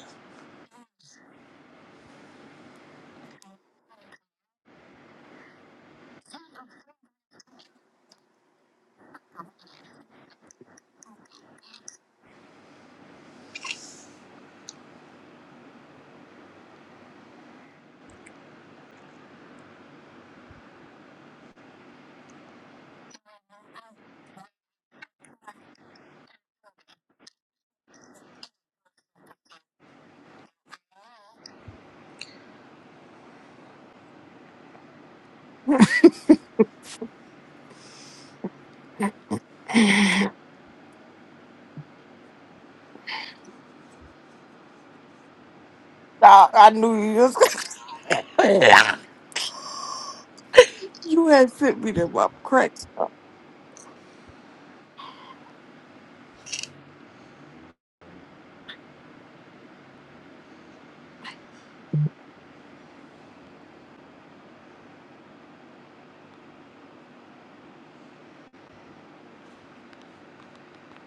S1: I, I knew you was You had sent me them up cracks.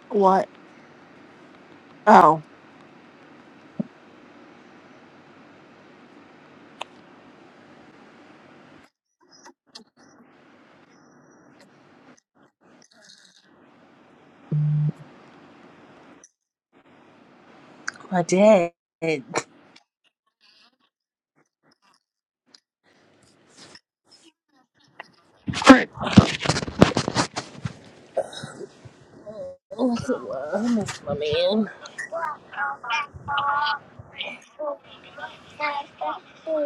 S1: What? Oh.
S2: My dad. Oh, Look at what I miss my man.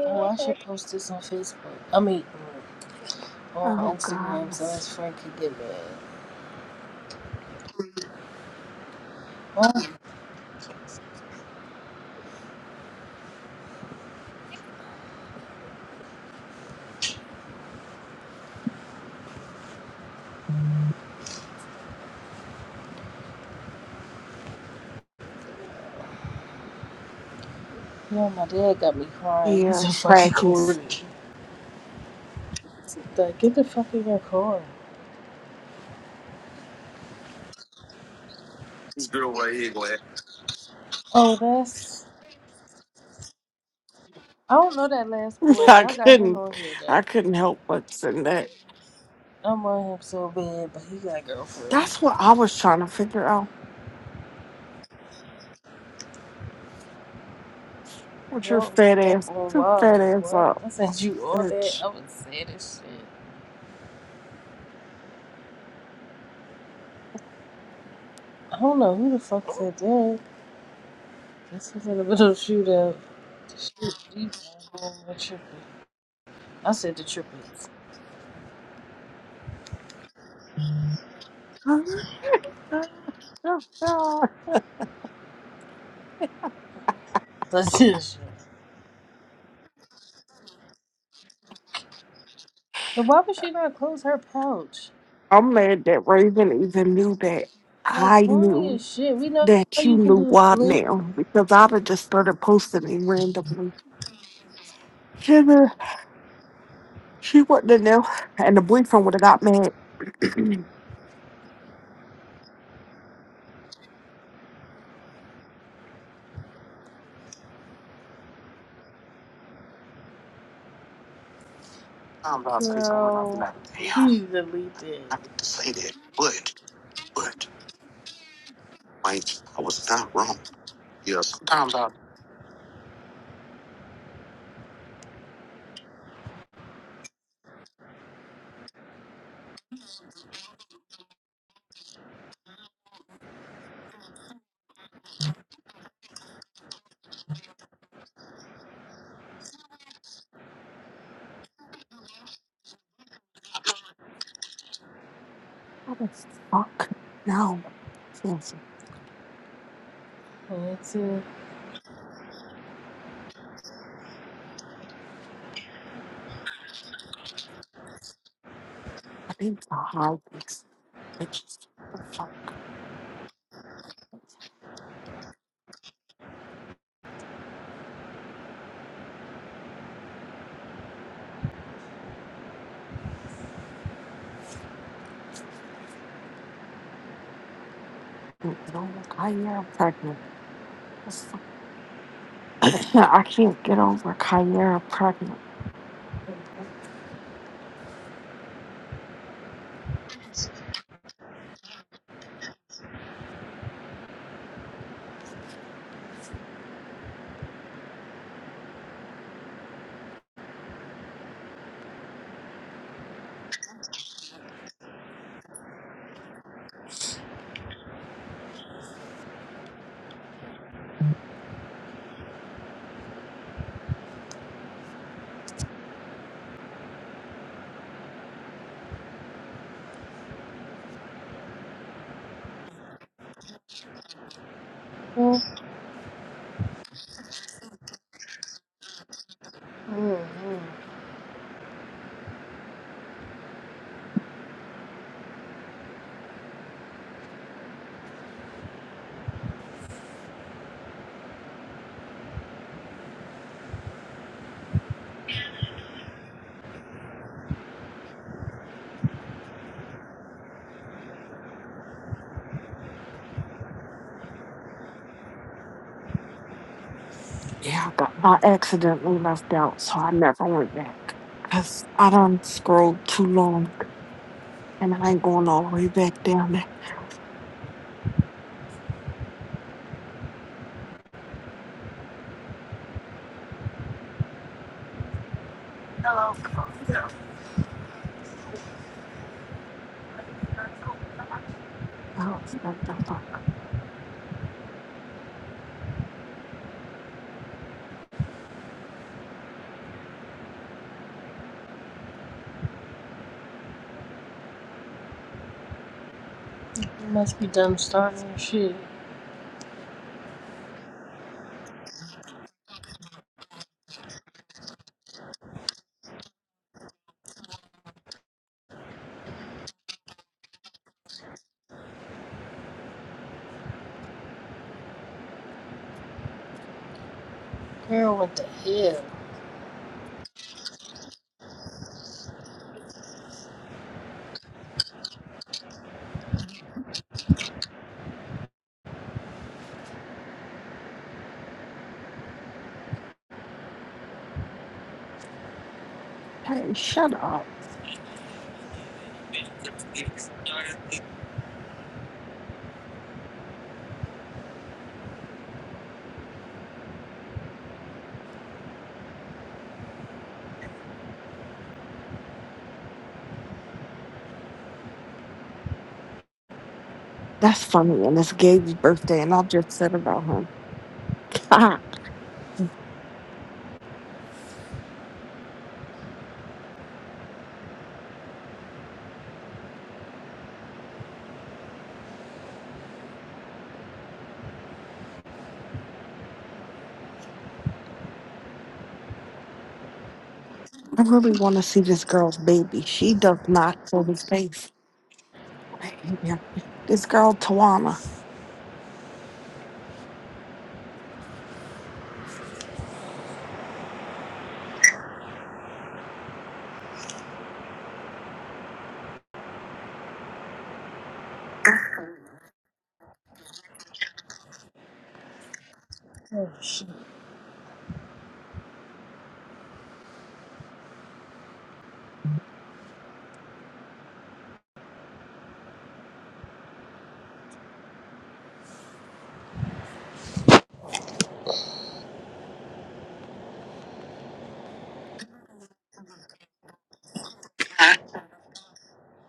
S2: Oh, I should post this on Facebook. I mean, on
S1: Oh,
S2: Instagram
S1: God.
S2: so his friend can get mad. Oh, yeah, my dad got me crying. He's
S1: Yeah,
S2: a fucking corny.
S1: practice.
S2: Like, get the fuck in your car.
S1: This girl right here gonna
S2: Oh, that's I don't know that last
S1: have
S2: boy.
S1: I
S2: I got him
S1: couldn't
S2: on here though.
S1: I couldn't help what's in that.
S2: I want him so bad, but he got a girlfriend.
S1: That's what I was trying to figure out. What your
S2: Yo, I'm
S1: fat
S2: stuck
S1: ass
S2: on
S1: your
S2: wild.
S1: fat
S2: Like
S1: ass
S2: what?
S1: up,
S2: I sent you all that.
S1: bitch.
S2: I would say this shit. I don't know who the fuck said that. This was in the middle of the shootout. Shit, you know, I'm tripping. I said the triplets.
S1: I'm
S2: That's this shit. And why would she not close her pouch?
S1: mad that Raven even knew that I
S2: Like corny
S1: knew
S2: as shit. We know
S1: that you
S2: you can
S1: knew
S2: do a
S1: why
S2: split,
S1: now because I'd have just started posting it randomly. She, would- she wouldn't have known, and the boyfriend would have got mad. I'm about to say something, I'm
S2: girl.
S1: not.
S2: You need to delete that.
S1: What the fuck? No.
S2: That's it.
S1: I need to hide this. Bitches, what the fuck? I can't get over Kyra pregnant. What the- fuck? I can't get over Kyra pregnant.
S2: Well, mm mm.
S1: Yeah, I, got, I accidentally left out, so I never went back. Because I done scrolled too long, and I ain't going all the way back down there. Oh, what the fuck?
S2: must be done starting shit. Girl, what the hell?
S1: Hey, shut up. That's funny, and it's Gabe's birthday, and I just said about him. I really want to see this girl's baby. She does not show his face. Damn, This girl Tawana.
S2: Oh, shit.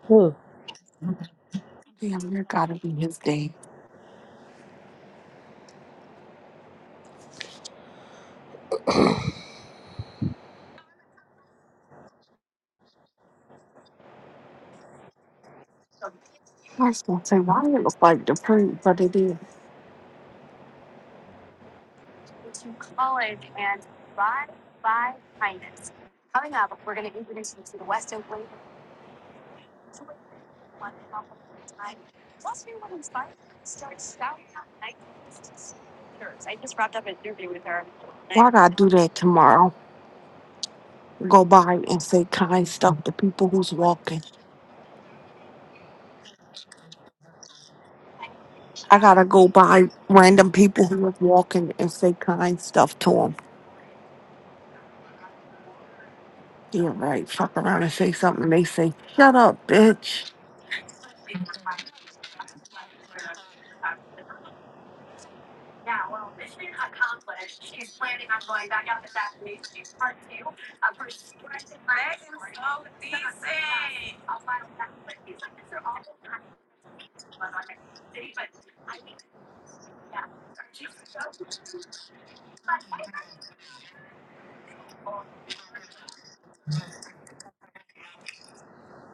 S2: Who?
S1: Damn, there gotta be his day. I was gonna say why it looks like the print, but it is. Why gotta do that tomorrow? Go by and say kind stuff to people who's walking. I gotta go by random people who are walking and say kind stuff to them. You're right. Fuck around and say something. and They say, "Shut up, bitch."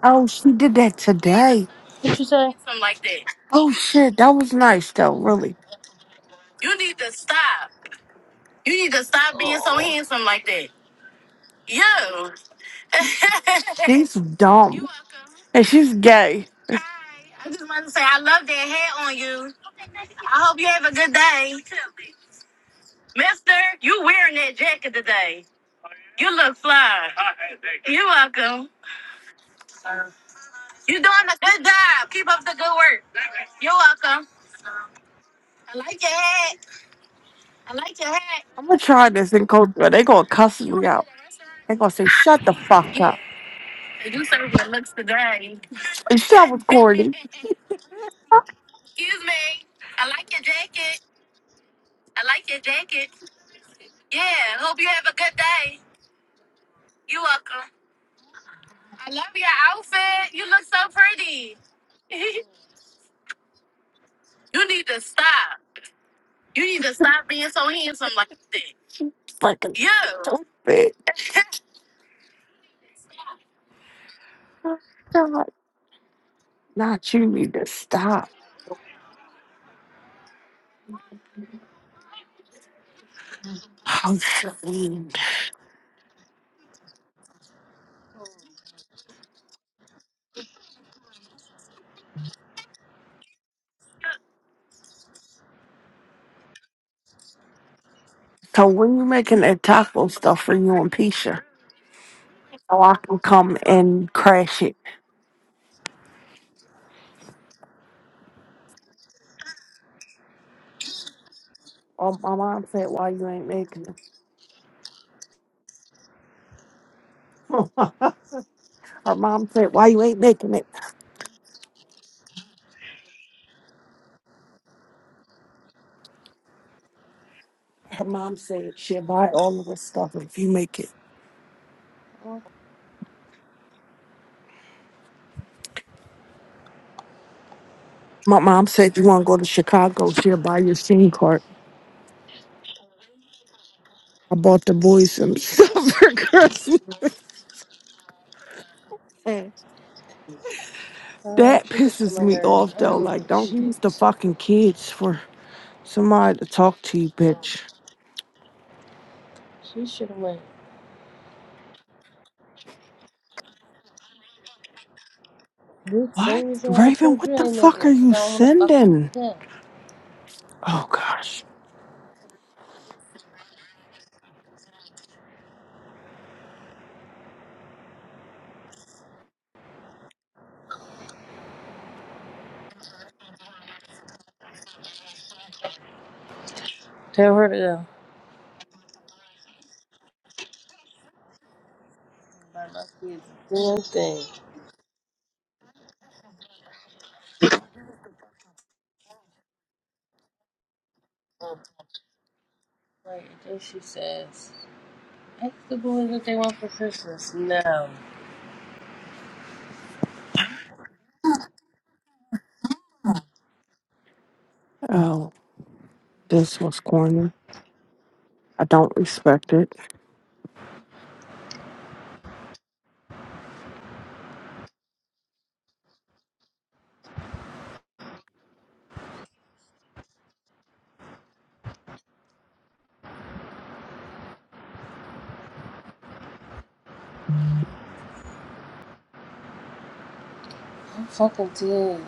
S1: Oh, she did that today.
S2: What would you say?
S1: Oh shit, that was nice though. Really,
S2: Oh.
S1: she's dumb and she's gay. I'm gonna try this in Coachella. They gonna cuss me out. They gonna say, "Shut the fuck up." And shut was corny. But i not you need to stop. Oh, shit. So when you making that taco stuff for you and Pisha, so I can come and crash it. Oh, my mom said, "Why you ain't making it?" Her mom said, "Why you ain't making it?" Her mom said, "She'll buy all of this stuff if you make it."
S2: What
S1: My mom said, "You want to go to Chicago? She'll buy your SIM card." I bought the boys some stuff for Christmas.
S2: Uh,
S1: That
S2: she gets on
S1: pisses
S2: my
S1: me
S2: nerves.
S1: off
S2: I ain't
S1: though.
S2: making
S1: Like, don't use the
S2: shit.
S1: fucking kids for somebody to talk to you, bitch.
S2: She should have went. You
S1: What?
S2: same reason why I
S1: Raven,
S2: told you
S1: what
S2: I
S1: the
S2: ain't making
S1: fuck are
S2: it, because
S1: you
S2: I don't want to fuck
S1: sending?
S2: up.
S1: Oh gosh.
S2: Tell her to go. But my kids damn thing. Like, then she says, ask the boys what they want for Christmas. No.
S1: Oh, this was corny. I don't respect it.
S2: I'm fucking dead.